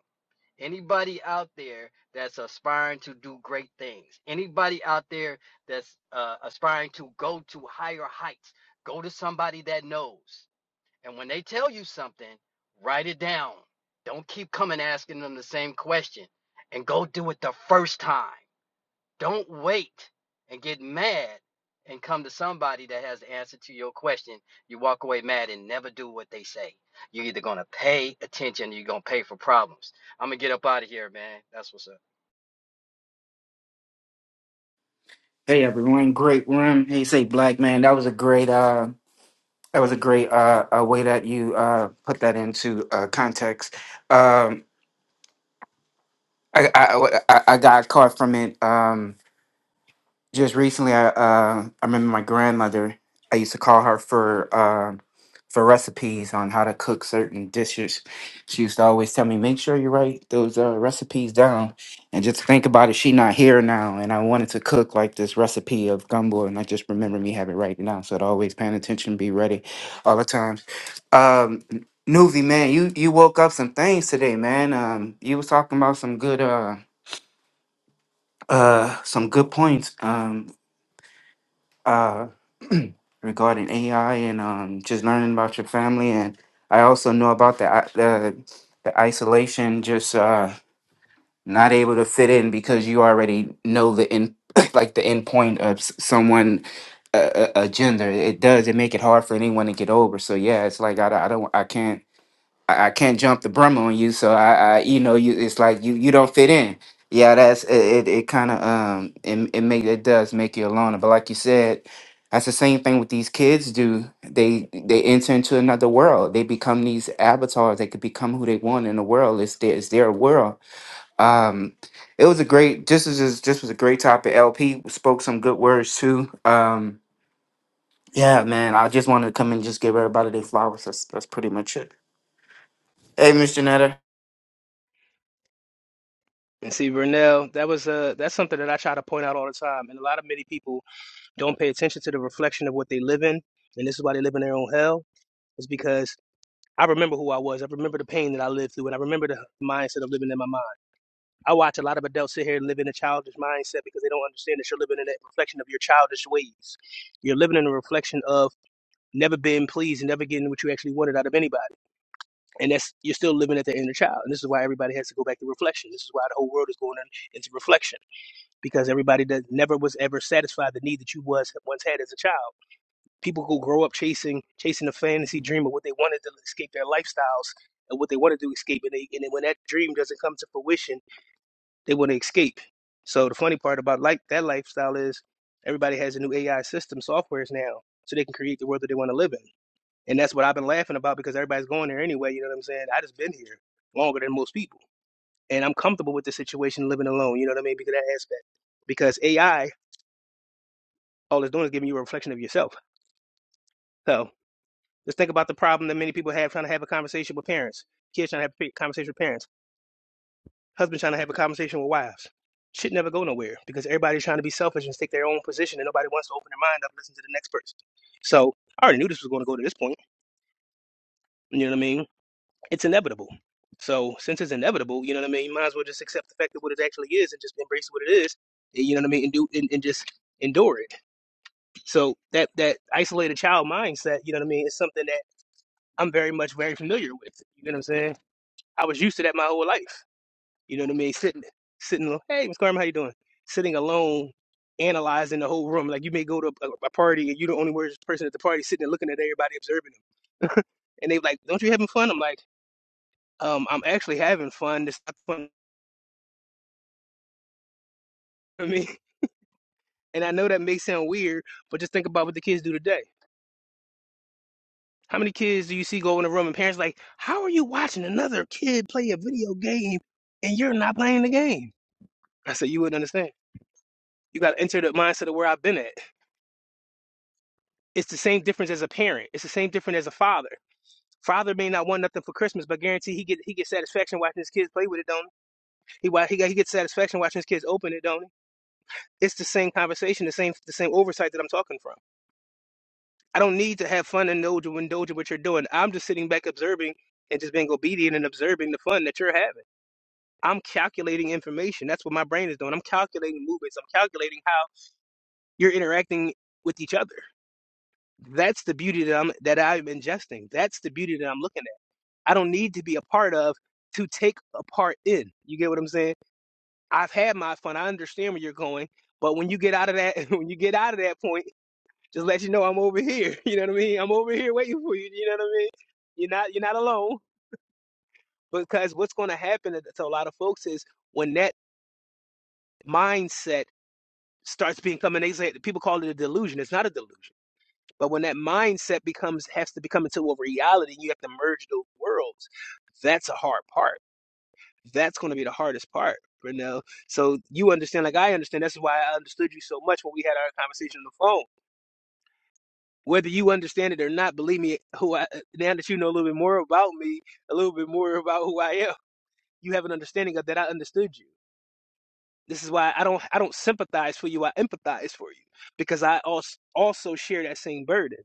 Speaker 10: Anybody out there that's aspiring to do great things. Anybody out there that's uh, aspiring to go to higher heights. Go to somebody that knows. And when they tell you something, write it down. Don't keep coming asking them the same question. And go do it the first time don't wait and get mad and come to somebody that has the answer to your question. You walk away mad and never do what they say. You're either going to pay attention or you're going to pay for problems. I'm going to get up out of here, man. That's what's up.
Speaker 11: Hey everyone, great room. Hey, say black man, that was a great uh that was a great uh, uh way that you uh put that into uh context. Um I I I, I got caught from it. Um just recently i uh i remember my grandmother i used to call her for uh, for recipes on how to cook certain dishes she used to always tell me make sure you write those uh, recipes down and just think about it she not here now and i wanted to cook like this recipe of gumbo and i just remember me having it right now so it always paying attention be ready all the time um Nuvi, man, you you woke up some things today, man. Um, you was talking about some good uh uh some good points. Um, uh, regarding AI and um, just learning about your family. And I also know about the i- the, the isolation, just uh, not able to fit in because you already know the end, (coughs) like the end point of s- someone. A, a a gender it does it make it hard for anyone to get over so yeah it's like i, don't- I don't i can't I, I can't jump the brim on you, so I, I you know you it's like you you don't fit in. Yeah, that's it. It, it kind of um it it make it does make you a loner, but like you said, that's the same thing with these kids do. They they enter into another world. They become these avatars. They could become who they want in the world. It's their it's their world. Um, it was a great. This is just this was a great topic. LP spoke some good words too. Um, yeah, man. I just wanted to come and just give everybody their flowers. That's that's pretty much it. Hey, Mr. Netter.
Speaker 9: And see, Vernell, that was uh that's something that I try to point out all the time. And a lot of many people don't pay attention to the reflection of what they live in, and this is why they live in their own hell. Is because I remember who I was. I remember the pain that I lived through, and I remember the mindset of living in my mind. I watch a lot of adults sit here and live in a childish mindset because they don't understand that you're living in that reflection of your childish ways. You're living in a reflection of never being pleased and never getting what you actually wanted out of anybody. And that's you're still living at the inner child. And this is why everybody has to go back to reflection. This is why the whole world is going in, into reflection because everybody that never was ever satisfied the need that you was once had as a child. People who grow up chasing chasing a fantasy dream of what they wanted to escape their lifestyles and what they wanted to escape, and, they, and then when that dream doesn't come to fruition, they want to escape. So the funny part about like that lifestyle is everybody has a new AI system softwares now, so they can create the world that they want to live in, and that's what I've been laughing about because everybody's going there anyway. You know what I'm saying? I just been here longer than most people, and I'm comfortable with the situation living alone. You know what I mean? Because of that aspect, because AI all it's doing is giving you a reflection of yourself. So just think about the problem that many people have trying to have a conversation with parents, kids trying to have a conversation with parents, husbands trying to have a conversation with wives. Shit never go nowhere because everybody's trying to be selfish and stick their own position, and nobody wants to open their mind up and listen to the next person. So I already knew this was going to go to this point. You know what I mean? It's inevitable. So since it's inevitable, you know what I mean. You might as well just accept the fact that what it actually is and just embrace what it is. eh, You know what I mean, and do and, and just endure it. So that that isolated child mindset, you know what I mean, is something that I'm very much very familiar with. You know what I'm saying? I was used to that my whole life. You know what I mean? Sitting, sitting. Hey, Miss Carmen, how you doing? Sitting alone, analyzing the whole room. Like you may go to a, a party and you're the only person at the party, sitting and looking at everybody, observing them. (laughs) and they like, "Don't you having fun?" I'm like, um, "I'm actually having fun. This not fun (laughs) for me." And I know that may sound weird, but just think about what the kids do today. How many kids do you see go in a room and parents like, "How are you watching another kid play a video game and you're not playing the game?" I said, "You wouldn't understand." You got to enter the mindset of where I've been at. It's the same difference as a parent. It's the same difference as a father. Father may not want nothing for Christmas, but guarantee he get he get satisfaction watching his kids play with it, don't he? He he, got- he gets satisfaction watching his kids open it, don't he? It's the same conversation, the same the same oversight that I'm talking from. I don't need to have fun and indulge and indulge in what you're doing. I'm just sitting back observing and just being obedient and observing the fun that you're having. I'm calculating information. That's what my brain is doing. I'm calculating movements. I'm calculating how you're interacting with each other. That's the beauty that I'm that I'm ingesting. That's the beauty that I'm looking at. I don't need to be a part of to take a part in. You get what I'm saying? I've had my fun. I understand where you're going, but when you get out of that, (laughs) when you get out of that point, just let you know I'm over here. (laughs) You know what I mean? I'm over here waiting for you. You know what I mean? You're not you're not alone because what's going to happen to a lot of folks is when that mindset starts becoming they say people call it a delusion. It's not a delusion. But when that mindset becomes has to become into a reality, you have to merge those worlds. That's a hard part. That's going to be the hardest part, Brunel. So you understand, like I understand. That's why I understood you so much when we had our conversation on the phone. Whether you understand it or not, believe me, who I, now that you know a little bit more about me, a little bit more about who I am, you have an understanding of that. I understood you. This is why I don't I don't sympathize for you. I empathize for you because I also also share that same burden.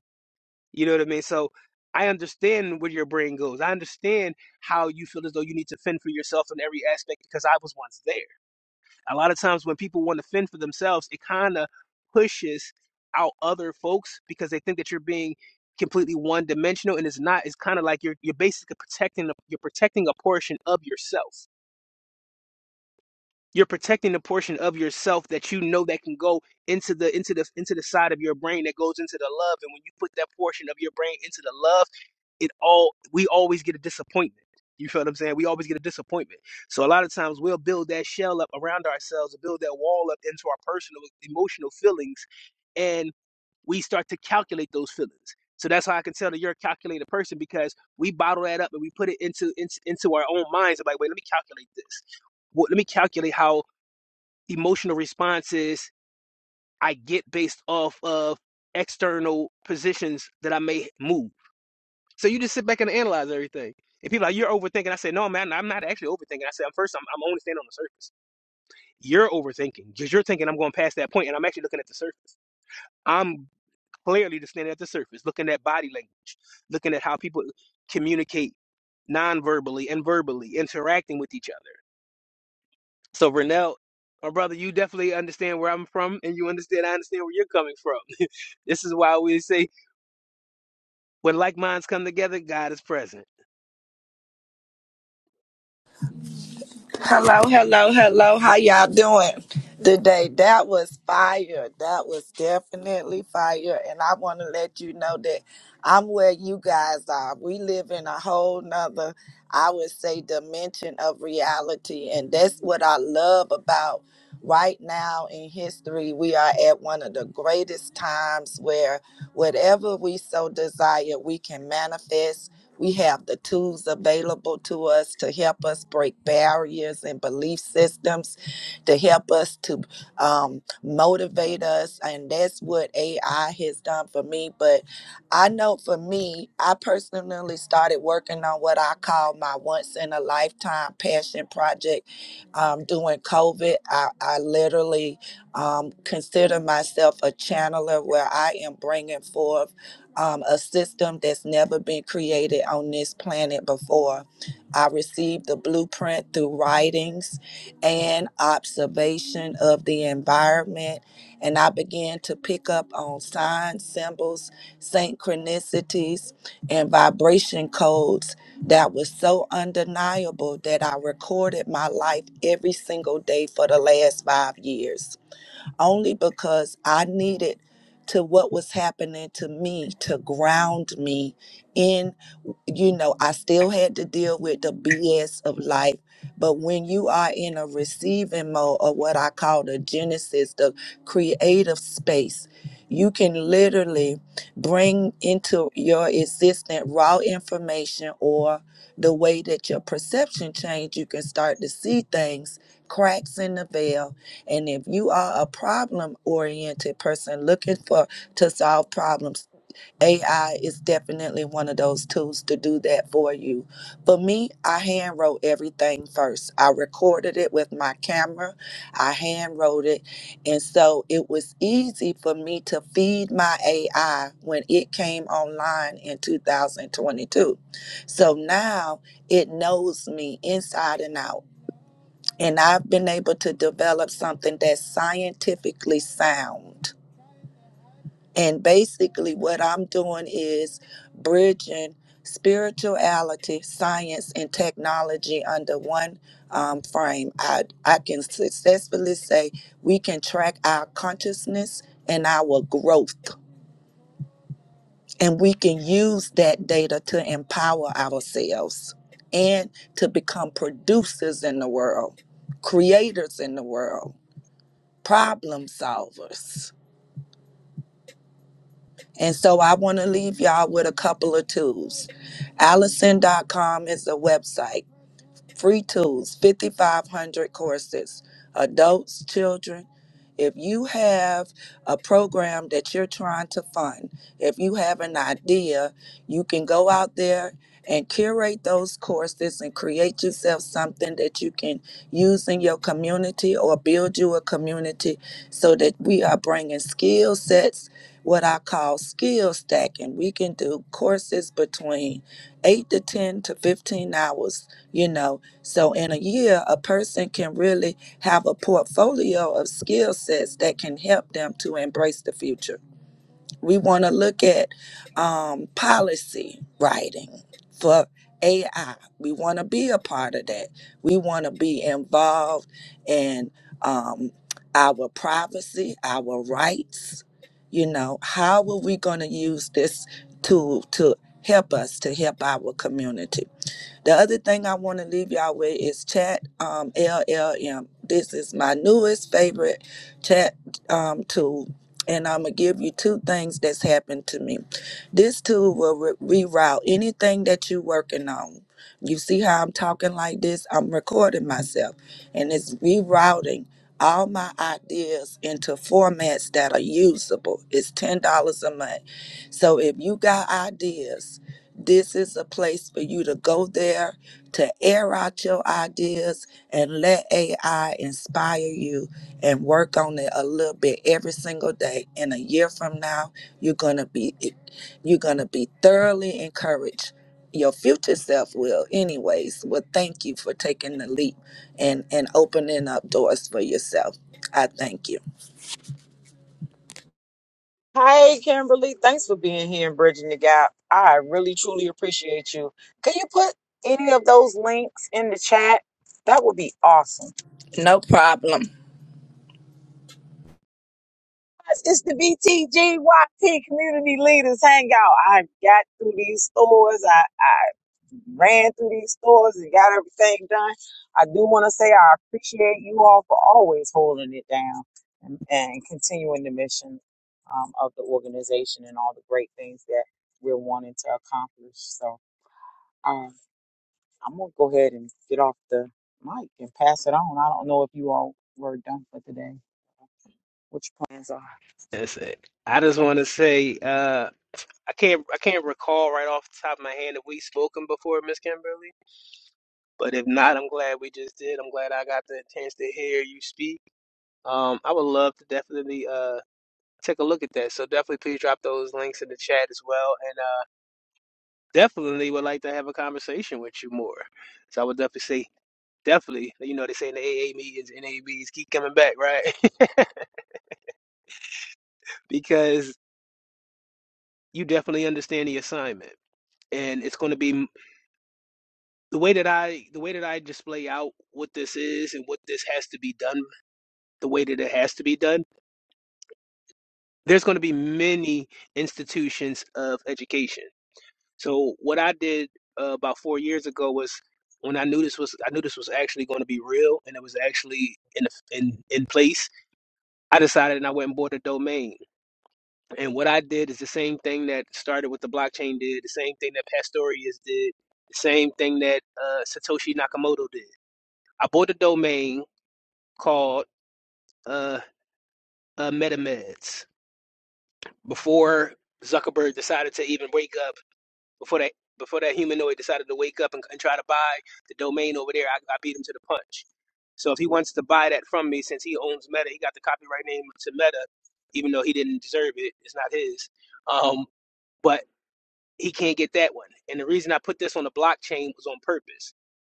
Speaker 9: You know what I mean? So I understand where your brain goes. I understand how you feel as though you need to fend for yourself in every aspect because I was once there. A lot of times when people want to fend for themselves, it kind of pushes out other folks because they think that you're being completely one dimensional and it's not it's kind of like you're you're basically protecting you're protecting a portion of yourself you're protecting the portion of yourself that you know that can go into the into the into the side of your brain that goes into the love. And when you put that portion of your brain into the love, it all we always get a disappointment. You feel what I'm saying? We always get a disappointment. So a lot of times we'll build that shell up around ourselves, and build that wall up into our personal emotional feelings, and we start to calculate those feelings. So that's how I can tell that you're a calculated person because we bottle that up and we put it into into, into our own minds. i like, wait, let me calculate this. What, let me calculate how emotional responses I get based off of external positions that I may move. So you just sit back and analyze everything. And people are like, you're overthinking. I say, no, man, I'm not actually overthinking. I said, I'm first, I'm, I'm only standing on the surface. You're overthinking because you're thinking I'm going past that point and I'm actually looking at the surface. I'm clearly just standing at the surface, looking at body language, looking at how people communicate non-verbally and verbally, interacting with each other So Renell, my brother, you definitely understand where I'm from, and you understand I understand where you're coming from. (laughs) this is why we say when like minds come together, God is present.
Speaker 12: Hello, hello, hello. How y'all doing today? That was fire. That was definitely fire. And I want to let you know that I'm where you guys are. We live in a whole nother, I would say, dimension of reality. And that's what I love about right now in history. We are at one of the greatest times where whatever we so desire, we can manifest. We have the tools available to us to help us break barriers and belief systems, to help us to um, motivate us. And that's what AI has done for me. But I know for me, I personally started working on what I call my once in a lifetime passion project um, during COVID. I, I literally um, consider myself a channeler where I am bringing forth um, a system that's never been created on this planet before. I received the blueprint through writings and observation of the environment, and I began to pick up on signs, symbols, synchronicities, and vibration codes that was so undeniable that I recorded my life every single day for the last five years only because I needed to what was happening to me to ground me in you know, I still had to deal with the BS of life. But when you are in a receiving mode or what I call the genesis, the creative space, you can literally bring into your existent raw information or the way that your perception changed, you can start to see things, cracks in the veil. And if you are a problem oriented person looking for to solve problems, AI is definitely one of those tools to do that for you. For me, I hand wrote everything first. I recorded it with my camera, I hand wrote it. And so it was easy for me to feed my AI when it came online in 2022. So now it knows me inside and out. And I've been able to develop something that's scientifically sound and basically, what I'm doing is bridging spirituality, science, and technology under one um, frame. I, I can successfully say we can track our consciousness and our growth, and we can use that data to empower ourselves and to become producers in the world, creators in the world, problem solvers. And so I want to leave y'all with a couple of tools. Allison.com is a website free tools, 5,500 courses, adults, children. If you have a program that you're trying to fund, if you have an idea, you can go out there and curate those courses and create yourself something that you can use in your community or build you a community so that we are bringing skill sets, what I call skill stacking. We can do courses between 8 to 10 to 15 hours you know so in a year, a person can really have a portfolio of skill sets that can help them to embrace the future. We want to look at um, policy writing for AI. We want to be a part of that. We want to be involved in um, our privacy, our rights. You know, how are we going to use this tool to help us to help our community? The other thing I want to leave y'all with is chat um, LLM. This is my newest favorite chat um, tool. And I'm going to give you two things that's happened to me. This tool will re- reroute anything that you're working on. You see how I'm talking like this? I'm recording myself, and it's rerouting all my ideas into formats that are usable. It's $10 a month. So if you got ideas, this is a place for you to go there to air out your ideas and let AI inspire you and work on it a little bit every single day. And a year from now, you're gonna be you're gonna be thoroughly encouraged. Your future self will, anyways. Well, thank you for taking the leap and and opening up doors for yourself. I thank you.
Speaker 1: Hi, Kimberly. Thanks for being here and bridging the gap. I really truly appreciate you. Can you put any of those links in the chat? That would be awesome.
Speaker 12: No problem.
Speaker 1: Yes, It's the BTGYP Community Leaders Hangout. I got through these stores. I, I ran through these stores and got everything done. I do want to say I appreciate you all for always holding it down and, and continuing the mission um, of the organization and all the great things that we're wanting to accomplish. So um, I'm going to go ahead and get off the mic and pass it on. I don't know if you all were done for today, what your plans are.
Speaker 9: That's it. I just want to say uh, I can't I can't recall right off the top of my hand if we spoken before, Miss Kimberly. But if not, I'm glad we just did. I'm glad I got the chance to hear you speak. Um, I would love to definitely uh, take a look at that. So definitely please drop those links in the chat as well. definitely would like to have a conversation with you more. So I would definitely say, definitely, you know, they say in the AA meetings, NABs, keep coming back, right? (laughs) because you definitely understand the assignment. And it's going to be the way that I the way that I display out what this is and what this has to be done, the way that it has to be done. There's going to be many institutions of education So what I did uh, about four years ago was when I knew this was I knew this was actually going to be real and it was actually in in in place. I decided and I went and bought a domain. And what I did is the same thing that started with the blockchain did, the same thing that Pastorius did, the same thing that uh, Satoshi Nakamoto did. I bought a domain called uh, uh, MetaMeds before Zuckerberg decided to even wake up Before that, before that humanoid decided to wake up and, and try to buy the domain over there, I, I beat him to the punch. So if he wants to buy that from me, since he owns Meta, he got the copyright name to Meta, even though he didn't deserve it. It's not his. Um, but he can't get that one. And the reason I put this on the blockchain was on purpose.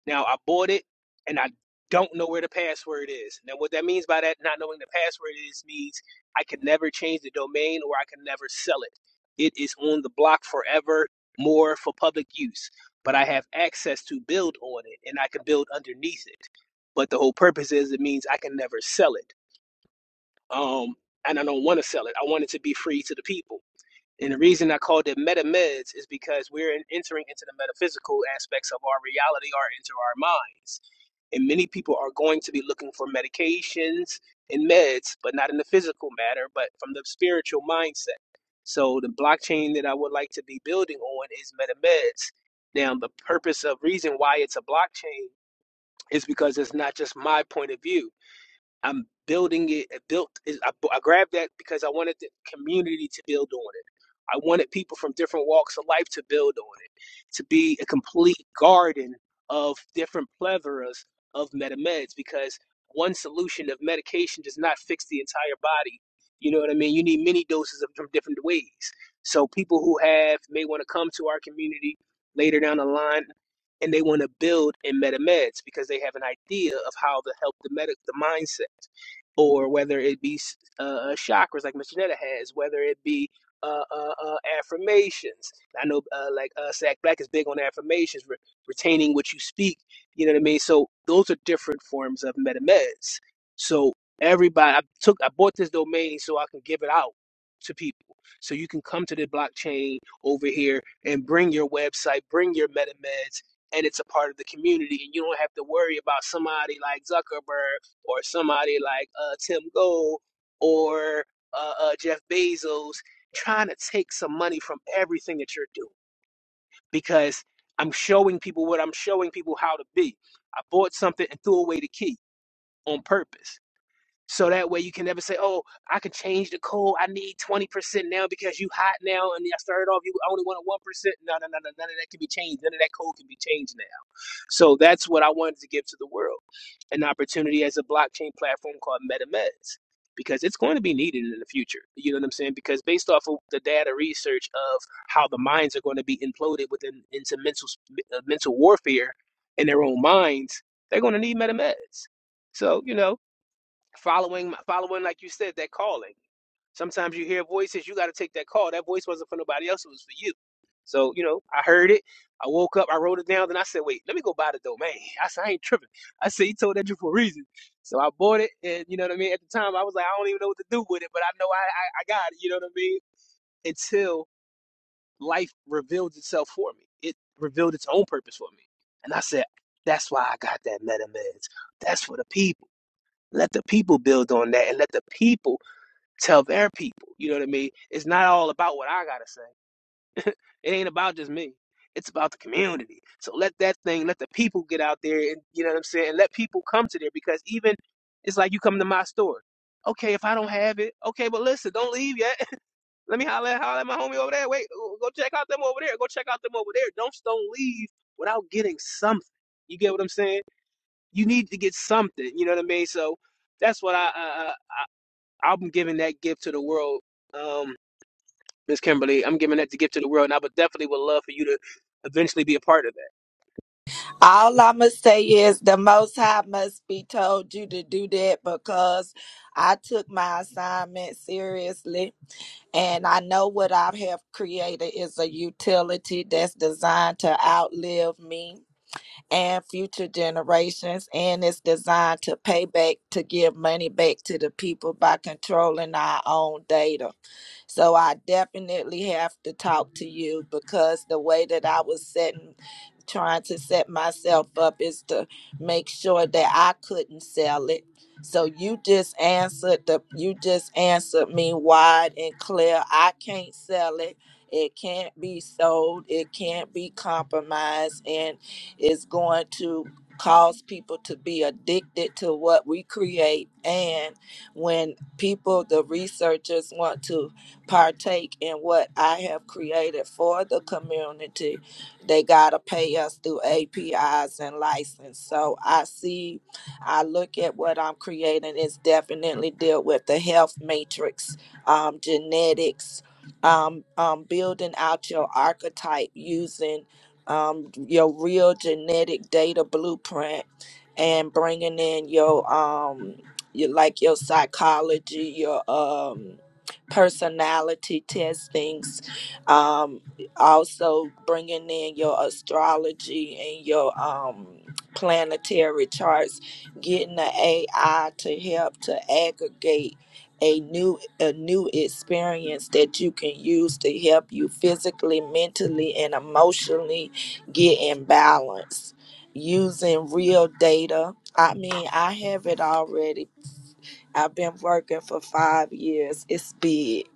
Speaker 9: Now I bought it and I don't know where the password is. Now what that means by that not knowing the password is means I can never change the domain or I can never sell it. It is on the block forever more for public use. But I have access to build on it and I can build underneath it. But the whole purpose is it means I can never sell it. Um and I don't want to sell it. I want it to be free to the people. And the reason I called it meta meds is because we're in- entering into the metaphysical aspects of our reality or into our minds. And many people are going to be looking for medications and meds, but not in the physical matter, but from the spiritual mindset. So the blockchain that I would like to be building on is meta meds. Now, the purpose of reason why it's a blockchain is because it's not just my point of view. I'm building it. uh, Built. is- I, I grabbed that because I wanted the community to build on it. I wanted people from different walks of life to build on it, to be a complete garden of different plevoras of metameds. Because one solution of medication does not fix the entire body. You know what I mean? You need many doses of from different ways. So people who have may want to come to our community later down the line and they want to build in meta meds because they have an idea of how to help the medic the mindset, or whether it be uh, uh, chakras like Miss Janetta has, whether it be uh, uh, uh, affirmations. I know, uh, like uh, Sack Black is big on affirmations, re- retaining what you speak. You know what I mean. So those are different forms of meta meds. So everybody, I took, I bought this domain so I can give it out to people. So you can come to the blockchain over here and bring your website, bring your MetaMeds and it's a part of the community and you don't have to worry about somebody like zuckerberg or somebody like uh, tim gold or uh, uh, jeff bezos trying to take some money from everything that you're doing because i'm showing people what i'm showing people how to be i bought something and threw away the key on purpose so that way you can never say, "Oh, I can change the code. I need twenty percent now because you hot now, and I started off you only wanted one percent. No, no, no, no, none of that can be changed. None of that code can be changed now. So that's what I wanted to give to the world, an opportunity as a blockchain platform called MetaMeds, because it's going to be needed in the future. You know what I'm saying? Because based off of the data research of how the minds are going to be imploded within into mental uh, mental warfare in their own minds, they're going to need MetaMeds. So you know following following like you said that calling sometimes you hear voices you got to take that call that voice wasn't for nobody else it was for you so you know i heard it i woke up i wrote it down then i said wait let me go buy the domain (laughs) i said i ain't tripping i said he told that you for a reason so i bought it and you know what i mean at the time i was like i don't even know what to do with it but i know i i, I got it you know what i mean until life revealed itself for me it revealed its own purpose for me and i said that's why i got that metameds. that's for the people let the people build on that and let the people tell their people. You know what I mean? It's not all about what I got to say. It ain't about just me. It's about the community. So let that thing, let the people get out there and, you know what I'm saying? And let people come to there because even it's like you come to my store. Okay, if I don't have it, okay, but listen, don't leave yet. (laughs) let me holler, holler at my homie over there. Wait, go check out them over there. Go check out them over there. Don't, don't leave without getting something. You get what I'm saying? You need to get something. You know what I mean? So that's what I, I, I I'm giving that gift to the world, um, Miss Kimberly. I'm giving that to gift to the world, and I would definitely would love for you to eventually be a part of that.
Speaker 12: All I'm going to say is the Most High must be told you to do that because I took my assignment seriously. And I know what I have created is a utility that's designed to outlive me and future generations and it's designed to pay back to give money back to the people by controlling our own data so i definitely have to talk to you because the way that i was setting trying to set myself up is to make sure that i couldn't sell it so you just answered the you just answered me wide and clear i can't sell it it can't be sold it can't be compromised and is going to cause people to be addicted to what we create and when people the researchers want to partake in what i have created for the community they got to pay us through apis and license so i see i look at what i'm creating it's definitely deal with the health matrix um, genetics um, um, building out your archetype using um, your real genetic data blueprint and bringing in your um your like your psychology your um personality testings um also bringing in your astrology and your um planetary charts getting the ai to help to aggregate a new a new experience that you can use to help you physically mentally and emotionally get in balance using real data. I mean, I have it already. I've been working for five years. It's big.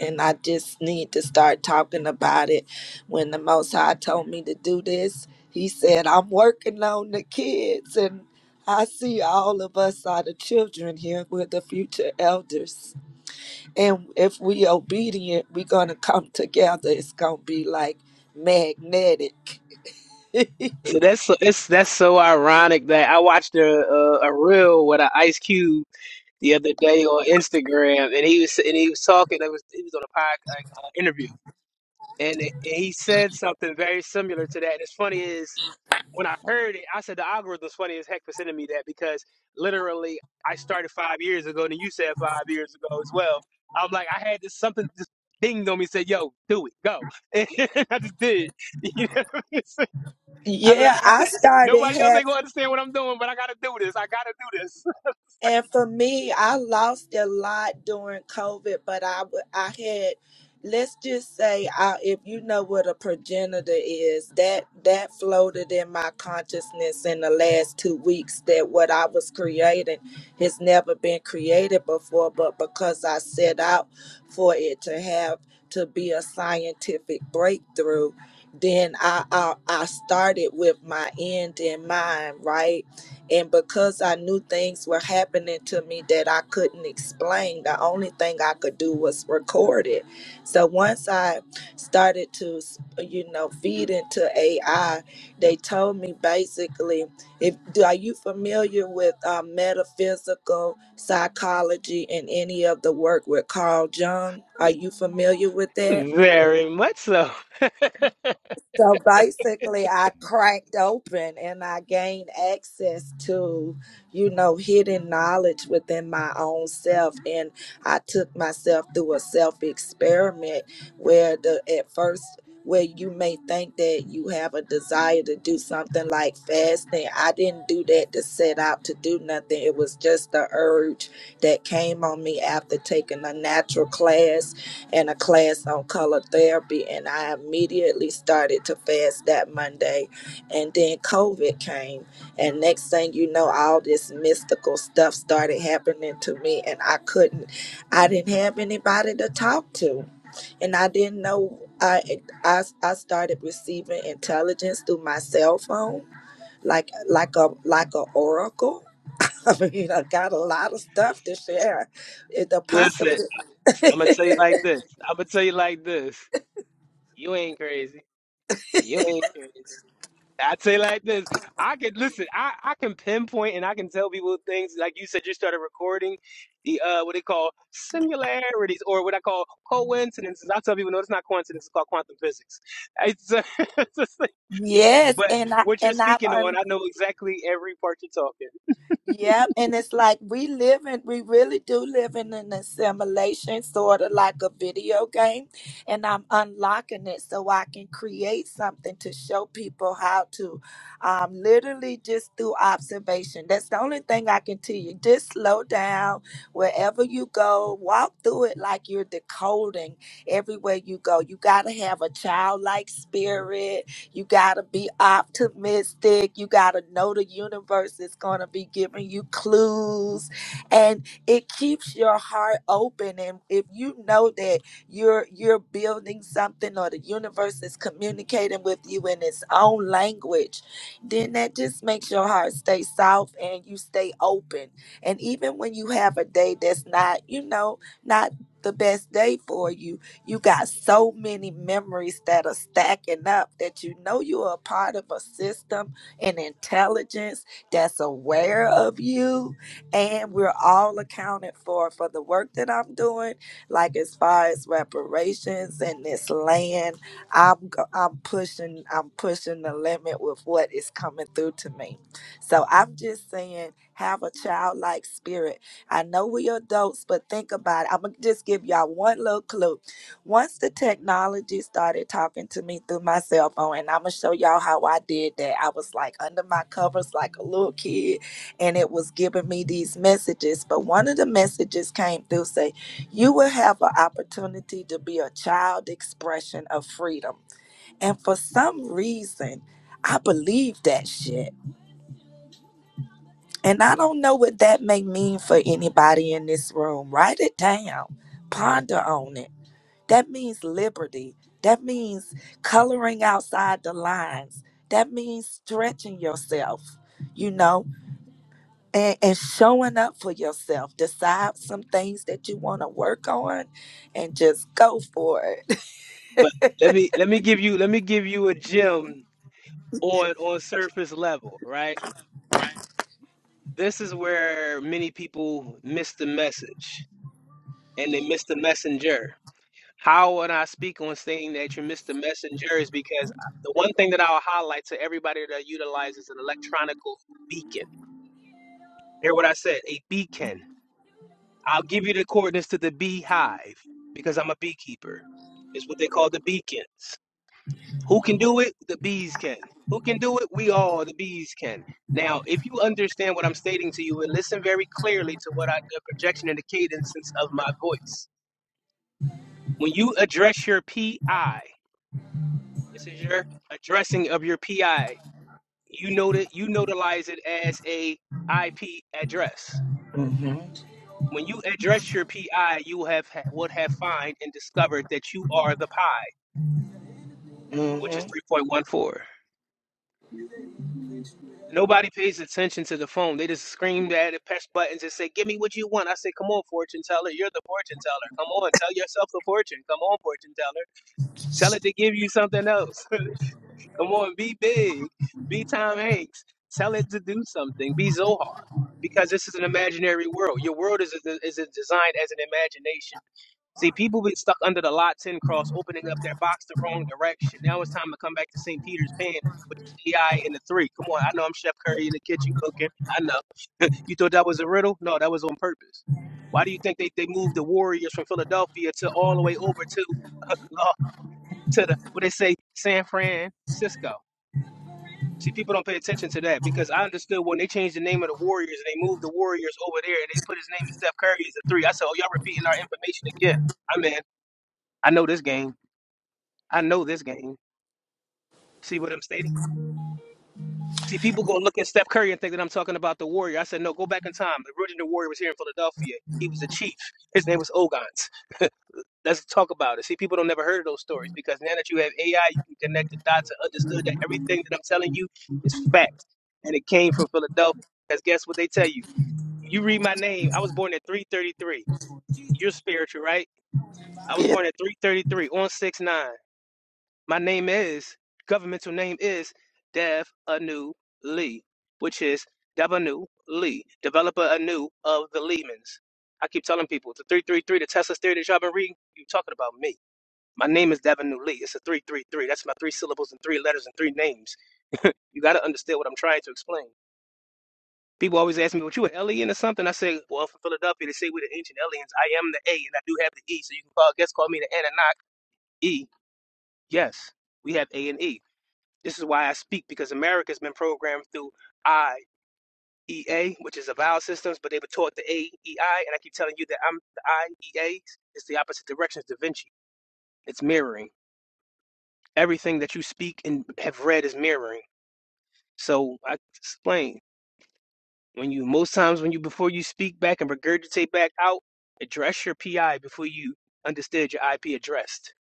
Speaker 12: And I just need to start talking about it. When the Most High told me to do this, He said, I'm working on the kids. And I see all of us are the children here. We're the future elders. And if we obedient, we're going to come together. It's going to be like magnetic
Speaker 9: So that's so, it's that's so ironic that I watched a a, a reel with an Ice Cube the other day on Instagram, and he was and he was talking. It was he was on a podcast uh, interview, and, and he said something very similar to that. And it's funny is. when I heard it, I said the algorithm's funny as heck for sending me that because literally I started five years ago, and you said five years ago as well. I'm like, I had this something just dinged on me, said, "Yo, do it, go," (laughs) and I just did. (laughs) You know what I'm saying? I said,
Speaker 12: Yeah,
Speaker 9: I
Speaker 12: I
Speaker 9: said,
Speaker 12: started
Speaker 9: nobody else ain't
Speaker 12: having,
Speaker 9: gonna understand what I'm doing, but I gotta do this. I gotta do this.
Speaker 12: and for me, I lost a lot during COVID, but I, w- I had, let's just say, I, if you know what a progenitor is, that that floated in my consciousness in the last two weeks that what I was creating has never been created before, but because I set out for it to have to be a scientific breakthrough, then I I, I started with my end in mind, right? And because I knew things were happening to me that I couldn't explain, the only thing I could do was record it. So once I started to, you know, feed into AI, they told me basically, if do, are you familiar with uh, metaphysical psychology and any of the work with Carl Jung? Are you familiar with that?
Speaker 9: (laughs) Very much so. (laughs)
Speaker 12: So basically, I cracked open and I gained access to, you know, hidden knowledge within my own self. And I took myself through a self experiment where the at first where you may think that you have a desire to do something like fasting. I didn't do that to set out to do nothing. It was just the urge that came on me after taking a natural class and a class on color therapy and I immediately started to fast that Monday and then COVID came and next thing you know all this mystical stuff started happening to me and I couldn't I didn't have anybody to talk to and I didn't know I I, I started receiving intelligence through my cell phone like like a like a oracle (laughs) I mean, I got a lot of stuff to share. It, the possible.
Speaker 9: Listen, I'm
Speaker 12: (laughs)
Speaker 9: gonna tell you like this. I'm gonna tell you like this. You ain't crazy. You ain't. crazy. I'd say like this. I could listen, I, I can pinpoint and I can tell people things like you said you started recording the uh what they call similarities or what I call coincidences. I tell people no, it's not coincidence, it's called quantum physics. It's, uh, (laughs) it's just like-
Speaker 12: Yes,
Speaker 9: but
Speaker 12: and I
Speaker 9: what you're
Speaker 12: and I've
Speaker 9: speaking
Speaker 12: un-
Speaker 9: on, I know exactly every part you're talking.
Speaker 12: yep, and it's like we live in we really do live in an assimilation, sort of like a video game, and I'm unlocking it so I can create something to show people how to, um, literally just through observation. That's the only thing I can tell you. Just slow down wherever you go, walk through it like you're decoding everywhere you go. You gotta have a childlike spirit you got to be optimistic. You got to know the universe is going to be giving you clues and it keeps your heart open and if you know that you're you're building something or the universe is communicating with you in its own language, then that just makes your heart stay soft and you stay open. And even when you have a day that's not, you know, not the best day for you you got so many memories that are stacking up that you know you are a part of a system and intelligence that's aware of you. And we're all accounted for for the work that I'm doing, like as far as reparations and this land. I'm go- I'm pushing I'm pushing the limit with what is coming through to me. So I'm just saying, have a childlike spirit. I know we adults, but think about it. I'm gonna just give y'all one little clue once the technology started talking to me through my cell phone, and I'm gonna show y'all how I did that. I was like under my covers, like a little kid, and it was giving me these messages. But one of the messages came through say, "You will have an opportunity to be a child expression of freedom." And for some reason, I believe that shit. And I don't know what that may mean for anybody in this room. Write it down, ponder on it that means liberty. That means coloring outside the lines. That means stretching yourself, you know, and, and showing up for yourself. Decide some things that you want to work on and just go for it.
Speaker 9: But let me let me give you let me give you a gem on on surface level, right? This is where many people miss the message and they miss the messenger How would I speak on saying that you missed the messenger is because I- the one thing that I'll highlight to everybody that utilizes an electronical beacon. Hear what I said, a beacon. I'll give you the coordinates to the beehive because I'm a beekeeper. It's what they call the beacons. Who can do it? The bees can. Who can do it? We all, the bees can. Now, if you understand what I'm stating to you and listen very clearly to what I, the projection and the cadence of my voice. When you address your PI, This is your addressing of your PI. You know that you notarize it as a IP address.
Speaker 12: (laughs)
Speaker 9: When you address your PI, you have would have find and discovered that you are the PI, which is
Speaker 12: Mm-hmm.
Speaker 9: 3.14. Nobody pays attention to the phone. They just scream at it, press buttons, and say, "Give me what you want." I say, "Come on, fortune teller. You're the fortune teller. Come on, tell yourself the fortune. Come on, fortune teller. Tell it to give you something else." (laughs) Come on, be big. Be Tom Hanks. Tell it to do something. Be Zohar. Because this is an imaginary world. Your world is, is, designed as an imagination. See, people been stuck under the lot 10 cross, opening up their box the wrong direction. Now it's time to come back to St. Peter's Pan, which is AI in the three. Come on, I know I'm Chef Curry in the kitchen cooking. I know. (laughs) you thought that was a riddle? No, that was on purpose. Why do you think they, they moved the Warriors from Philadelphia to all the way over to, (laughs) to the, what they say, San Francisco? See, people don't pay attention to that because I understood when they changed the name of the Warriors and they moved the Warriors over there and they put his name in Steph Curry as a three. I said, "Oh, y'all repeating our information again." I mean, I know this game. I know this game. See what I'm stating? See, people gonna look at Steph Curry and think that I'm talking about the Warrior. I said, "No, go back in time. The original Warrior was here in Philadelphia. He was a chief. His name was Ogons. Let's talk about it." See, people don't never heard of those stories because now that you have AI, you can connect the dots and understood that everything that I'm telling you is fact and it came from Philadelphia. Because guess what they tell you? You read my name. I was born at 333. You're spiritual, right? I was born at 333 on 6-9. My name is, governmental name is Dev Anu Lee, which is Dev Anu Lee, developer Anu of the Lehmans. I keep telling people the 333, the Tesla theory that y'all been reading, you talking about me. My name is Dev Anu Lee. It's a 333. That's my three syllables and three letters and three names. You got to understand what I'm trying to explain. People always ask me, "What you an alien or something?" I say, "Well, I'm from Philadelphia. They say we're the ancient aliens. I am the A, and I do have the E. So you can call, guess, call me the Anunnaki E. Yes, we have A and E. This is why I speak because America's been programmed through I E A, which is the vowel systems, but they were taught the A E I, and I keep telling you that I'm the I E A. It's the opposite direction. It's Da Vinci. It's mirroring. Everything that you speak and have read is mirroring. So I explain. When you most times when you before you speak back and regurgitate back out, address your PI before you understood your IP addressed.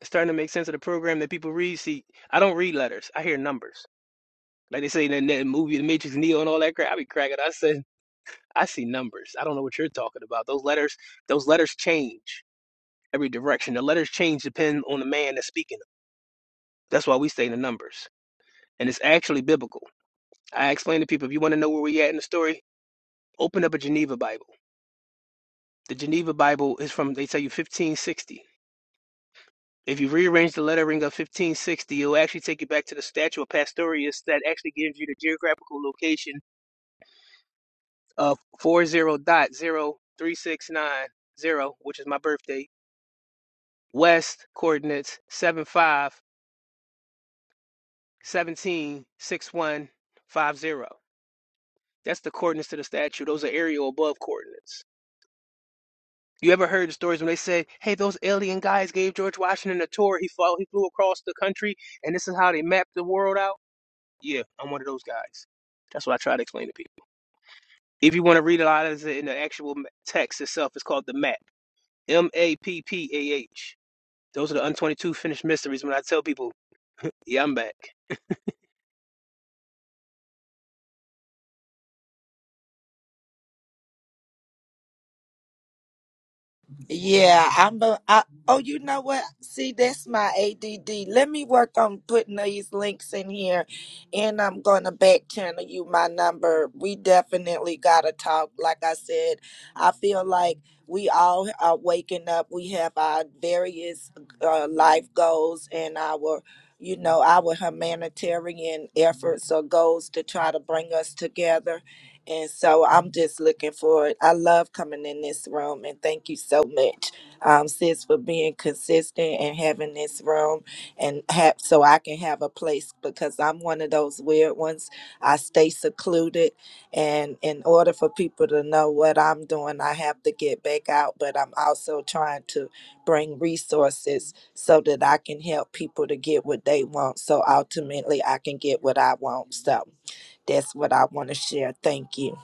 Speaker 9: It's starting to make sense of the program that people read. See, I don't read letters. I hear numbers. Like they say in that movie, The Matrix Neo and all that crap. I be cracking. I said I see numbers. I don't know what you're talking about. Those letters, those letters change every direction. The letters change depending on the man that's speaking them. That's why we stay in the numbers. And it's actually biblical. I explain to people if you want to know where we at in the story, open up a Geneva Bible The Geneva Bible is from, they tell you, 1560. If you rearrange the lettering of 1560, it'll actually take you back to the statue of Pastorius that actually gives you the geographical location of 40.03690, which is my birthday, west coordinates seven five seventeen six one five zero. That's the coordinates to the statue. Those are aerial above coordinates. You ever heard the stories when they say, "Hey, those alien guys gave George Washington a tour. He flew, he flew across the country, and this is how they mapped the world out." Yeah, I'm one of those guys. That's what I try to explain to people. If you want to read a lot of it in the actual text itself, it's called the map. M A P P A H. Those are the untwenty-two finished mysteries. When I tell people, "Yeah, I'm back,"
Speaker 12: Yeah, I'm a, I, oh, you know what? See, that's my ADD. Let me work on putting these links in here and I'm going to back channel you my number. We definitely got to talk. Like I said, I feel like we all are waking up. We have our various uh, life goals and our you know our humanitarian efforts or goals to try to bring us together and so I'm just looking forward. I love coming in this room and thank you so much, um, sis, for being consistent and having this room and have so I can have a place because I'm one of those weird ones. I stay secluded and in order for people to know what I'm doing, I have to get back out, but I'm also trying to bring resources so that I can help people to get what they want. So ultimately I can get what I want. So that's what I want to share. Thank you.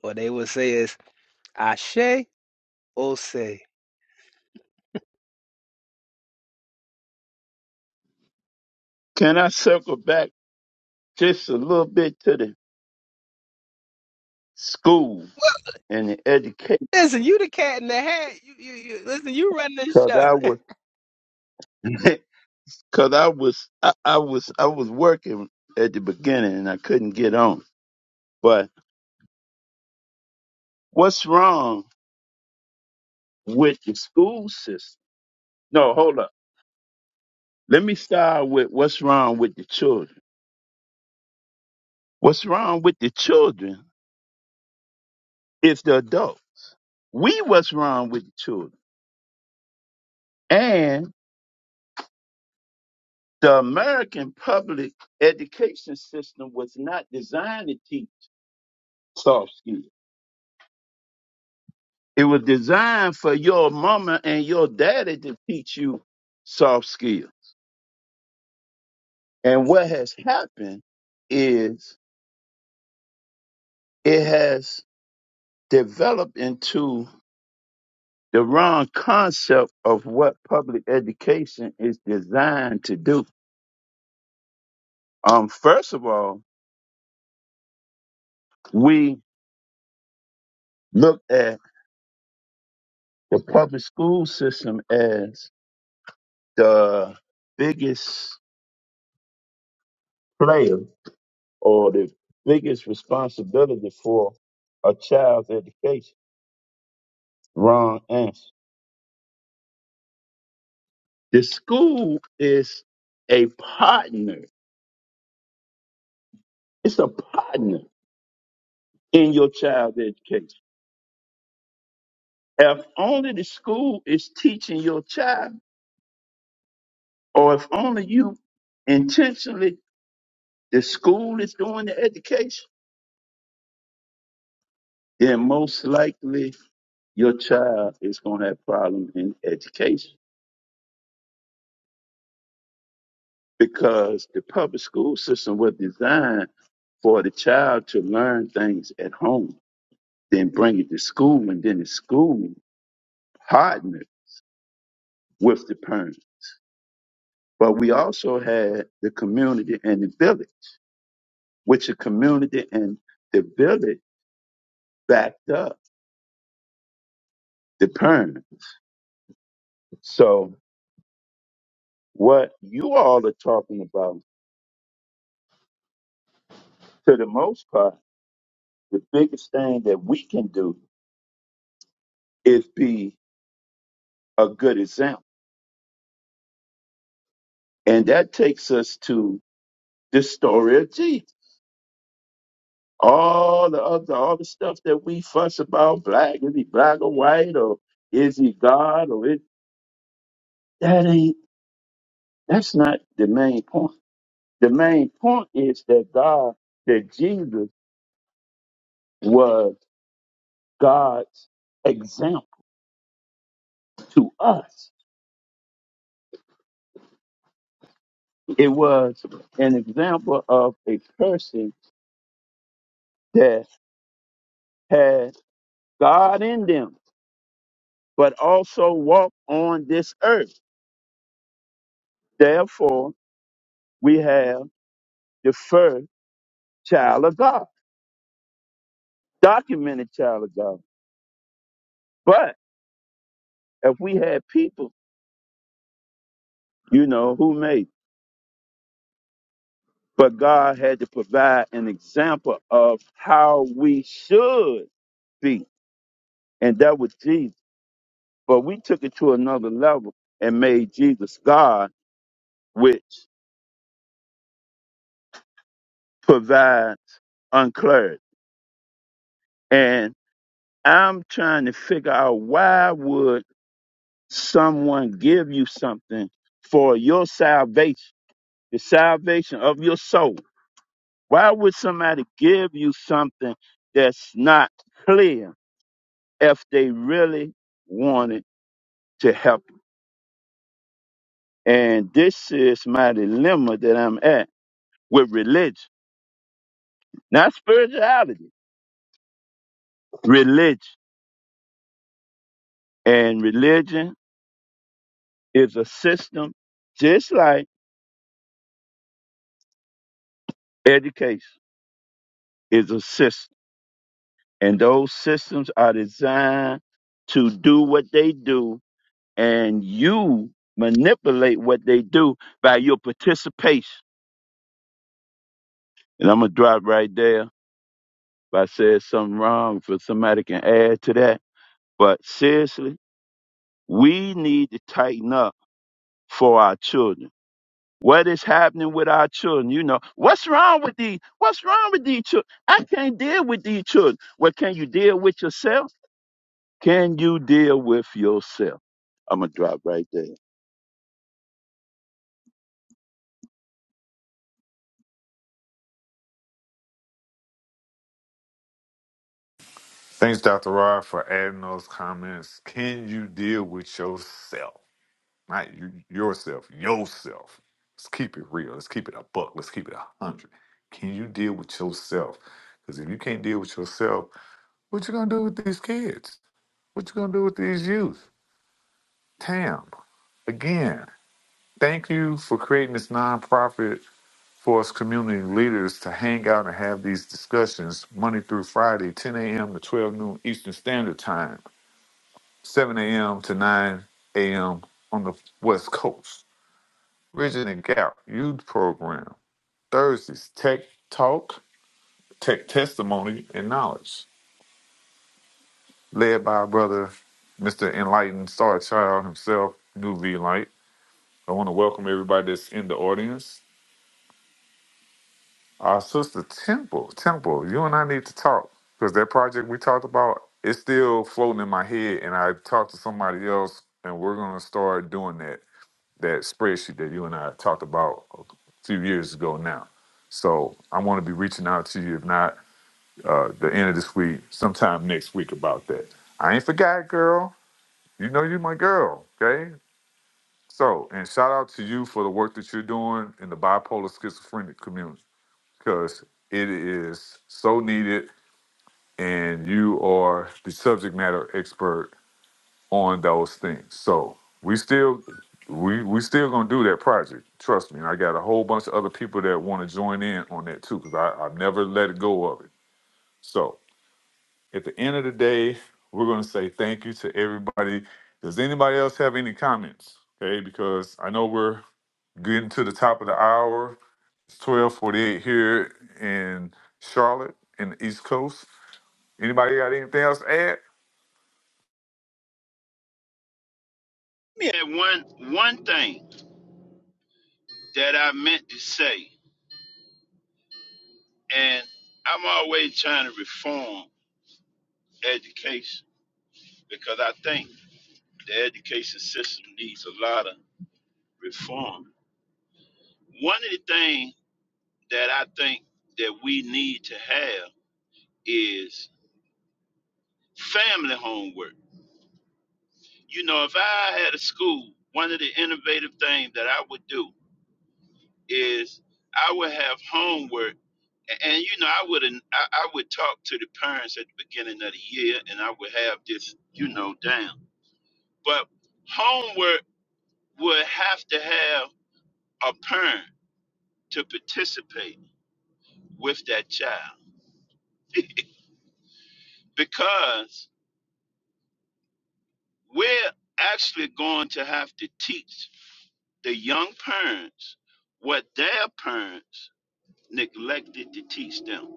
Speaker 9: what they will say is, "Ashe, Ose."
Speaker 6: Can I circle back just a little bit to the school and the education?
Speaker 9: Listen, you the cat in the hat. You, you, you listen. You run this
Speaker 6: Cause
Speaker 9: show.
Speaker 6: I was, (laughs) cause I was, I, I was, I was working at the beginning and I couldn't get on. But what's wrong with the school system? No, hold up. Let me start with what's wrong with the children. What's wrong with the children is the adult. We what's wrong with the children. The American public education system was not designed to teach soft skills. It was designed for your mama and your daddy to teach you soft skills. And what has happened is it has developed into the wrong concept of what public education is designed to do. Um, first of all, we look at the public school system as the biggest player or the biggest responsibility for a child's education? Wrong answer. The school is a partner. It's a partner in your child's education. If only the school is teaching your child, or if only you intentionally, the school is doing the education, then most likely your child is going to have problems in education. because the public school system was designed for the child to learn things at home, then bring it to school, and then the school partnered with the parents. But we also had the community and the village, which the community and the village backed up the parent. So what you all are talking about, to the most part, the biggest thing that we can do is be a good example. And that takes us to the story of Jesus. All the other, all the stuff that we fuss about, black, is he black or white, or is he God, or is, that ain't, that's not the main point. The main point is that God, that Jesus was God's example to us. It was an example of a person that had God in them, but also walked on this earth. Therefore, we have the first. child of God, documented child of God. But if we had people, you know, who made, but God had to provide an example of how we should be, and that was Jesus. But we took it to another level and made Jesus God, which provides unclarity. And I'm trying to figure out why would someone give you something for your salvation, the salvation of your soul? Why would somebody give you something that's not clear if they really wanted to help you? And this is my dilemma that I'm at with religion, not spirituality, religion. And religion is a system, just like education is a system. And those systems are designed to do what they do, and you manipulate what they do by your participation. And I'm gonna drop right there. If I said something wrong, for somebody can add to that. But seriously, we need to tighten up for our children. What is happening with our children? You know, what's wrong with these? What's wrong with these children? I can't deal with these children. Well, can you deal with yourself? Can you deal with yourself? I'm gonna drop right there.
Speaker 8: Thanks, Dr. Rod, for adding those comments. Can you deal with yourself? Not you, yourself, yourself. Let's keep it real. Let's keep it a buck. Let's keep it a hundred. Can you deal with yourself? Because if you can't deal with yourself, what you gonna do with these kids? What you gonna do with these youth? Tam, again, thank you for creating this nonprofit for us community leaders to hang out and have these discussions Monday through Friday, 10 a.m. to 12 noon Eastern Standard Time, 7 a.m. to 9 a.m. on the West Coast. Bridging the Gap Youth Program. Thursdays, Tech Talk, Tech Testimony, and Knowledge. Led by our brother, Mr. Enlightened Star Child himself, New V Light. I want to welcome everybody that's in the audience. Our sister Temple, Temple, you and I need to talk because that project we talked about is still floating in my head, and I talked to somebody else, and we're going to start doing that that spreadsheet that you and I talked about a few years ago now. So I want to be reaching out to you, if not uh, the end of this week, sometime next week about that. I ain't forgot, girl. You know you my girl, okay? So, and shout out to you for the work that you're doing in the bipolar schizophrenic community because it is so needed and you are the subject matter expert on those things. So we still we we still gonna do that project. Trust me. And I got a whole bunch of other people that want to join in on that too, because I, I never let it go of it. So at the end of the day, we're gonna say thank you to everybody. Does anybody else have any comments? Okay, because I know we're getting to the top of the hour. It's 1248 here in Charlotte in the East Coast. Anybody got anything else to add?
Speaker 6: Let me add one one thing that I meant to say. And I'm always trying to reform education because I think the education system needs a lot of reform. One of the things that I think that we need to have is family homework. You know, if I had a school, one of the innovative things that I would do is I would have homework a- and you know, I would I, I would talk to the parents at the beginning of the year and I would have this, you know, down. But homework would have to have a parent to participate with that child (laughs) because we're actually going to have to teach the young parents what their parents neglected to teach them.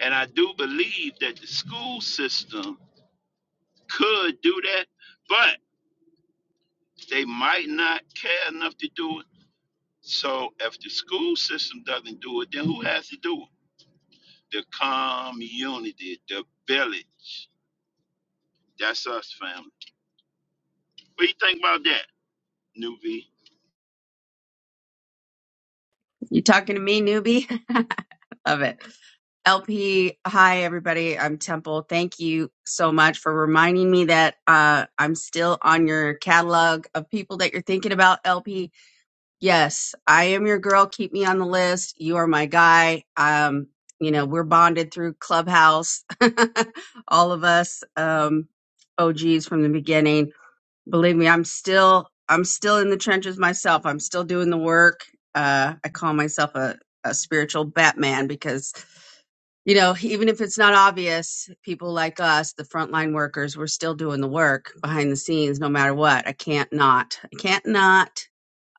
Speaker 6: And I do believe that the school system could do that, but they might not care enough to do it. So if the school system doesn't do it, then who has to do it? the community, the village. That's us, family. What do you think about that, Nuvi?
Speaker 13: You talking to me, newbie? (laughs) Love it. LP, hi everybody. I'm Temple. Thank you so much for reminding me that uh, I'm still on your catalog of people that you're thinking about. LP, yes, I am your girl. Keep me on the list. You are my guy. Um, you know we're bonded through Clubhouse, (laughs) all of us um, OGs from the beginning believe me i'm still i'm still in the trenches myself i'm still doing the work uh i call myself a, a spiritual batman because you know even if it's not obvious people like us the frontline workers we're still doing the work behind the scenes no matter what i can't not i can't not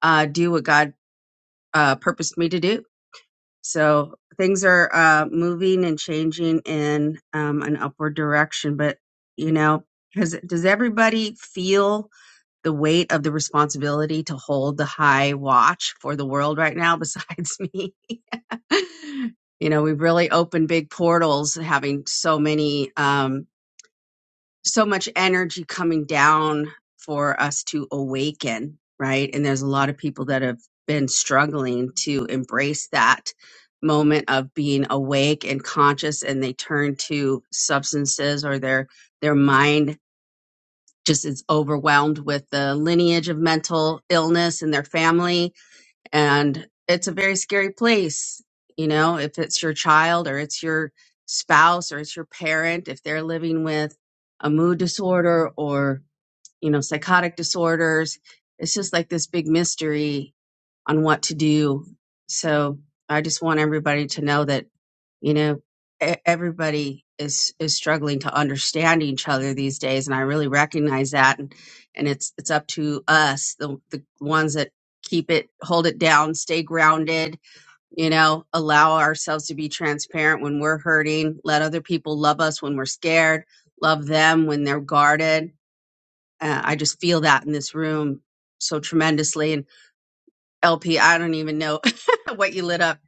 Speaker 13: uh do what god uh purposed me to do so things are uh moving and changing in um an upward direction but you know has does everybody feel the weight of the responsibility to hold the high watch for the world right now besides me (laughs) you know we've really opened big portals having so many um so much energy coming down for us to awaken right and there's a lot of people that have been struggling to embrace that moment of being awake and conscious and they turn to substances or their their mind just is overwhelmed with the lineage of mental illness in their family. And it's a very scary place. You know, if it's your child or it's your spouse or it's your parent, if they're living with a mood disorder or, you know, psychotic disorders, it's just like this big mystery on what to do. So I just want everybody to know that, you know, e- everybody is is struggling to understand each other these days, and I really recognize that. And and it's it's up to us, the the ones that keep it, hold it down, stay grounded. You know, allow ourselves to be transparent when we're hurting. Let other people love us when we're scared. Love them when they're guarded. Uh, I just feel that in this room so tremendously, LP, I don't even know (laughs) what you lit up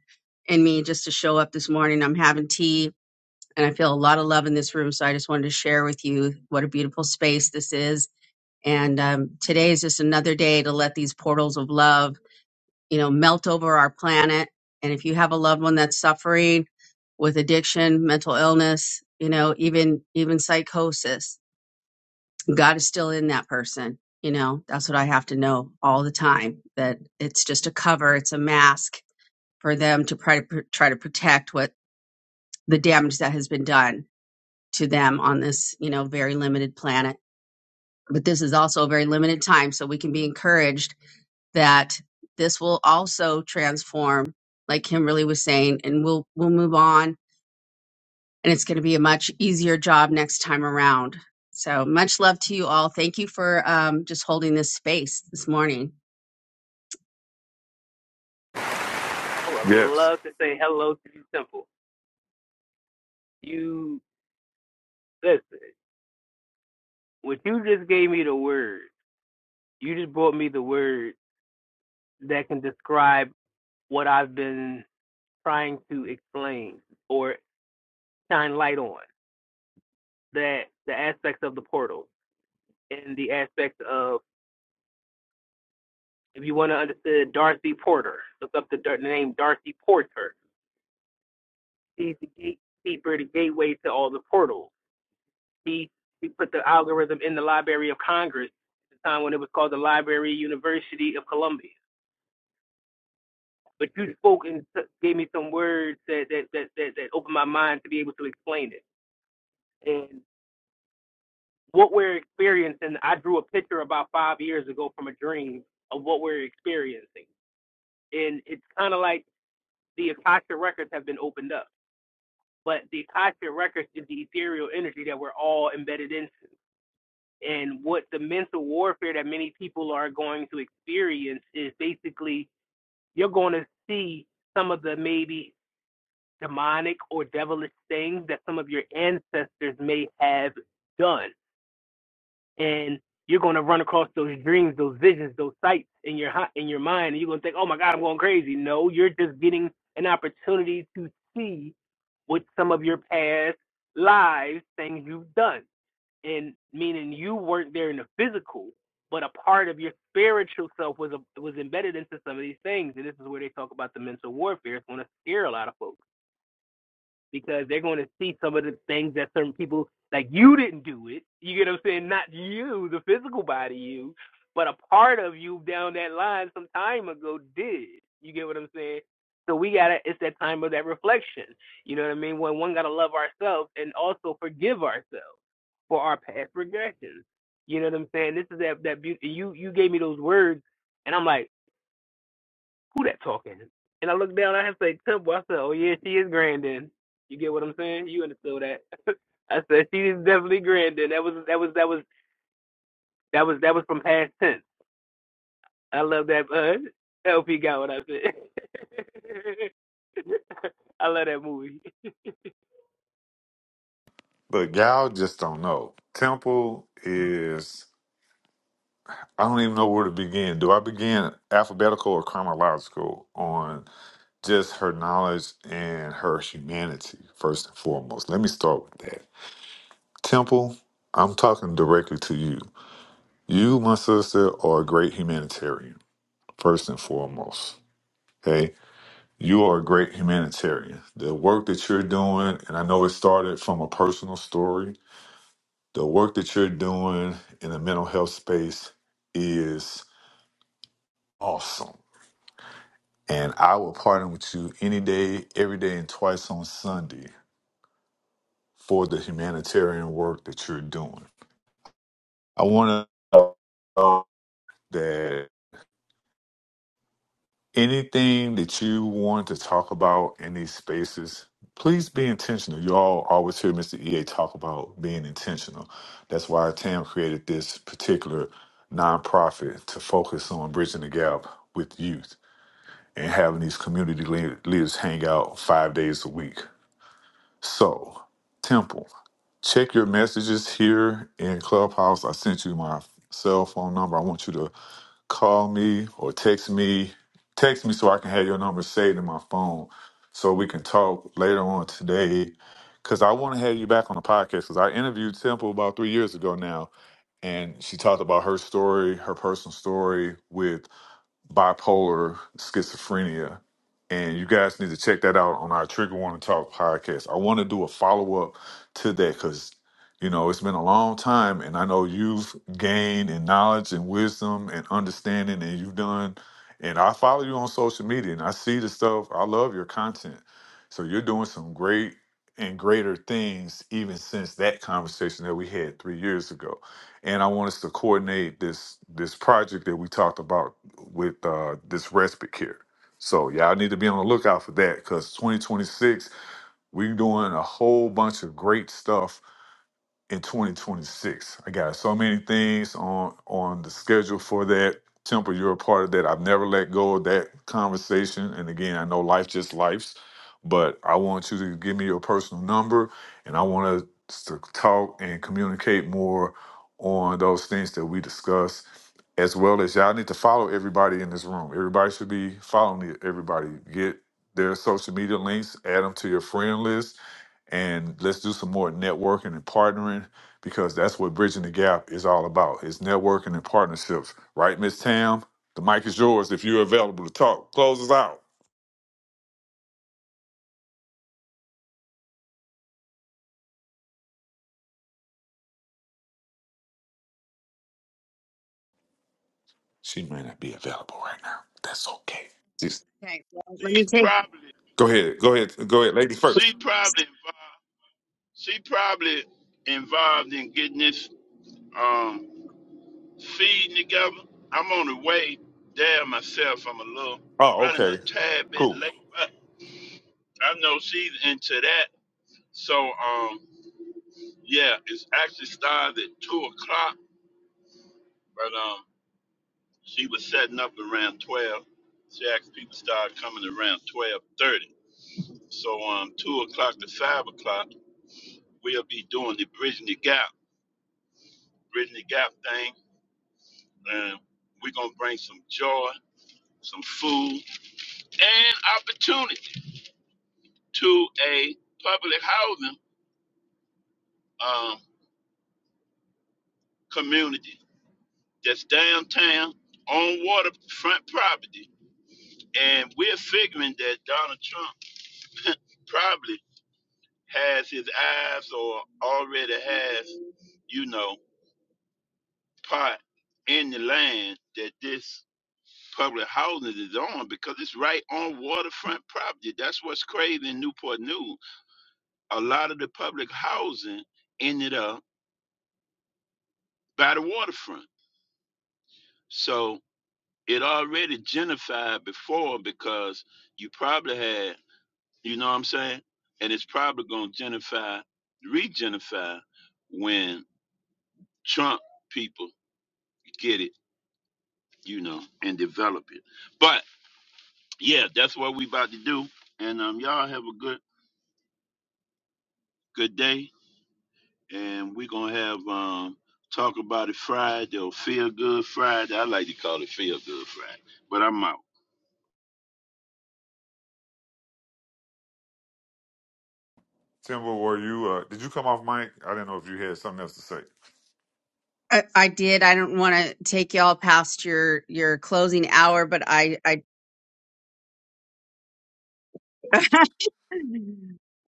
Speaker 13: in me just to show up this morning. I'm having tea and I feel a lot of love in this room. So I just wanted to share with you what a beautiful space this is. And um, today is just another day to let these portals of love, you know, melt over our planet. And if you have a loved one that's suffering with addiction, mental illness, you know, even even psychosis, God is still in that person. You know, that's what I have to know all the time that it's just a cover, it's a mask for them to try to try to protect what the damage that has been done to them on this you know very limited planet but this is also a very limited time so we can be encouraged that this will also transform like kimberly was saying and we'll we'll move on and it's going to be a much easier job next time around so much love to you all thank you for um, just holding this space this morning
Speaker 9: (laughs) I would
Speaker 8: Yes.
Speaker 9: love to say hello to you, Temple. You listen. What you just gave me the word. You just brought me the word that can describe what I've been trying to explain or shine light on. That the aspects of the portal. in the aspect of if you want to understand Darcy Porter, look up the, the name Darcy Porter. He's the gatekeeper, the gateway to all the portals. He he put the algorithm in the Library of Congress at the time when it was called the Library University of Columbia. But you spoke and t- gave me some words that that, that that that opened my mind to be able to explain it. And what we're experiencing, I drew a picture about five years ago from a dream of what we're experiencing. And it's kind of like the Akasha records have been opened up. But the Akasha records is the ethereal energy that we're all embedded in. And what the mental warfare that many people are going to experience is basically you're going to see some of the demonic or the things your ancestors may have done. And you're going to cross those dreams, those visions, those sights in your in your mind, and you're going to think, "Oh my God, I'm going crazy." No, you're just getting an opportunity to see with some of your past lives, things you've done. And meaning you weren't there in the physical, but a part of your spiritual self was a, was embedded into some of these things. And this is where they talk about the mental warfare. It's going to scare a lot of folks because they're going to see some of the things that certain people like you didn't do it. You get what I'm saying? Not you, the physical body you, but a part of you down that line some time ago did. You get what I'm saying? So we gotta it's that time of that reflection. You know what I mean? When one gotta love ourselves and also forgive ourselves for our past regressions. You know what I'm saying? This is that that beauty you you gave me those words and I'm like who that talking? And I looked down, I had to say Temple. I said, oh yeah, she is Grandin. You get what I'm saying? You understood that. I said she is definitely Grandin. That was that was that was that was that was from past tense. I love that. Uh, (laughs) LP got what I said. (laughs) I love that movie.
Speaker 8: Look, y'all just don't know. Temple is I don't even know where to begin. Do I begin alphabetical or chronological on just her knowledge and her humanity first and foremost? Let me start with that. Temple, I'm talking directly to you. You, my sister, are a great humanitarian, first and foremost. Okay? You are a great humanitarian. The work that you're doing, and I know it started from a personal story, The work that you're doing in the mental health space is awesome. And I will partner with you any day, every day, and twice on Sunday for the humanitarian work that you're doing. I want to know that anything that you want to talk about in these spaces, please be intentional. You all always hear Mr. EA talk about being intentional. That's why Tam created this particular nonprofit to focus on bridging the gap with youth and having these community le- leaders hang out five days a week. So, Temple, check your messages here in Clubhouse. I sent you my cell phone number. I want you to call me or text me. Text me so I can have your number saved in my phone so we can talk later on today. Because I want to have you back on the podcast because I interviewed Temple about three years ago now. And she talked about her story, her personal story with bipolar schizophrenia and you guys need to check that out on our trigger warning talk podcast i want to do a follow-up to that because you know it's been a long time and i know you've gained in knowledge and wisdom and understanding and you've done and i follow you on social media and i see the stuff i love your content so you're doing some great and greater things even since that conversation that we had three years ago and i want us to coordinate this this project that we talked about with uh, this respite care. So y'all need to be on the lookout for that because 2026 we're doing a whole bunch of great stuff in 2026. I got so many things on on the schedule for that. Temple, you're a part of that. I've never let go of that conversation. And again, I know life just life's, but I want you to give me your personal number, and I want us to talk and communicate more on those things that we discuss, as well as y'all need to follow everybody in this room. Everybody should be following the- everybody. Get their social media links, add them to your friend list and let's do some more networking and partnering because that's what bridging the gap is all about its networking and partnerships right miss tam the mic is yours if you're available to talk close us out she may not be available right now that's okay just
Speaker 13: okay well, let me
Speaker 6: She's
Speaker 13: take
Speaker 6: probably
Speaker 8: go ahead go ahead go ahead ladies first
Speaker 6: she probably involved. She probably involved in getting this um feeding together. I'm on the way there myself. I'm a little
Speaker 8: oh
Speaker 6: running a
Speaker 8: okay
Speaker 6: tad bit
Speaker 8: cool
Speaker 6: late, but I know she's into that. So um yeah, it's actually started at two o'clock, but um. She was setting up around twelve. She asked people started coming around twelve thirty. So um two o'clock to five o'clock, we'll be doing the bridging the gap, bridging the gap thing, and we're gonna bring some joy, some food, and opportunity to a public housing um community that's downtown on waterfront property. And we're figuring that Donald Trump probably has his eyes or already has, you know, part in the land that this public housing is on because it's right on waterfront property. That's what's crazy in Newport News. A lot of the public housing ended up by the waterfront. So it already gentrified before because you probably had, you know what I'm saying? And it's probably going to gentrify, re-gentrify when Trump people get it you know, and develop it. But yeah, that's what we about to do. And um, y'all have a good good day. And we're gonna have um talk about it Friday or feel good Friday. I like to call it feel good Friday. But I'm out.
Speaker 8: timber were you uh did you come off mic i didn't know if you had something else to say
Speaker 13: I, I did. I don't want to take y'all past your your closing hour, but I I (laughs)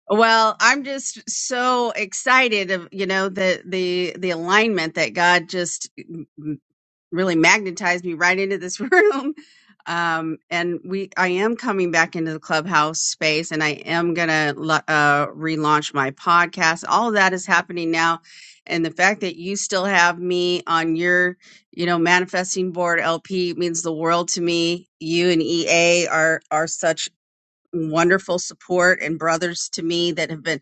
Speaker 13: well, I'm just so excited of you know the the the alignment that God just really magnetized me right into this (laughs) room. Um, and we, I am coming back into the clubhouse space and I am going to uh, relaunch my podcast. All of that is happening now. And the fact that you still have me on your, you know, manifesting board LP means the world to me. You and EA are, are such wonderful support and brothers to me that have been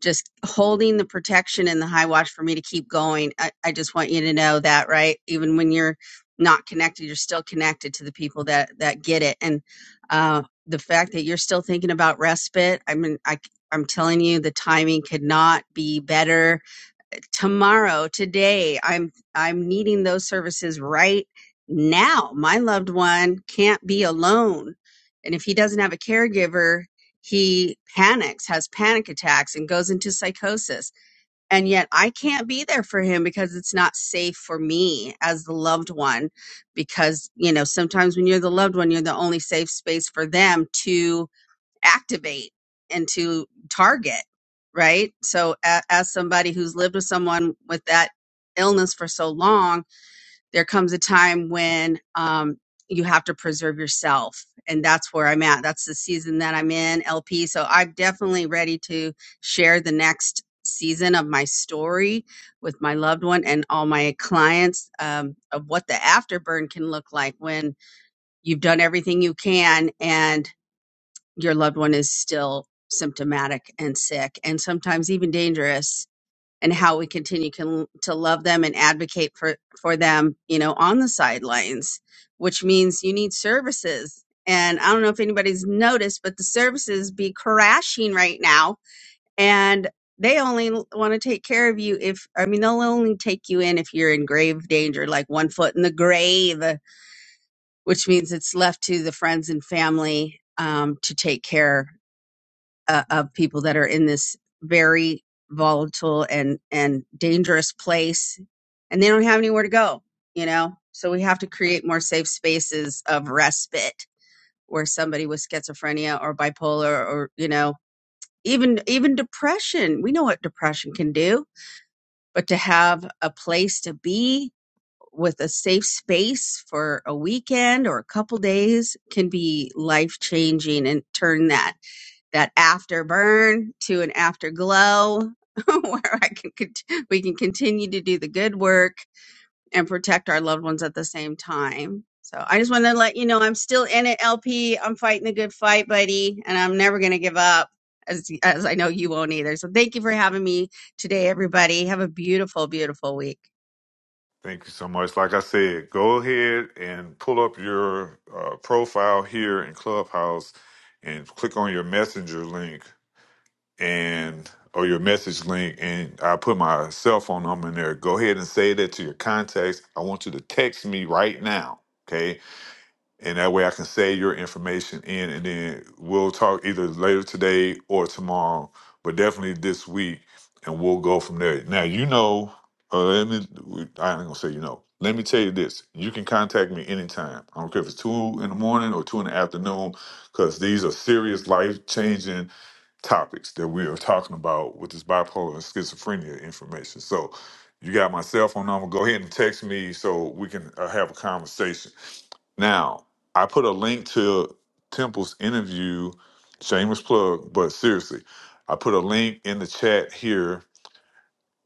Speaker 13: just holding the protection and the high watch for me to keep going. I, I just want you to know that, right? Even when you're not connected, you're still connected to the people that that get it. And uh, the fact that you're still thinking about respite, I mean, I I'm telling you, the timing could not be better tomorrow today i'm i'm needing those services right now my loved one can't be alone and if he doesn't have a caregiver he panics has panic attacks and goes into psychosis and yet i can't be there for him because it's not safe for me as the loved one because you know sometimes when you're the loved one you're the only safe space for them to activate and to target, right? So, a- as somebody who's lived with someone with that illness for so long, there comes a time when um, you have to preserve yourself. And that's where I'm at. That's the season that I'm in, LP. So, I'm definitely ready to share the next season of my story with my loved one and all my clients um, of what the afterburn can look like when you've done everything you can and your loved one is still symptomatic and sick and sometimes even dangerous and how we continue can, to love them and advocate for, for them, you know, on the sidelines, which means you need services. And I don't know if anybody's noticed, but the services be crashing right now. And they only want to take care of you if, I mean, they'll only take you in if you're in grave danger, like one foot in the grave, which means it's left to the friends and family um, to take care uh, of people that are in this very volatile and and dangerous place and they don't have anywhere to go you know so we have to create more safe spaces of respite where somebody with schizophrenia or bipolar or you know even even depression we know what depression can do but to have a place to be with a safe space for a weekend or a couple days can be life changing and turn that that afterburn to an afterglow (laughs) where I can cont- we can continue to do the good work and protect our loved ones at the same time. So I just want to let you know I'm still in it, LP. I'm fighting the good fight, buddy, and I'm never going to give up. As, as I know you won't either. So thank you for having me today, everybody. Have a beautiful, beautiful week.
Speaker 8: Thank you so much. Like I said, go ahead and pull up your uh, profile here in Clubhouse and click on your messenger link and or your message link and I put my cell phone number in there. Go ahead and say that to your contacts. I want you to text me right now. Okay and that way I can save your information in, and then we'll talk either later today or tomorrow, but definitely this week, and we'll go from there. Now you know, uh, let me. I ain't gonna say you know. Let me tell you this: you can contact me anytime. I don't care if it's two in the morning or two in the afternoon, because these are serious, life changing topics that we are talking about with this bipolar and schizophrenia information. So you got my cell phone number. Go ahead and text me so we can uh, have a conversation. Now, I put a link to Temple's interview, shameless plug, but seriously, I put a link in the chat here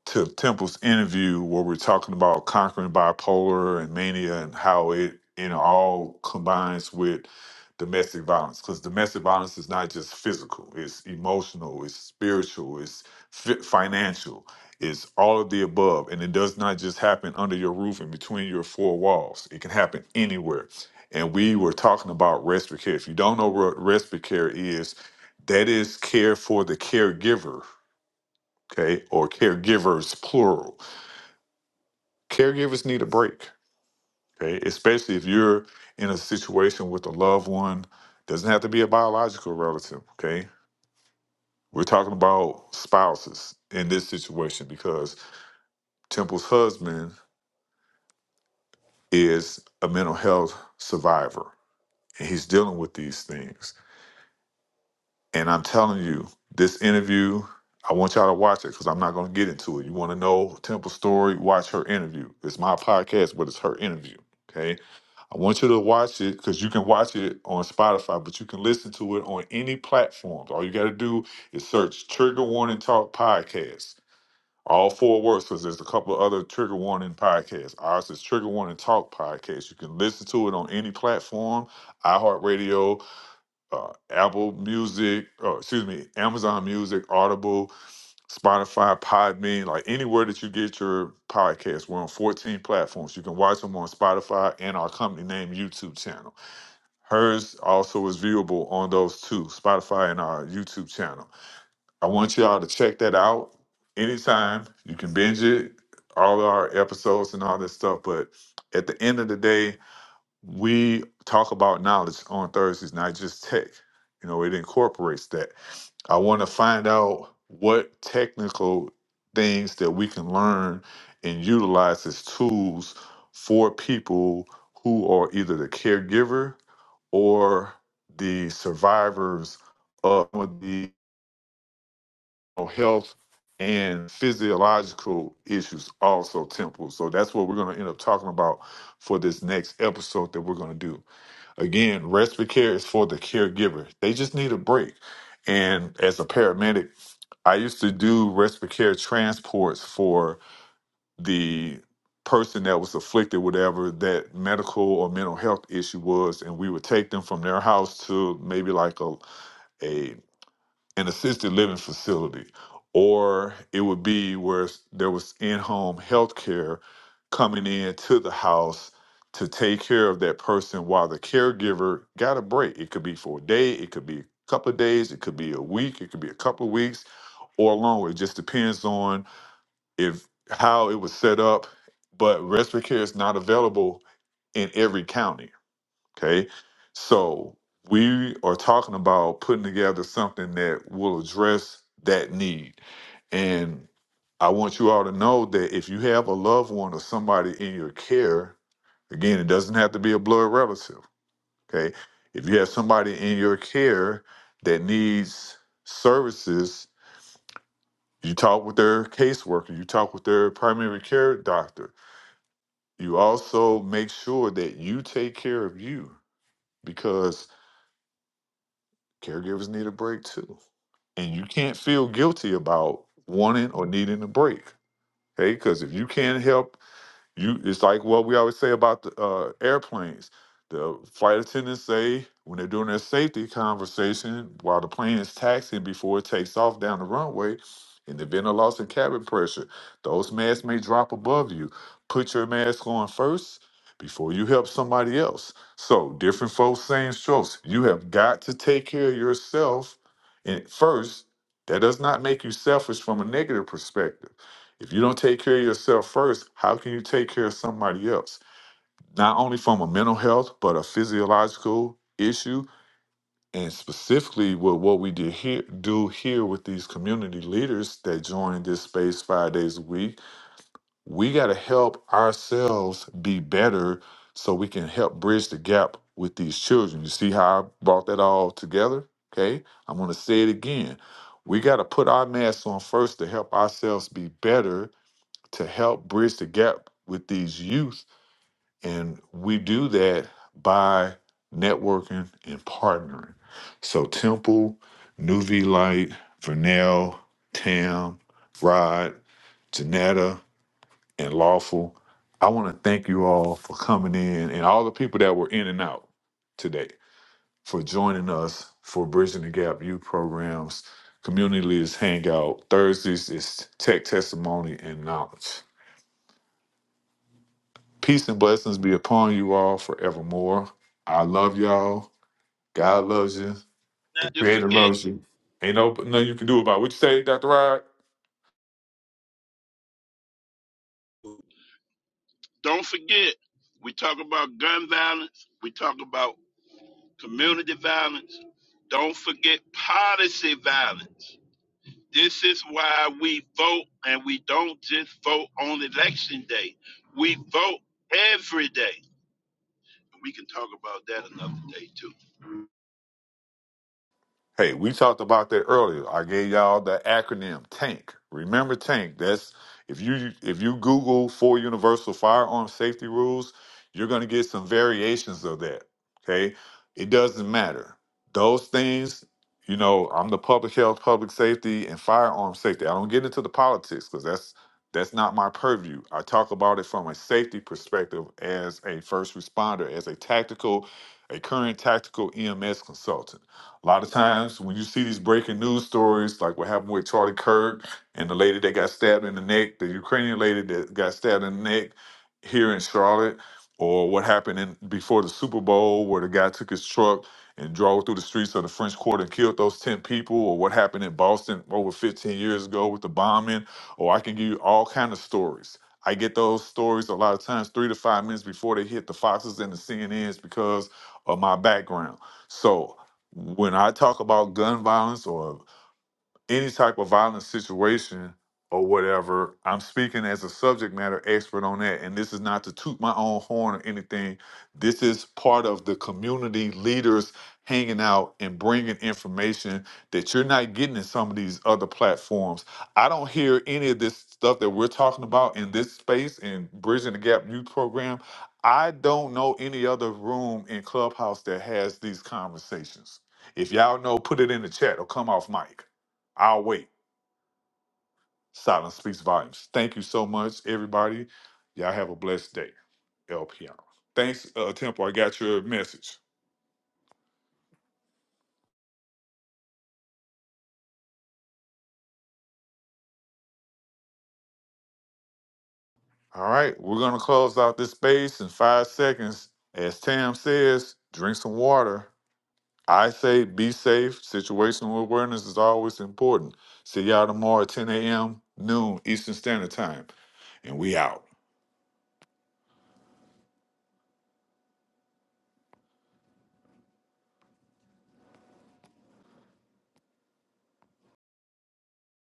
Speaker 8: to Temple's interview where we're talking about conquering bipolar and mania and how it you know all combines with domestic violence because domestic violence is not just physical it's emotional it's spiritual it's fi- financial it's all of the above and it does not just happen under your roof and between your four walls it can happen anywhere and we were talking about respite care if you don't know what respite care is that is care for the caregiver okay, or caregivers, plural. Caregivers need a break, okay, especially if you're in a situation with a loved one, doesn't have to be a biological relative, okay? We're talking about spouses in this situation because Temple's husband is a mental health survivor and he's dealing with these things. And I'm telling you, this interview, I want y'all to watch it because I'm not going to get into it. You want to know Temple's story? Watch her interview. It's my podcast, but it's her interview, okay? I want you to watch it because you can watch it on Spotify, but you can listen to it on any platform. All you got to do is search Trigger Warning Talk Podcast. All four words because there's a couple of other Trigger Warning podcasts. Ours is Trigger Warning Talk Podcast. You can listen to it on any platform iHeartRadio, uh, Apple Music, uh, excuse me, Amazon Music, Audible, Spotify, Podbean, like anywhere that you get your podcast. We're on 14 platforms. You can watch them on Spotify and our company name YouTube channel. Hers also is viewable on those two, Spotify and our YouTube channel. I want y'all to check that out anytime. You can binge it, all our episodes and all this stuff. But at the end of the day, we talk about knowledge on Thursdays, not just tech. You know, it incorporates that. I want to find out what technical things that we can learn and utilize as tools for people who are either the caregiver or the survivors of the health and physiological issues also temple so that's what we're going to end up talking about for this next episode that we're going to do Again, respite care is for the caregiver. They just need a break. And as a paramedic, I used to do respite care transports for the person that was afflicted, whatever that medical or mental health issue was, and we would take them from their house to maybe like a, a an assisted living facility, or it would be where s- there was in home health care coming in to the house to take care of that person while the caregiver got a break. It could be for a day, it could be a couple of days, it could be a week, it could be a couple of weeks or longer. It just depends on if how it was set up. But respiratory care is not available in every county. Okay. So we are talking about putting together something that will address that need. And I want you all to know that if you have a loved one or somebody in your care, again, it doesn't have to be a blood relative. Okay. If you have somebody in your care that needs services, you talk with their caseworker, you talk with their primary care doctor. You also make sure that you take care of you because. Caregivers need a break too. And you can't feel guilty about wanting or needing a break. Okay, because if you can't help you, it's like what we always say about the uh, airplanes. The flight attendants say when they're doing their safety conversation while the plane is taxiing before it takes off down the runway, in the event of loss in cabin pressure, those masks may drop above you. Put your mask on first before you help somebody else. So different folks, same strokes. You have got to take care of yourself and first. That does not make you selfish from a negative perspective if you don't take care of yourself first, how can you take care of somebody else? Not only from a mental health, but a physiological issue, and specifically with what we did here, do here with these community leaders that join this space five days a week. We got to help ourselves be better so we can help bridge the gap with these children. You see how I brought that all together? Okay, I'm going to say it again. We got to put our masks on first to help ourselves be better to help bridge the gap with these youth. And we do that by networking and partnering. So Temple, New V Light, Vernell, Tam, Rod, Janetta, and Lawful, I want to thank you all for coming in and all the people that were in and out today for joining us for Bridging the Gap Youth Programs. Community Leaders Hangout. Thursdays is Tech Testimony and Knowledge. Peace and blessings be upon you all forevermore. I love y'all. God loves you. The
Speaker 6: Not to
Speaker 8: Creator
Speaker 6: forget,
Speaker 8: loves you. Ain't no nothing you can do about it. What you say, Dr. Rod?
Speaker 6: don't forget, we talk about gun violence, we talk about community violence. Don't forget policy violence. This is why we vote, and we don't just vote on election day. We vote every day. We can talk about that another day, too.
Speaker 8: Hey, we talked about that earlier. I gave y'all the acronym TANK. Remember TANK. That's if you if you Google four universal firearm safety rules, you're gonna get some variations of that. Okay. It doesn't matter. Those things, you know, I'm the public health, public safety, and firearm safety. I don't get into the politics because that's that's not my purview. I talk about it from a safety perspective as a first responder, as a tactical, a current tactical EMS consultant. A lot of times when you see these breaking news stories, like what happened with Charlie Kirk and the lady that got stabbed in the neck, the Ukrainian lady that got stabbed in the neck here in Charlotte, or what happened in, before the Super Bowl where the guy took his truck and drove through the streets of the French Quarter and killed those 10 people, or what happened in Boston over 15 years ago with the bombing, or I can give you all kind of stories. I get those stories a lot of times three to five minutes before they hit the Foxes and the CNNs because of my background. So when I talk about gun violence or any type of violent situation or whatever, I'm speaking as a subject matter expert on that. And this is not to toot my own horn or anything. This is part of the community leaders hanging out and bringing information that you're not getting in some of these other platforms. I don't hear any of this stuff that we're talking about in this space in Bridging the Gap Youth Program. I don't know any other room in Clubhouse that has these conversations. If y'all know, put it in the chat or come off mic. I'll wait. Silence speaks volumes. Thank you so much, everybody. Y'all have a blessed day. LPR. Thanks, uh, Temple. I got your message. All right, we're gonna close out this space in five seconds. As Tam says, drink some water. I say be safe. Situational awareness is always important. See y'all tomorrow at 10 a.m. noon Eastern Standard Time, and we out.